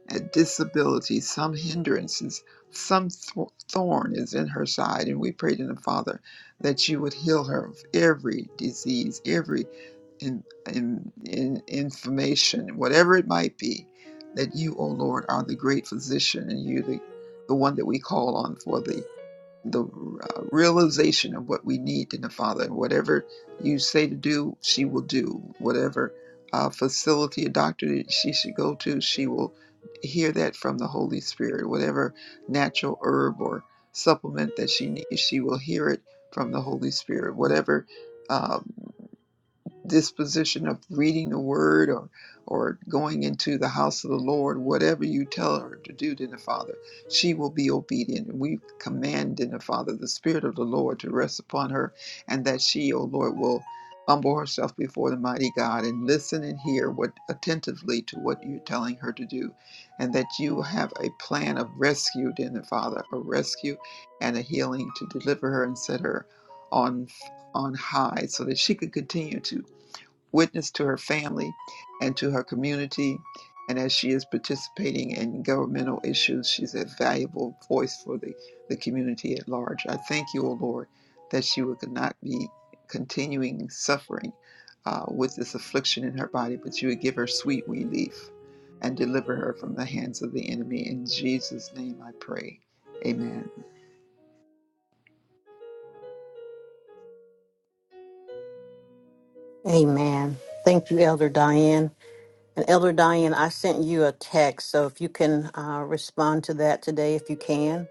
J: a disability, some hindrances, some th- thorn is in her side. And we pray to the Father that you would heal her of every disease, every in, in, in inflammation, whatever it might be, that you, O Lord, are the great physician and you, the, the one that we call on for the the uh, realization of what we need in the Father. And whatever you say to do, she will do. Whatever uh, facility or doctor that she should go to, she will hear that from the Holy Spirit. Whatever natural herb or supplement that she needs, she will hear it from the Holy Spirit. Whatever. uh, disposition of reading the word or or going into the house of the Lord, whatever you tell her to do, dear Father, she will be obedient. And we command dear Father the Spirit of the Lord to rest upon her and that she, O Lord, will humble herself before the mighty God and listen and hear what attentively to what you're telling her to do. And that you have a plan of rescue, dear Father, a rescue and a healing to deliver her and set her on on high so that she could continue to witness to her family and to her community. And as she is participating in governmental issues, she's a valuable voice for the, the community at large. I thank you, O Lord, that she would not be continuing suffering uh, with this affliction in her body, but you would give her sweet relief and deliver her from the hands of the enemy. In Jesus' name I pray. Amen.
B: Amen. Thank you, Elder Diane. And Elder Diane, I sent you a text, so if you can uh, respond to that today, if you can.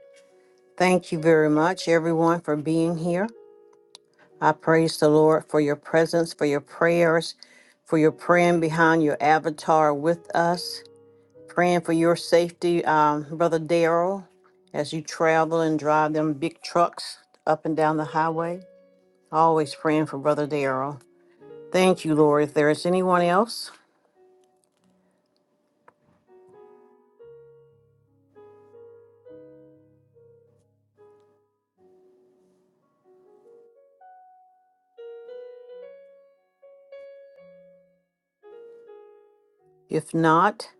B: Thank you very much, everyone, for being here. I praise the Lord for your presence, for your prayers, for your praying behind your avatar with us. Praying for your safety, um, Brother Daryl, as you travel and drive them big trucks up and down the highway. Always praying for Brother Daryl. Thank you, Lord. If there is anyone else, if not,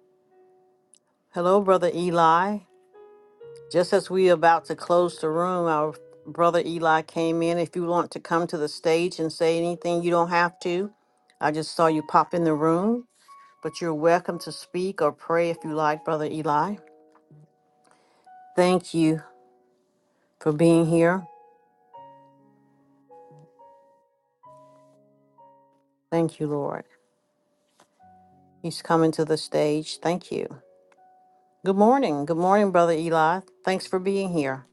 B: hello, Brother Eli. Just as we about to close the room, our brother Eli came in. If you want to come to the stage and say anything, you don't have to. I just saw you pop in the room, but you're welcome to speak or pray if you like, Brother Eli. Thank you for being here. Thank you, Lord. He's coming to the stage. Thank you. Good morning. Good morning, Brother Eli. Thanks for being here.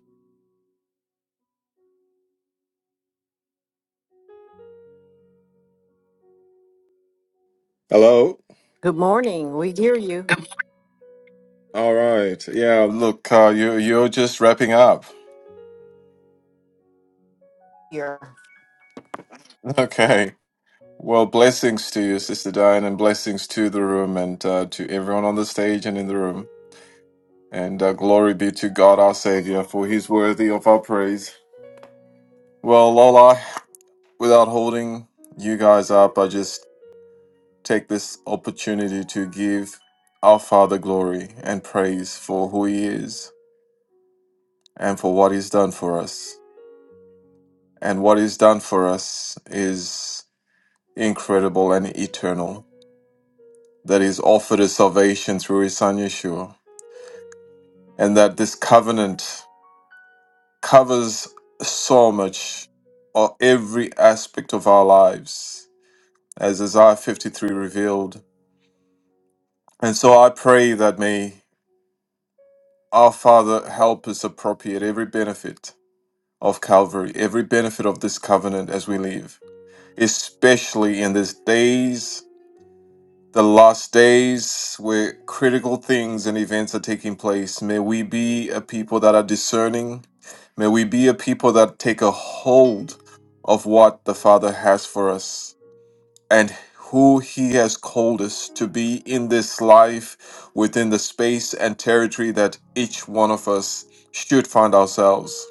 L: Hello.
B: Good morning. We hear you
L: All right. Yeah. Look, uh, you you're just wrapping up.
B: here.
L: Okay. Well, blessings to you, Sister Diane, and blessings to the room and uh, to everyone on the stage and in the room. And uh, glory be to God, our Savior, for He's worthy of our praise. Well, Lola, without holding you guys up, I just take this opportunity to give our Father glory and praise for who He is and for what He's done for us. And what He's done for us is incredible and eternal, that he's offered us salvation through his son Yeshua, and that this covenant covers so much of every aspect of our lives, as Isaiah 53 revealed. And so I pray that may our Father help us appropriate every benefit of Calvary, every benefit of this covenant as we live, especially in these days the last days where critical things and events are taking place. May we be a people that are discerning. May we be a people that take a hold of what the Father has for us and who He has called us to be in this life within the space and territory that each one of us should find ourselves.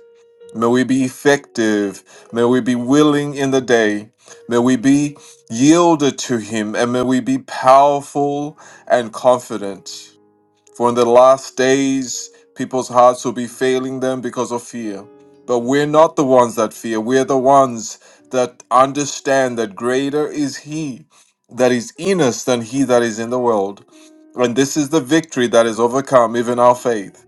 L: May we be effective. May we be willing in the day. May we be yielded to Him and may we be powerful and confident. For in the last days, people's hearts will be failing them because of fear. But we're not the ones that fear. We're the ones that understand that greater is He that is in us than He that is in the world. And this is the victory that is overcome, even our faith.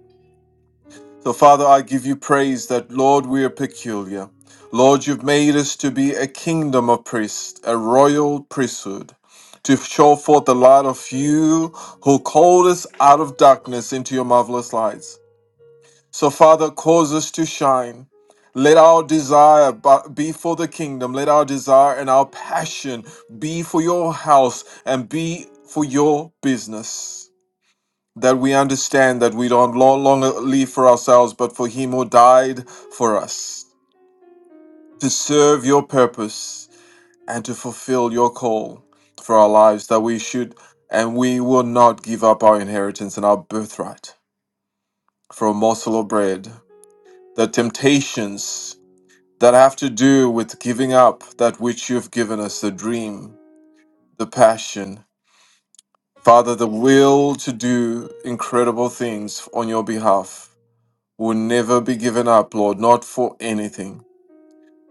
L: So, Father, I give you praise that, Lord, we are peculiar. Lord, you've made us to be a kingdom of priests, a royal priesthood, to show forth the light of you who called us out of darkness into your marvelous lights. So, Father, cause us to shine. Let our desire bu- be for the kingdom. Let our desire and our passion be for your house and be for your business that we understand that we don't no longer live for ourselves, but for Him who died for us, to serve your purpose and to fulfill your call for our lives, that we should and we will not give up our inheritance and our birthright for a morsel of bread. The temptations that have to do with giving up that which you've given us the dream, the passion, Father, the will to do incredible things on your behalf will never be given up, Lord, not for anything.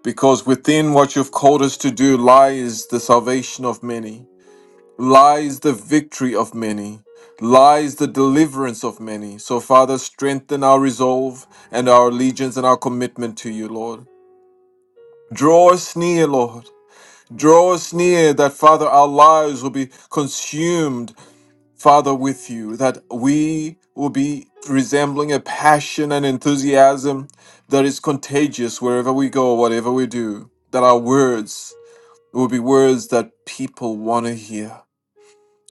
L: Because within what you've called us to do lies the salvation of many, lies the victory of many, lies the deliverance of many. So, Father, strengthen our resolve and our allegiance and our commitment to you, Lord. Draw us near, Lord. Draw us near that, Father, our lives will be consumed Father, with you, that we will be resembling a passion and enthusiasm that is contagious wherever we go, whatever we do, that our words will be words that people want to hear,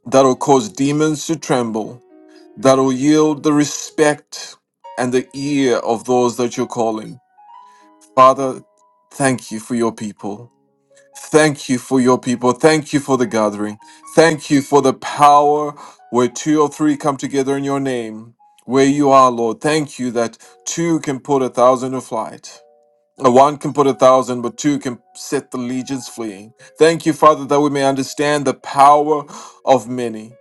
L: that will cause demons to tremble, that will yield the respect and the ear of those that you're calling. Father, thank you for your people. Thank you for your people. Thank you for the gathering. Thank you for the power where two or three come together in your name, where you are, Lord. Thank you that two can put a thousand to flight. Uh, One can put a thousand, but two can set the legions fleeing. Thank you, Father, that we may understand the power of many.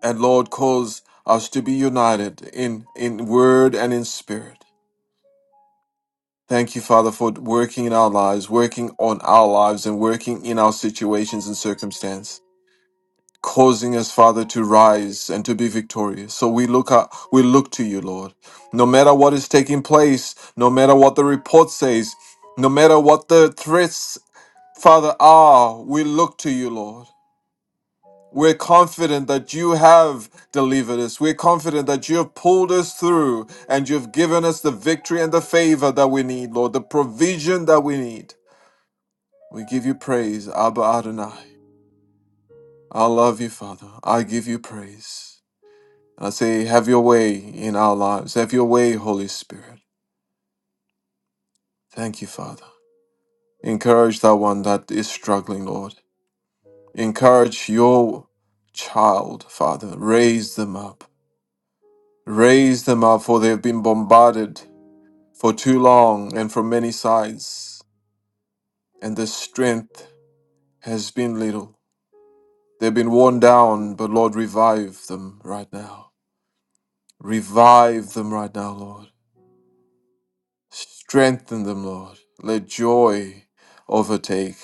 L: And Lord, cause us to be united in, in word and in spirit. Thank you, Father, for working in our lives, working on our lives, and working in our situations and circumstance, causing us, Father, to rise and to be victorious. So we look up, we look to you, Lord. No matter what is taking place, no matter what the report says, no matter what the threats, Father, are, we look to you, Lord. We're confident that you have delivered us. We're confident that you have pulled us through and you've given us the victory and the favor that we need, Lord, the provision that we need. We give you praise, Abba Adonai. I love you, Father. I give you praise. I say, have your way in our lives. Have your way, Holy Spirit. Thank you, Father. Encourage that one that is struggling, Lord. Encourage your child, Father. Raise them up. Raise them up, for they have been bombarded for too long and from many sides, and their strength has been little. They've been worn down, but Lord, revive them right now. Revive them right now, Lord. Strengthen them, Lord. Let joy overtake.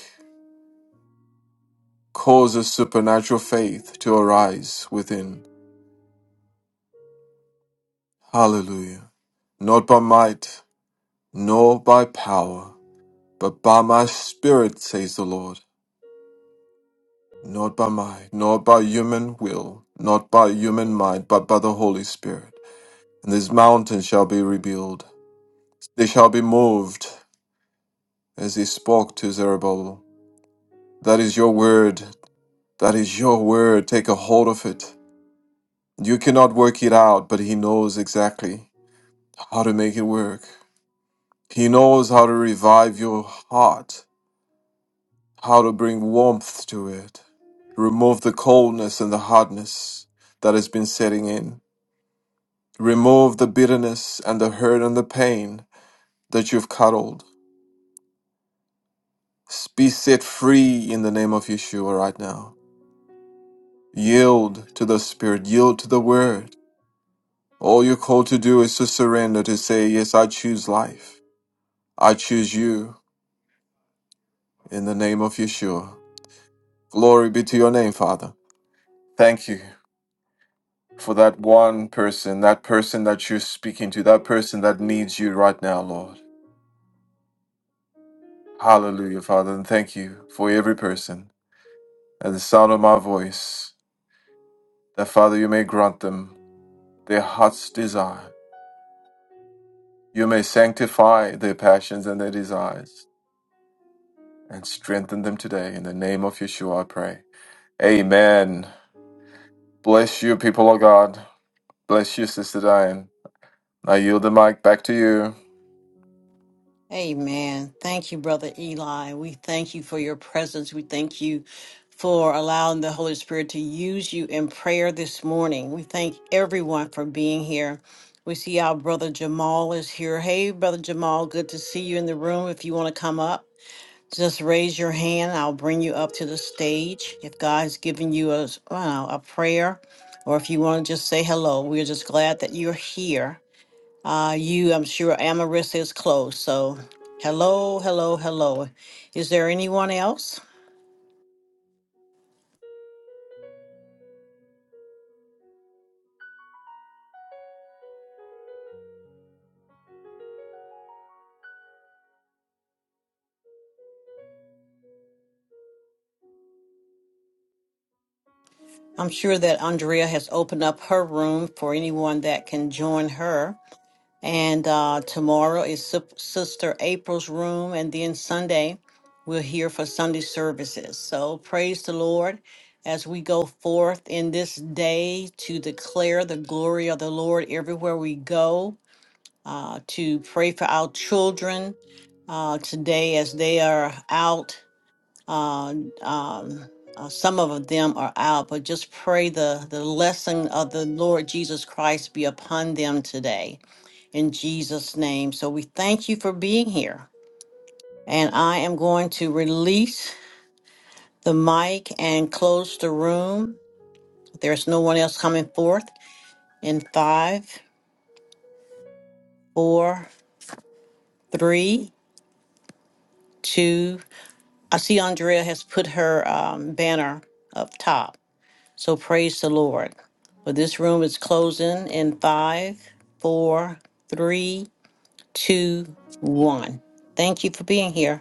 L: Cause a supernatural faith to arise within. Hallelujah. Not by might, nor by power, but by my spirit, says the Lord. Not by might, nor by human will, not by human mind, but by the Holy Spirit. And this mountain shall be rebuilt. They shall be moved, as he spoke to Zerubbabel. That is your word That is your word. Take a hold of it. You cannot work it out, but He knows exactly how to make it work. He knows how to revive your heart, how to bring warmth to it, remove the coldness and the hardness that has been setting in, remove the bitterness and the hurt and the pain that you've cuddled. Be set free in the name of Yeshua right now. Yield to the Spirit, yield to the Word. All you're called to do is to surrender, to say, Yes, I choose life. I choose you in the name of Yeshua. Glory be to your name, Father. Thank you for that one person, that person that you're speaking to, that person that needs you right now, Lord. Hallelujah, Father. And thank you for every person at the sound of my voice, that, Father, you may grant them their heart's desire. You may sanctify their passions and their desires and strengthen them today. In the name of Yeshua, I pray. Amen. Bless you, people of God. Bless you, Sister Diane. I yield the mic back to you.
B: Amen. Thank you, Brother Eli. We thank you for your presence. We thank you for allowing the Holy Spirit to use you in prayer this morning. We thank everyone for being here. We see our brother Jamal is here. Hey, brother Jamal, good to see you in the room. If you want to come up, Just raise your hand. I'll bring you up to the stage. If God's given you a, s- uh, a prayer, or if you want to just say hello, we're just glad that you're here. Uh, you, I'm sure Amaris is close. So, hello, hello, hello. Is there anyone else? I'm sure that Andrea has opened up her room for anyone that can join her. And uh, tomorrow is Sup- Sister April's room. And then Sunday, we're here for Sunday services. So praise the Lord as we go forth in this day to declare the glory of the Lord everywhere we go, uh, to pray for our children uh, today as they are out. Uh, um, uh, some of them are out, but just pray the, the lesson of the Lord Jesus Christ be upon them today in Jesus' name. So we thank you for being here. And I am going to release the mic and close the room. There's no one else coming forth in five, four, three, two. I see Andrea has put her um, banner up top. So praise the Lord. But this room is closing in five, four, three, two, one. Thank you for being here.